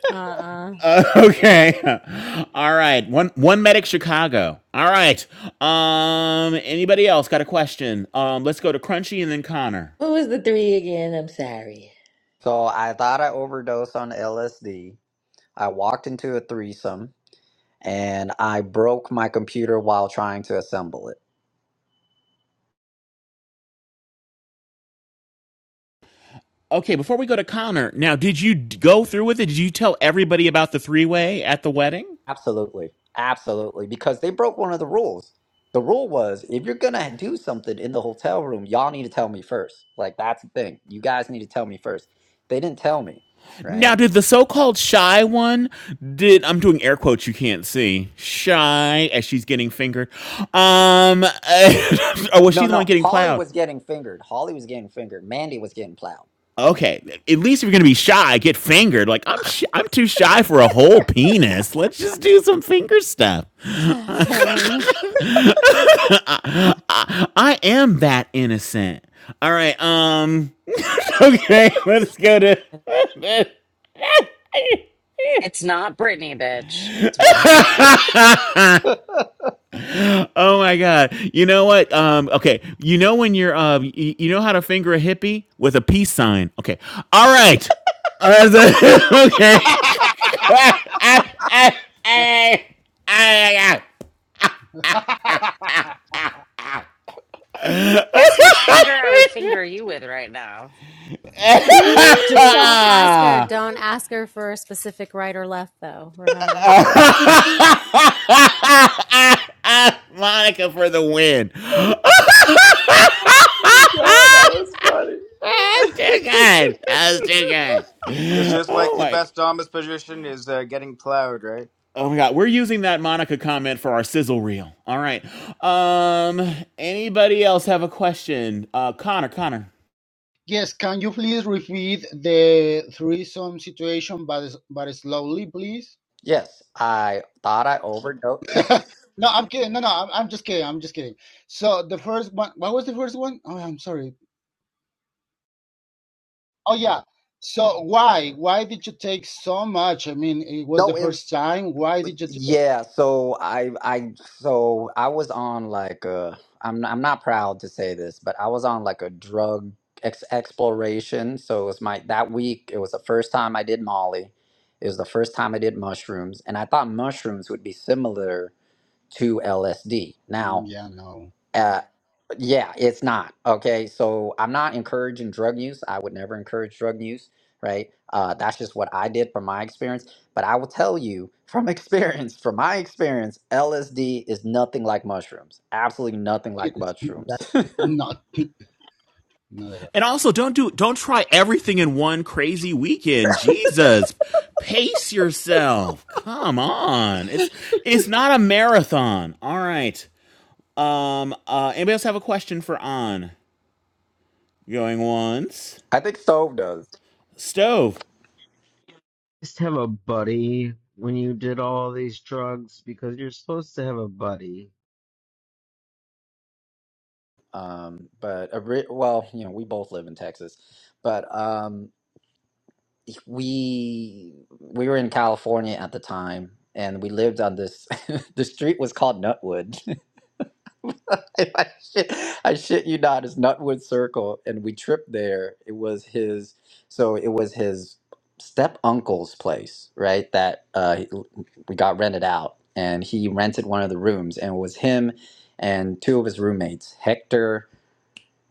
C: Uh-uh.
B: Uh, okay. All right. One one medic Chicago. All right. Um anybody else got a question? Um let's go to Crunchy and then Connor.
L: What was the three again? I'm sorry.
G: So I thought I overdosed on LSD. I walked into a threesome and I broke my computer while trying to assemble it.
B: Okay, before we go to Connor, now did you d- go through with it? Did you tell everybody about the three-way at the wedding?
G: Absolutely. Absolutely. Because they broke one of the rules. The rule was if you're going to do something in the hotel room, y'all need to tell me first. Like, that's the thing. You guys need to tell me first. They didn't tell me,
B: Now
G: right?
B: did the so-called shy one did I'm doing air quotes you can't see. Shy as she's getting fingered. Um or was she
G: No,
B: the one
G: no.
B: getting
G: Holly
B: plowed?
G: was getting fingered. Holly was getting fingered. Mandy was getting plowed.
B: Okay, at least if you're gonna be shy, get fingered. Like I'm, sh- I'm too shy for a whole penis. Let's just do some finger stuff.
C: Kevin.
B: I, I- I am that innocent. All right. Um. Okay. Let's go to.
A: It's not Brittany, bitch. It's what's her name.
B: Oh my god. You know what? Um. Okay. You know when you're um. y- You, you know how to finger a hippie with a peace sign. Okay. All right. Uh, okay. Ay, ay,
A: Guess which finger I would finger you with right now.
G: Oh,
C: Just don't ask her.
B: Ah,
C: Don't ask her for a specific right or left though, remember?
B: ah, ah, Monica for the win.
G: God, that was funny.
B: That's too good. That's too good.
K: It's just like
B: Oh
K: the
B: my.
K: best Thomas position is uh, getting plowed, right?
B: Oh my god, we're using that Monica comment for our sizzle reel. All right. Um anybody else have a question? Uh Connor, Connor.
R: Yes, can you please repeat the threesome situation, but but slowly, please?
G: Yes, I thought I overdosed.
R: No, I'm kidding. No, no, I'm, I'm just kidding. I'm just kidding. So the first one, what was the first one? Oh, I'm sorry. Oh yeah. So why why did you take so much? I mean, it was the
G: No, it
R: first time. Why did you do it?
G: yeah, so I I so I was on like a I'm I'm not proud to say this, but I was on like a drug ex exploration. So it was my that week, it was the first time I did Molly. It was the first time I did mushrooms, and I thought mushrooms would be similar to LSD.
R: Mm,
G: Now,
R: Yeah, no,
G: uh, yeah, it's not. Okay. So I'm not encouraging drug use. I would never encourage drug use, right? Uh, that's just what I did from my experience. But I will tell you from experience, from my experience, LSD is nothing like mushrooms. Absolutely nothing like
R: it's that,
G: mushrooms.
R: not not at all.
B: And also don't do don't try everything in one crazy weekend. Jesus. Pace yourself. Come on. It's it's not a marathon. All right. Um uh anybody else have a question for on? Going once.
G: I think Stove does.
B: Stove.
V: Just have a buddy when you did all these drugs because you're supposed to have a buddy.
G: Um, but a re- well, you know, we both live in Texas, but um, we we were in California at the time, and we lived on this. the street was called Nutwood. I shit, I shit you not. It's Nutwood Circle, and we tripped there. It was his, so it was his step uncle's place, right? That uh, he- we got rented out, and he rented one of the rooms, and it was him and two of his roommates, Hector.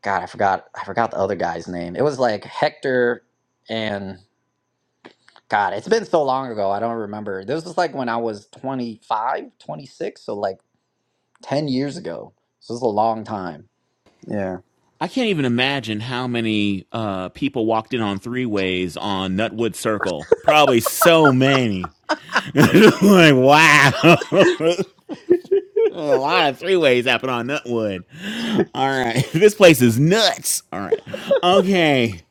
G: God, I forgot, I forgot the other guy's name. It was like Hector and God. It's been so long ago, I don't remember. This was like when I was 25, 26. so like ten years ago. So this is a long time.
B: I can't even imagine how many uh, people walked in on three ways on Nutwood Circle. Probably so many. like, wow. A lot of three ways happen on Nutwood. All right. This place is nuts. All right. Okay.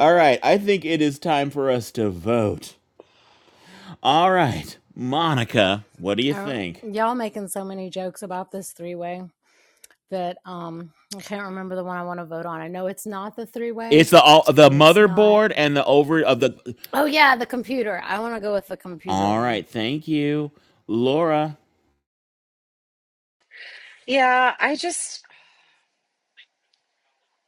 B: All right. I think it is time for us to vote. All right. Monica, what do you
C: Oh,
B: think?
C: y'all making so many jokes about this three way that um I can't remember the one I want to vote on. I know it's not the three way,
B: It's the all, the
C: and it's not.
B: motherboard and the over of the
C: Oh yeah, the computer. I want to go with the computer
B: All
C: one.
B: right, thank you, Laura.
A: Yeah, I just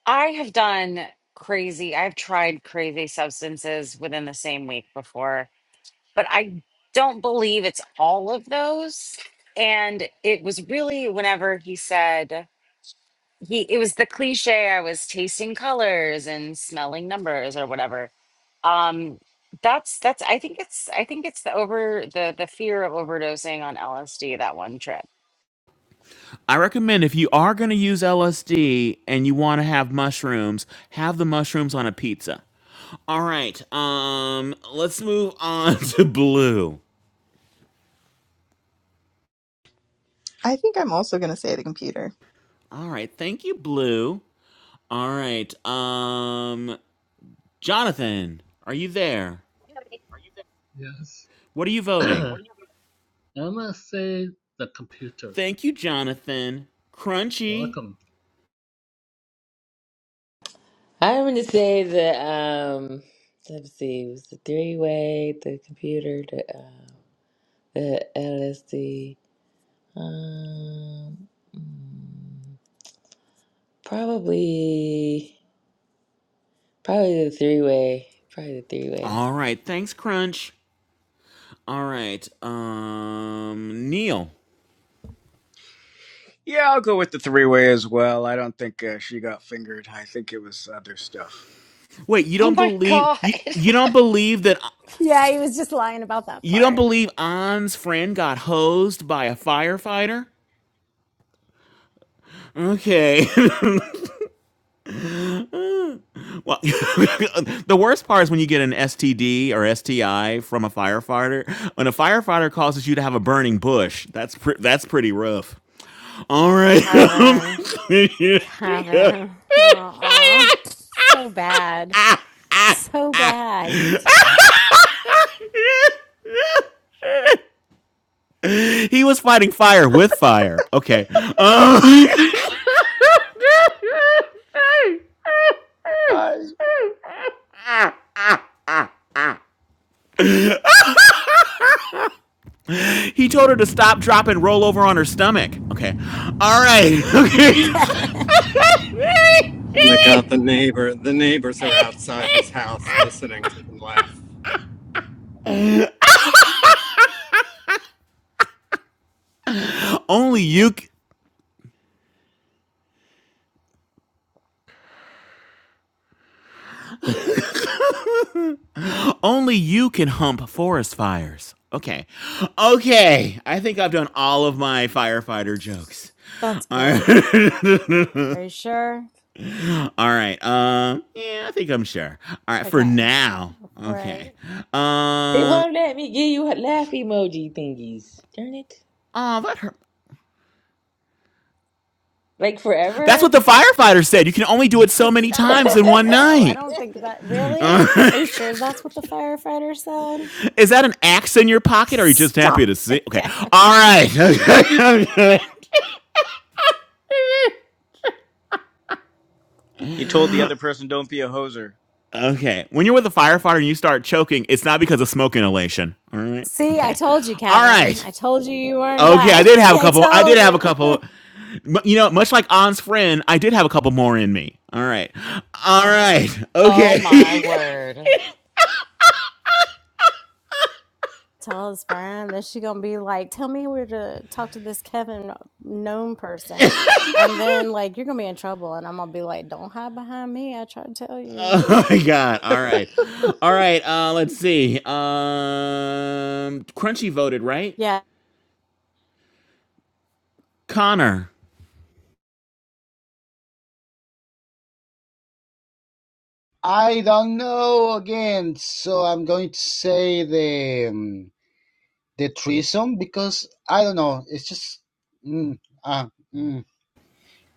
A: I have done crazy, I've tried crazy substances within the same week before, but I don't believe it's all of those. And it was really whenever he said, he, it was the cliche, I was tasting colors and smelling numbers or whatever. Um, that's, that's, I think it's, I think it's the over, the, the fear of overdosing on LSD that one trip.
B: I recommend if you are going to use LSD and you want to have mushrooms, have the mushrooms on a pizza. All right, um, let's move on to Blue.
N: I think I'm also going to say the computer.
B: All right, thank you, Blue. All right, um, Jonathan, are you there?
O: You have a Are you there? Yes.
B: What are you voting?
O: I'm gonna say the computer.
B: Thank you, Jonathan. Crunchy.
O: Welcome.
L: I'm going to say the um. Let's see. It was the three way, the computer, the uh, the LSD. Um, probably, probably the three way. Probably the three way.
B: All right, thanks, Crunch. All right, um, Neil.
K: Yeah, I'll go with the three way as well. I don't think uh, she got fingered. I think it was other stuff.
B: Wait, you
A: Oh
B: don't
A: my
B: believe
A: God.
B: you you don't believe that
C: Yeah, he was just lying about that
B: you don't
C: part.
B: believe An's friend got hosed by a firefighter? Okay. well, the worst part is when you get an STD or STI from a firefighter. When a firefighter causes you to have a burning bush, that's pre- that's pretty rough. All right.
C: Kevin. Kevin. Aw. So bad. So bad.
B: he was fighting fire with fire. Okay. Um, He told her to stop, drop, and roll over on her stomach. Okay. All right. Okay.
C: Kevin.
U: They got the neighbor the neighbors are outside his house listening to him laugh.
B: only you, only you can hump forest fires. Okay. Okay. I think I've done all of my firefighter jokes.
C: That's
B: All right.
C: cool. Are you sure?
B: all right. Um. Yeah, I think I'm sure. All right. For
C: Okay.
B: now.
C: Right.
B: Okay.
L: It
B: Um.
L: won't let me give you laugh emoji thingies. Darn it!
B: Oh, that hurt.
L: Like
B: That's what
L: forever.
B: the firefighter said. You can only do it so many times in
C: Stop.
B: one
C: No, I
B: night.
C: don't think that. Really?
B: Uh,
C: Are you sure that's what the firefighter said?
B: is that an axe in your pocket? Or are you just happy
C: Stop
B: to see?
C: it,
B: Okay.
C: Kevin.
B: All right.
K: He told the other person, "Don't be a hoser."
B: okay. When you're with a firefighter and you start choking, it's not because of smoke inhalation. All right.
C: See, I
B: Okay.
C: told you,
B: All
C: Kevin. I
B: right.
C: told you you weren't
B: Okay. I
C: done.
B: did have a
C: I
B: couple. I did
C: told
B: have a
C: you.
B: couple. You know, much like On's friend, I did have a couple more in me. All right. All right.
A: Oh
B: Okay.
A: my word.
C: tell his friend. Then she gonna be like, "Tell me where to talk to this Kevin known person," and then like you're gonna be in trouble. And I'm gonna be like, "Don't hide behind me. I tried to tell you."
B: Oh my god. All right. All right. Uh let's see. Um Crunchy voted, right?
C: Yeah,
B: Connor.
R: I don't know again. So I'm going to say the. Um, the threesome because I don't know. It's just mm, uh, mm,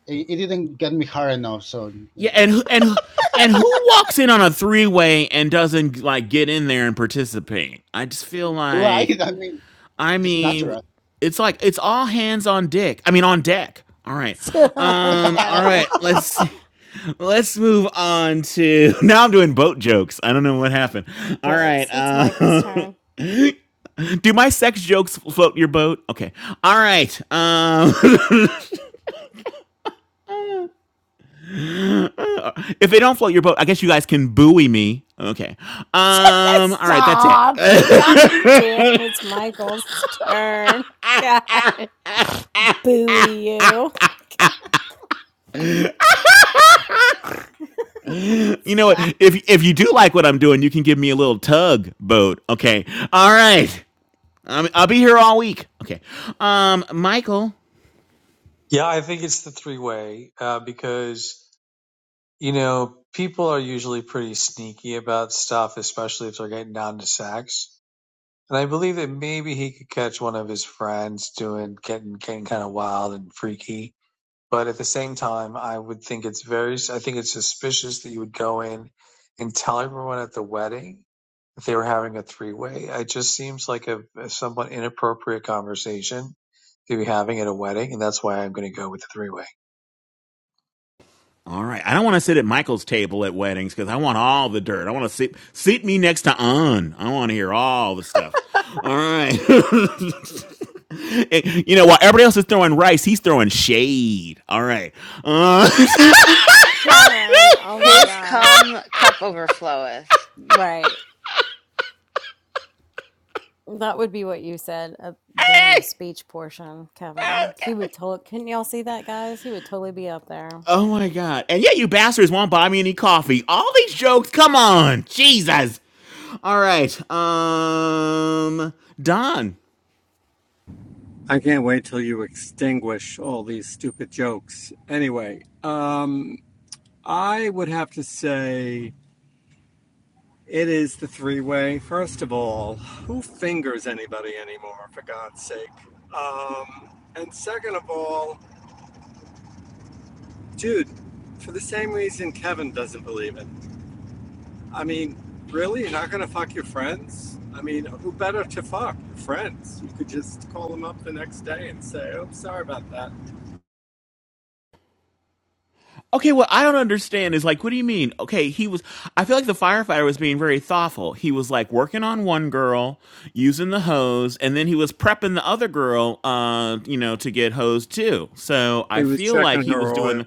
R: it, it didn't get me hard enough. So
B: Yeah,
R: and, uh,
B: and who- and who- and who walks in on a three-way and doesn't like get in there and participate? I just feel
R: right,
B: like
R: I mean,
B: I
R: just
B: mean,
R: natural.
B: it's like it's all hands on deck. I mean on deck. All right. Um all
C: Kevin
B: right. Let's see. Let's move on to now I'm doing boat jokes. I don't know what happened. All right.
C: jokes. It's Michael's
B: Uh
C: turn.
B: Do my sex jokes float your boat? Okay. All right. Um, if they don't float your boat, I guess you guys can buoy me. Okay. Um, all right. That's it.
C: Stop. God damn, it's Michael's turn. God buoy you.
B: you know what?
C: Stop,
B: If if you do like what I'm doing, you can give me a little tug boat. Okay. All right. I'm, I'll be here all week. Okay. Um, Michael.
S: Yeah, I think it's the three way uh, because you know people are usually pretty sneaky about stuff, especially if they're getting down to sex. And I believe that maybe he could catch one of his friends doing getting getting kind of wild and freaky. But at the same time, I would think it's very I think it's suspicious that you would go in and tell everyone at the wedding that they were having a three way. It just seems like a, a somewhat inappropriate conversation to be having at a wedding, and that's why I'm going to go with the three way.
B: All right. I don't want to sit at Michael's table at weddings because I want all the dirt. I want to sit seat me next to An. I want to hear all the stuff. All right. Eh, you know, while everybody else is throwing rice, he's throwing shade. All right. Uh,
C: Kevin. Oh my
A: His
C: god.
A: cum cup overfloweth.
C: Right. That would be what you said uh, during the speech portion, Kevin. He would totally, couldn't y'all see that, guys? He would totally be up there.
B: oh my God. And yet you bastards won't buy me any coffee. All these jokes. Come on. Jesus. All right. Um Don.
U: I can't wait till you extinguish all these stupid jokes. Anyway, um I would have to say it is the three way. First of all, who fingers anybody anymore, for God's sake? Um and second of all, Dude, for the same reason Kevin doesn't believe it. I mean, really? You're not going to fuck your friends? I mean, who better to fuck? Your friends. You could just call them up the next day and say, oh, sorry about that.
B: Okay, what I don't understand is like, what do you mean? Okay, he was. I feel like the firefighter was being very thoughtful. He was like working on one girl, using the hose, and then he was prepping the other girl, uh, you know, to get hosed too. So
U: He
B: I
U: was
B: feel like
U: checking
B: he
U: her
B: was
U: oil.
B: doing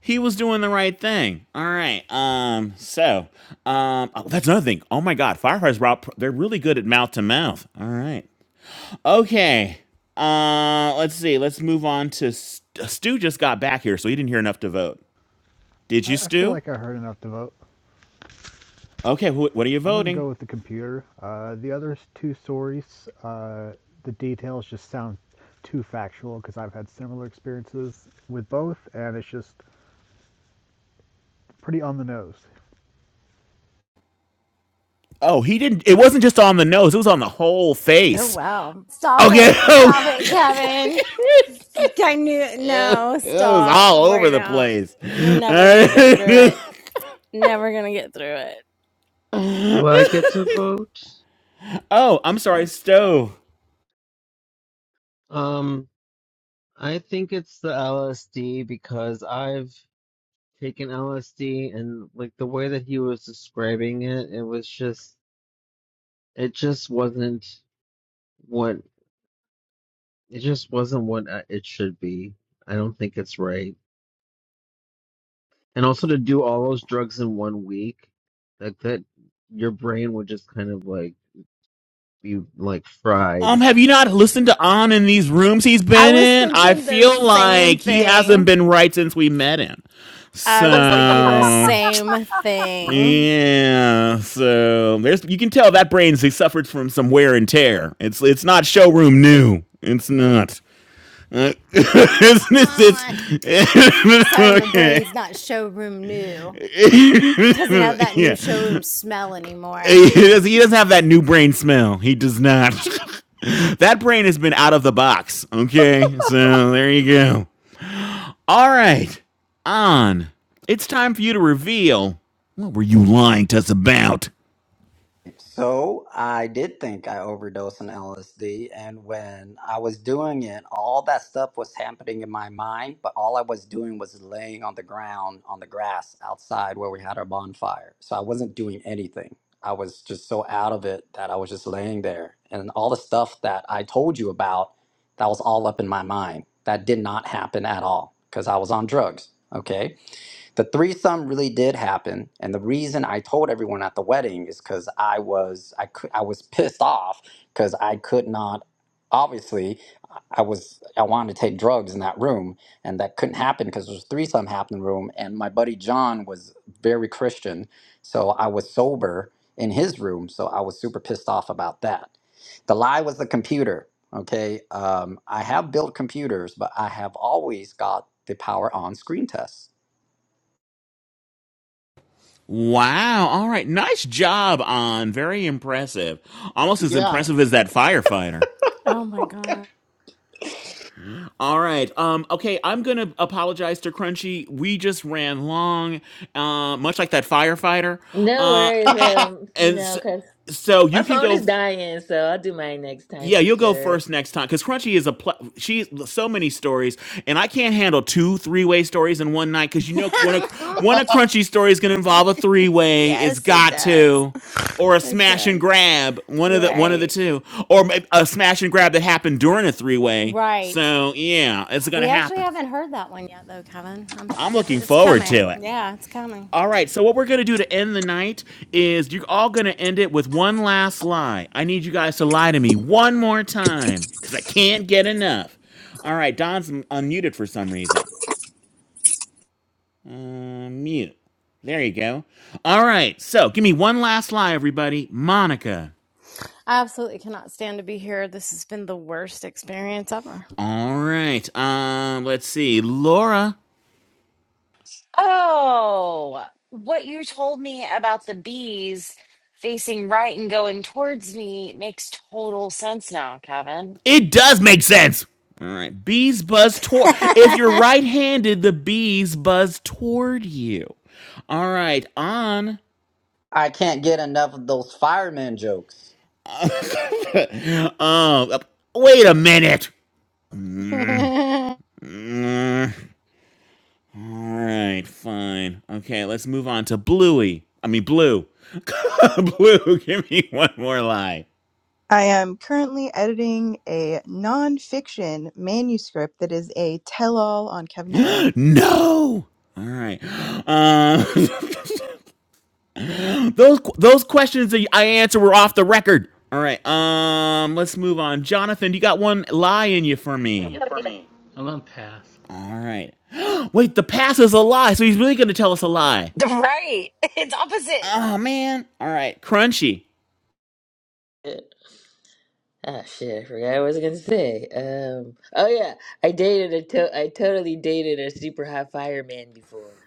B: he was doing the right thing. All right. Um. So, um. oh, that's another thing. Oh my God, firefighters, Rob, they're really good at mouth to mouth. All right. Okay. Uh, let's see. Let's move on to Stu. Stu just got back here, so he didn't hear enough to vote. Did
I: I,
B: you,
I: I feel
B: Stu?
I: like I heard enough to vote.
B: Okay, wh- what are you
I: I'm going to
B: voting?
I: go with the computer. Uh, the other two stories, uh, the details just sound too factual because I've had similar experiences with both, and it's just pretty on the nose.
B: Oh, he didn't. It wasn't just on the nose, it was on the whole
C: Oh
B: face.
C: wow. Stop
B: Okay,
C: it. Stop it, Kevin. I knew,
B: it
C: no,
B: was
C: stop
B: all over
C: right
B: the
C: now.
B: place.
C: We're never going to get through it. Never going to get through it.
V: Do I get to vote?
B: oh, I'm sorry, Stove.
V: Um, I think it's the LSD because I've taken LSD and like the way that he was describing it, it was just it just wasn't what it just wasn't what I- it should be. I don't think it's right. And also to do all those drugs in one week, like that your brain would just kind of like be like
B: Um,
V: fried.
B: have you not listened to On in these rooms he's
C: I
B: been
C: was
B: in? I
C: thinking the
B: feel
C: same
B: like he hasn't
C: thing.
B: been right since we met him.
C: I was thinking the
B: So
C: same thing.
B: yeah, so there's you can tell that brain's suffered from some wear and tear. It's it's not showroom new. It's not. Uh, it's,
C: Oh
B: it's,
C: my-
B: it's,
C: Sorry, my
B: okay.
C: brain's not showroom new. Doesn't have that new
B: yeah.
C: showroom smell anymore.
B: He does- he doesn't have that new brain smell. He does not. that brain has been out of the box. Okay. So there you go. All right. On. It's time for you to reveal what were you lying to us about?
G: So I did think I overdosed on LSD, and when I was doing it, all that stuff was happening in my mind, but all I was doing was laying on the ground on the grass outside where we had our bonfire. So I wasn't doing anything. I was just so out of it that I was just laying there, and all the stuff that I told you about, that was all up in my mind. That did not happen at all because I was on drugs. Okay. The threesome really did happen, and the reason I told everyone at the wedding is because I was I could I was pissed off because I could not. Obviously, I was I wanted to take drugs in that room, and that couldn't happen because there was threesome happening in the room, and my buddy John was very Christian, so I was sober in his room, so I was super pissed off about that. The lie was the computer. Okay, um, I have built computers, but I have always got the power on screen test.
B: Wow. All right. Nice job, On. Very impressive. Almost as
R: yeah,
B: impressive as that firefighter.
C: Oh my god.
B: All right. Um, okay, I'm gonna apologize to Crunchy. We just ran long, uh, much like that firefighter.
L: no
B: Uh, a-
L: worries.
R: I
L: Um, you
B: and
L: know,
B: so,
L: cause
B: so
L: my
B: you can
L: phone is
B: go.
L: dying, so I'll do mine next time
B: Yeah,
L: for
B: you'll go
L: sure.
B: first next time because Crunchy is a pl- she so many stories, and I can't handle two three way stories in one night because you know one of one of Crunchy's stories gonna involve a three way. It's
C: yes, it
B: got
C: does.
B: to or a
C: It
B: smash and
C: does.
B: grab one of the one of the
C: Right.
B: two or may- a smash and grab that happened during a three way
C: Right.
B: so yeah it's gonna
C: We actually
B: happen
C: haven't heard that one yet, though, Kevin. I'm,
B: I'm
C: it,
B: looking
C: it's
B: forward
C: coming.
B: to it.
C: Yeah, it's coming.
B: All right, so what we're going to do to end the night is you're all going to end it with one last lie. I need you guys to lie to me one more time because I can't get enough. All right, Don's m- unmuted for some reason. Uh, mute. There you go. All right, so give me one last lie, everybody. Monica.
C: I absolutely cannot stand to be here. This has been the worst experience ever.
B: All right, um, let's see. Laura.
A: Oh, what you told me about the bees facing right and going towards me makes total sense now, Kevin.
B: It does make sense. All right. Bees buzz toward. If you're right handed, the bees buzz toward you. All right, on.
G: I can't get enough of those fireman jokes.
B: um, wait a minute. Mm,
C: I
B: mm. All right, fine. Okay, let's move on to Bluey. I mean, Blue. Blue, give me one more lie.
N: I am currently editing a nonfiction manuscript that is a tell all on Kevin's life.
B: No. All right. Um, Those those questions that I answer were off the record. All right. Um, let's move on. Jonathan, you got one lie in you for
O: You
B: me.
O: have a I'm gonna pass.
B: All right. Wait, the pass is a lie, so he's really gonna tell us a lie.
A: Right. It's opposite.
B: Oh man. All right. Crunchy.
L: Ah, shit, I forgot what I was gonna say. Um, oh yeah, I dated a to- I totally dated a super hot fireman before.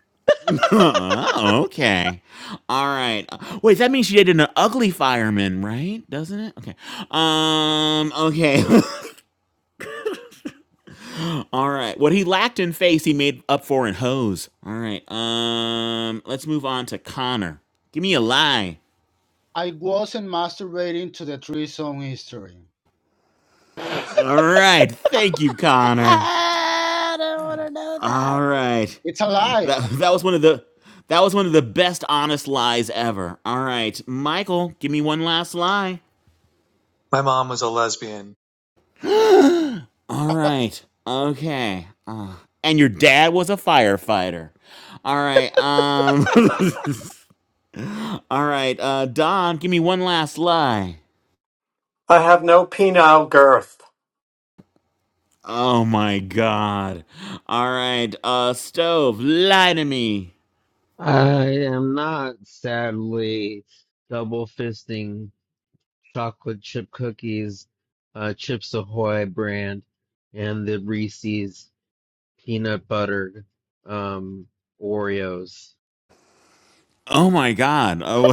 B: okay. All right. Wait, that means she dated an ugly fireman, right? Doesn't it? Okay. Um. Okay. All right. What he lacked in face, he made up for in hose. All right. Um. Let's move on to Connor. Give me a lie.
R: wasn't masturbating to the threesome history.
B: All right. Thank you, Connor.
C: don't want to know
B: All
C: that.
B: right.
R: It's a lie.
B: That that was one of the that was one of the best honest lies ever. All right. Michael, give me one last lie.
S: My mom was a lesbian.
B: All right. Okay. Uh, and your dad was a firefighter. All right. Um All right. Uh Don, give me one last lie.
U: I have no penile girth.
B: Oh my god. All right. Uh stove, lie to me.
V: I am not sadly double fisting chocolate chip cookies, uh, Chips Ahoy brand, and the Reese's peanut butter um, Oreos.
B: Oh my God! Oh,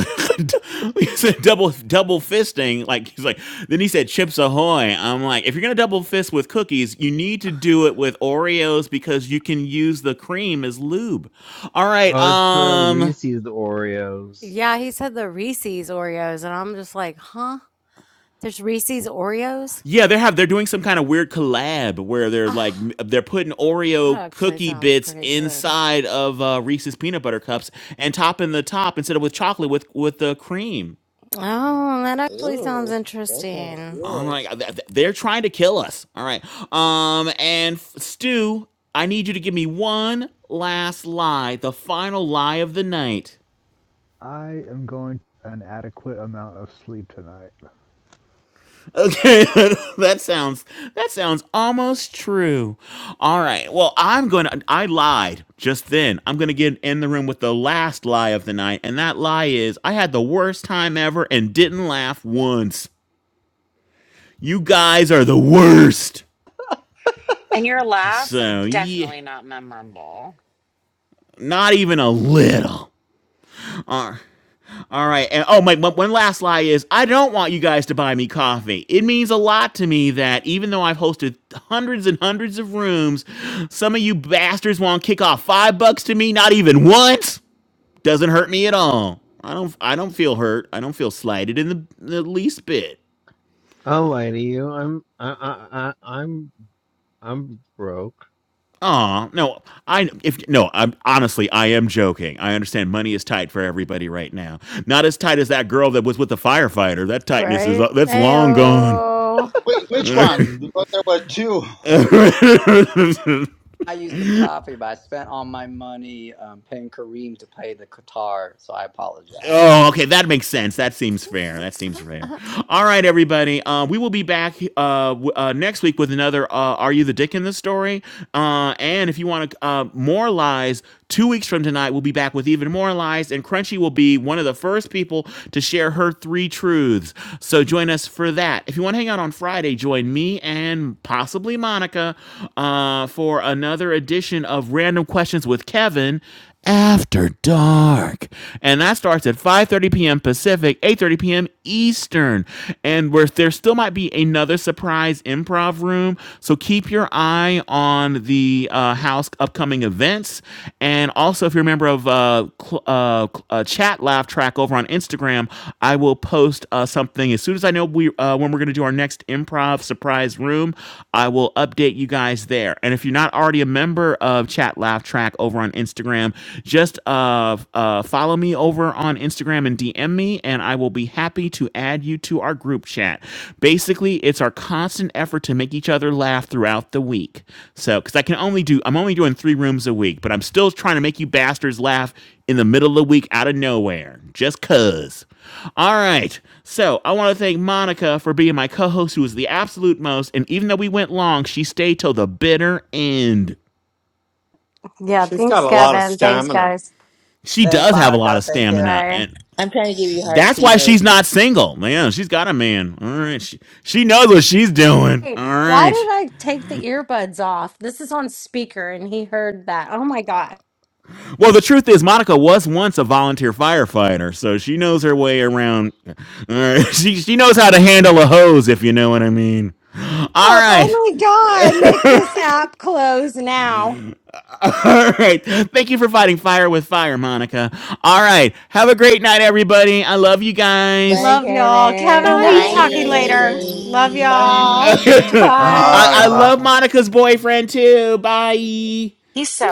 B: he said double double fisting. Like he's like. Then he said chips ahoy. I'm like, if you're gonna double fist with cookies, you need to do it with Oreos because you can use the cream as lube. All right.
V: Oh, it's the
B: Um.
V: Reese's Oreos.
C: Yeah, he said the Reese's Oreos, and I'm just like, huh? There's Reese's Oreos?
B: Yeah, they have. They're doing some kind of weird collab where they're
C: Ah.
B: like m- they're putting
C: That
B: Oreo
C: actually
B: cookie
C: sounds
B: bits
C: pretty good.
B: inside of uh, Reese's peanut butter cups and topping the top instead of with chocolate with with the cream.
C: Oh, that actually
L: Ooh,
C: sounds
L: that sounds
C: interesting.
B: Oh
L: good.
B: my god, they're trying to kill us. All right. Um, and Stu, I need you to give me one last lie, the final lie of the night.
I: I am going to an adequate amount of sleep tonight.
B: Okay, that sounds that sounds almost true. All right. Well, I'm gonna. I lied just then. I'm gonna get in the room with the last lie of the night, and that lie is I had the worst time ever and didn't laugh once. You guys are the worst.
A: And your laugh,
B: So yeah,
A: definitely not memorable.
B: not even a little. All right. All right. And oh, my one last lie is I don't want you guys to buy me coffee. It means a lot to me that even though I've hosted hundreds and hundreds of rooms, some of you bastards want to kick off 5 bucks to me not even once. Doesn't hurt me at all. I don't I don't feel hurt. I don't feel slighted in the, the least bit.
V: I'll lie to you. I'm I I, I I'm I'm broke.
B: Aw, no, I if no, I'm honestly, I am joking. I understand money is tight for everybody right now. Not as tight as that girl that was with the firefighter. That tightness is
C: Right?
B: that's long gone.
C: Ayo.
R: Wait, which one? Because there were two.
G: I used some coffee, but I spent all my money um, paying Kareem to play the guitar, so I apologize.
B: Oh, okay, that makes sense. That seems fair. That seems fair. All right, everybody. Uh, we will be back uh, w- uh, next week with another uh, "Are You the Dick in the Story?" Uh, and if you want to uh, more lies, two weeks from tonight, we'll be back with even more lies. And Crunchy will be one of the first people to share her three truths. So join us for that. If you want to hang out on Friday, join me and possibly Monica uh, for another edition of Random Questions with Kevin. After Dark. And that starts at 5:30 p.m. Pacific, 8:30 p.m. Eastern. And where there still might be another surprise improv room, so keep your eye on the uh, house upcoming events. And also, if you're a member of uh, cl- uh, uh, Chat Laugh Track over on Instagram, I will post uh, something as soon as I know we uh, when we're going to do our next improv surprise room. I will update you guys there. And if you're not already a member of Chat Laugh live track over on Instagram. Just uh, uh, follow me over on Instagram and DM me, and I will be happy to add you to our group chat. Basically, it's our constant effort to make each other laugh throughout the week. So, because I can only do, I'm only doing three rooms a week, but I'm still trying to make you bastards laugh in the middle of the week out of nowhere, just cuz. All right. So I want to thank Monica for being my co host, who was the absolute most. And even though we went long, she stayed till the bitter end.
C: Yeah,
U: She's got
C: thanks,
U: a lot of
C: Kevin. Thanks,
U: stamina.
C: guys.
B: she
G: Thanks,
B: does have a lot
G: Monica.
B: of
G: Thank you,
B: stamina
C: Bye.
B: and
L: I'm trying to give you hearts
B: that's why she's
L: emojis.
B: not single man she's got a man all right she, she knows what she's doing
C: Hey,
B: all
C: why did
B: right
C: I take the earbuds off? This is on speaker and he heard that. Oh my God.
B: well the truth is monica was once a volunteer firefighter so she knows her way around all right she, she knows how to handle a hose if you know what i mean all
C: Up. Oh
B: right
C: my God. Make this app close now.
B: all right thank you for fighting fire with fire monica all right have a great night everybody i love you guys
L: Bye,
C: Love y'all.
L: Kevin.
C: Kevin, we'll be
R: Thank you,
L: Bye,
C: talking
L: bye,
B: bye
C: later.
R: Kevin.
L: everybody.
C: Love
A: Nice.
C: y'all.
R: Bye.
B: I,
C: Bye.
U: Bye,
B: I
U: bye.
S: Bye.
B: love Monica's boyfriend too. Bye.
A: He's so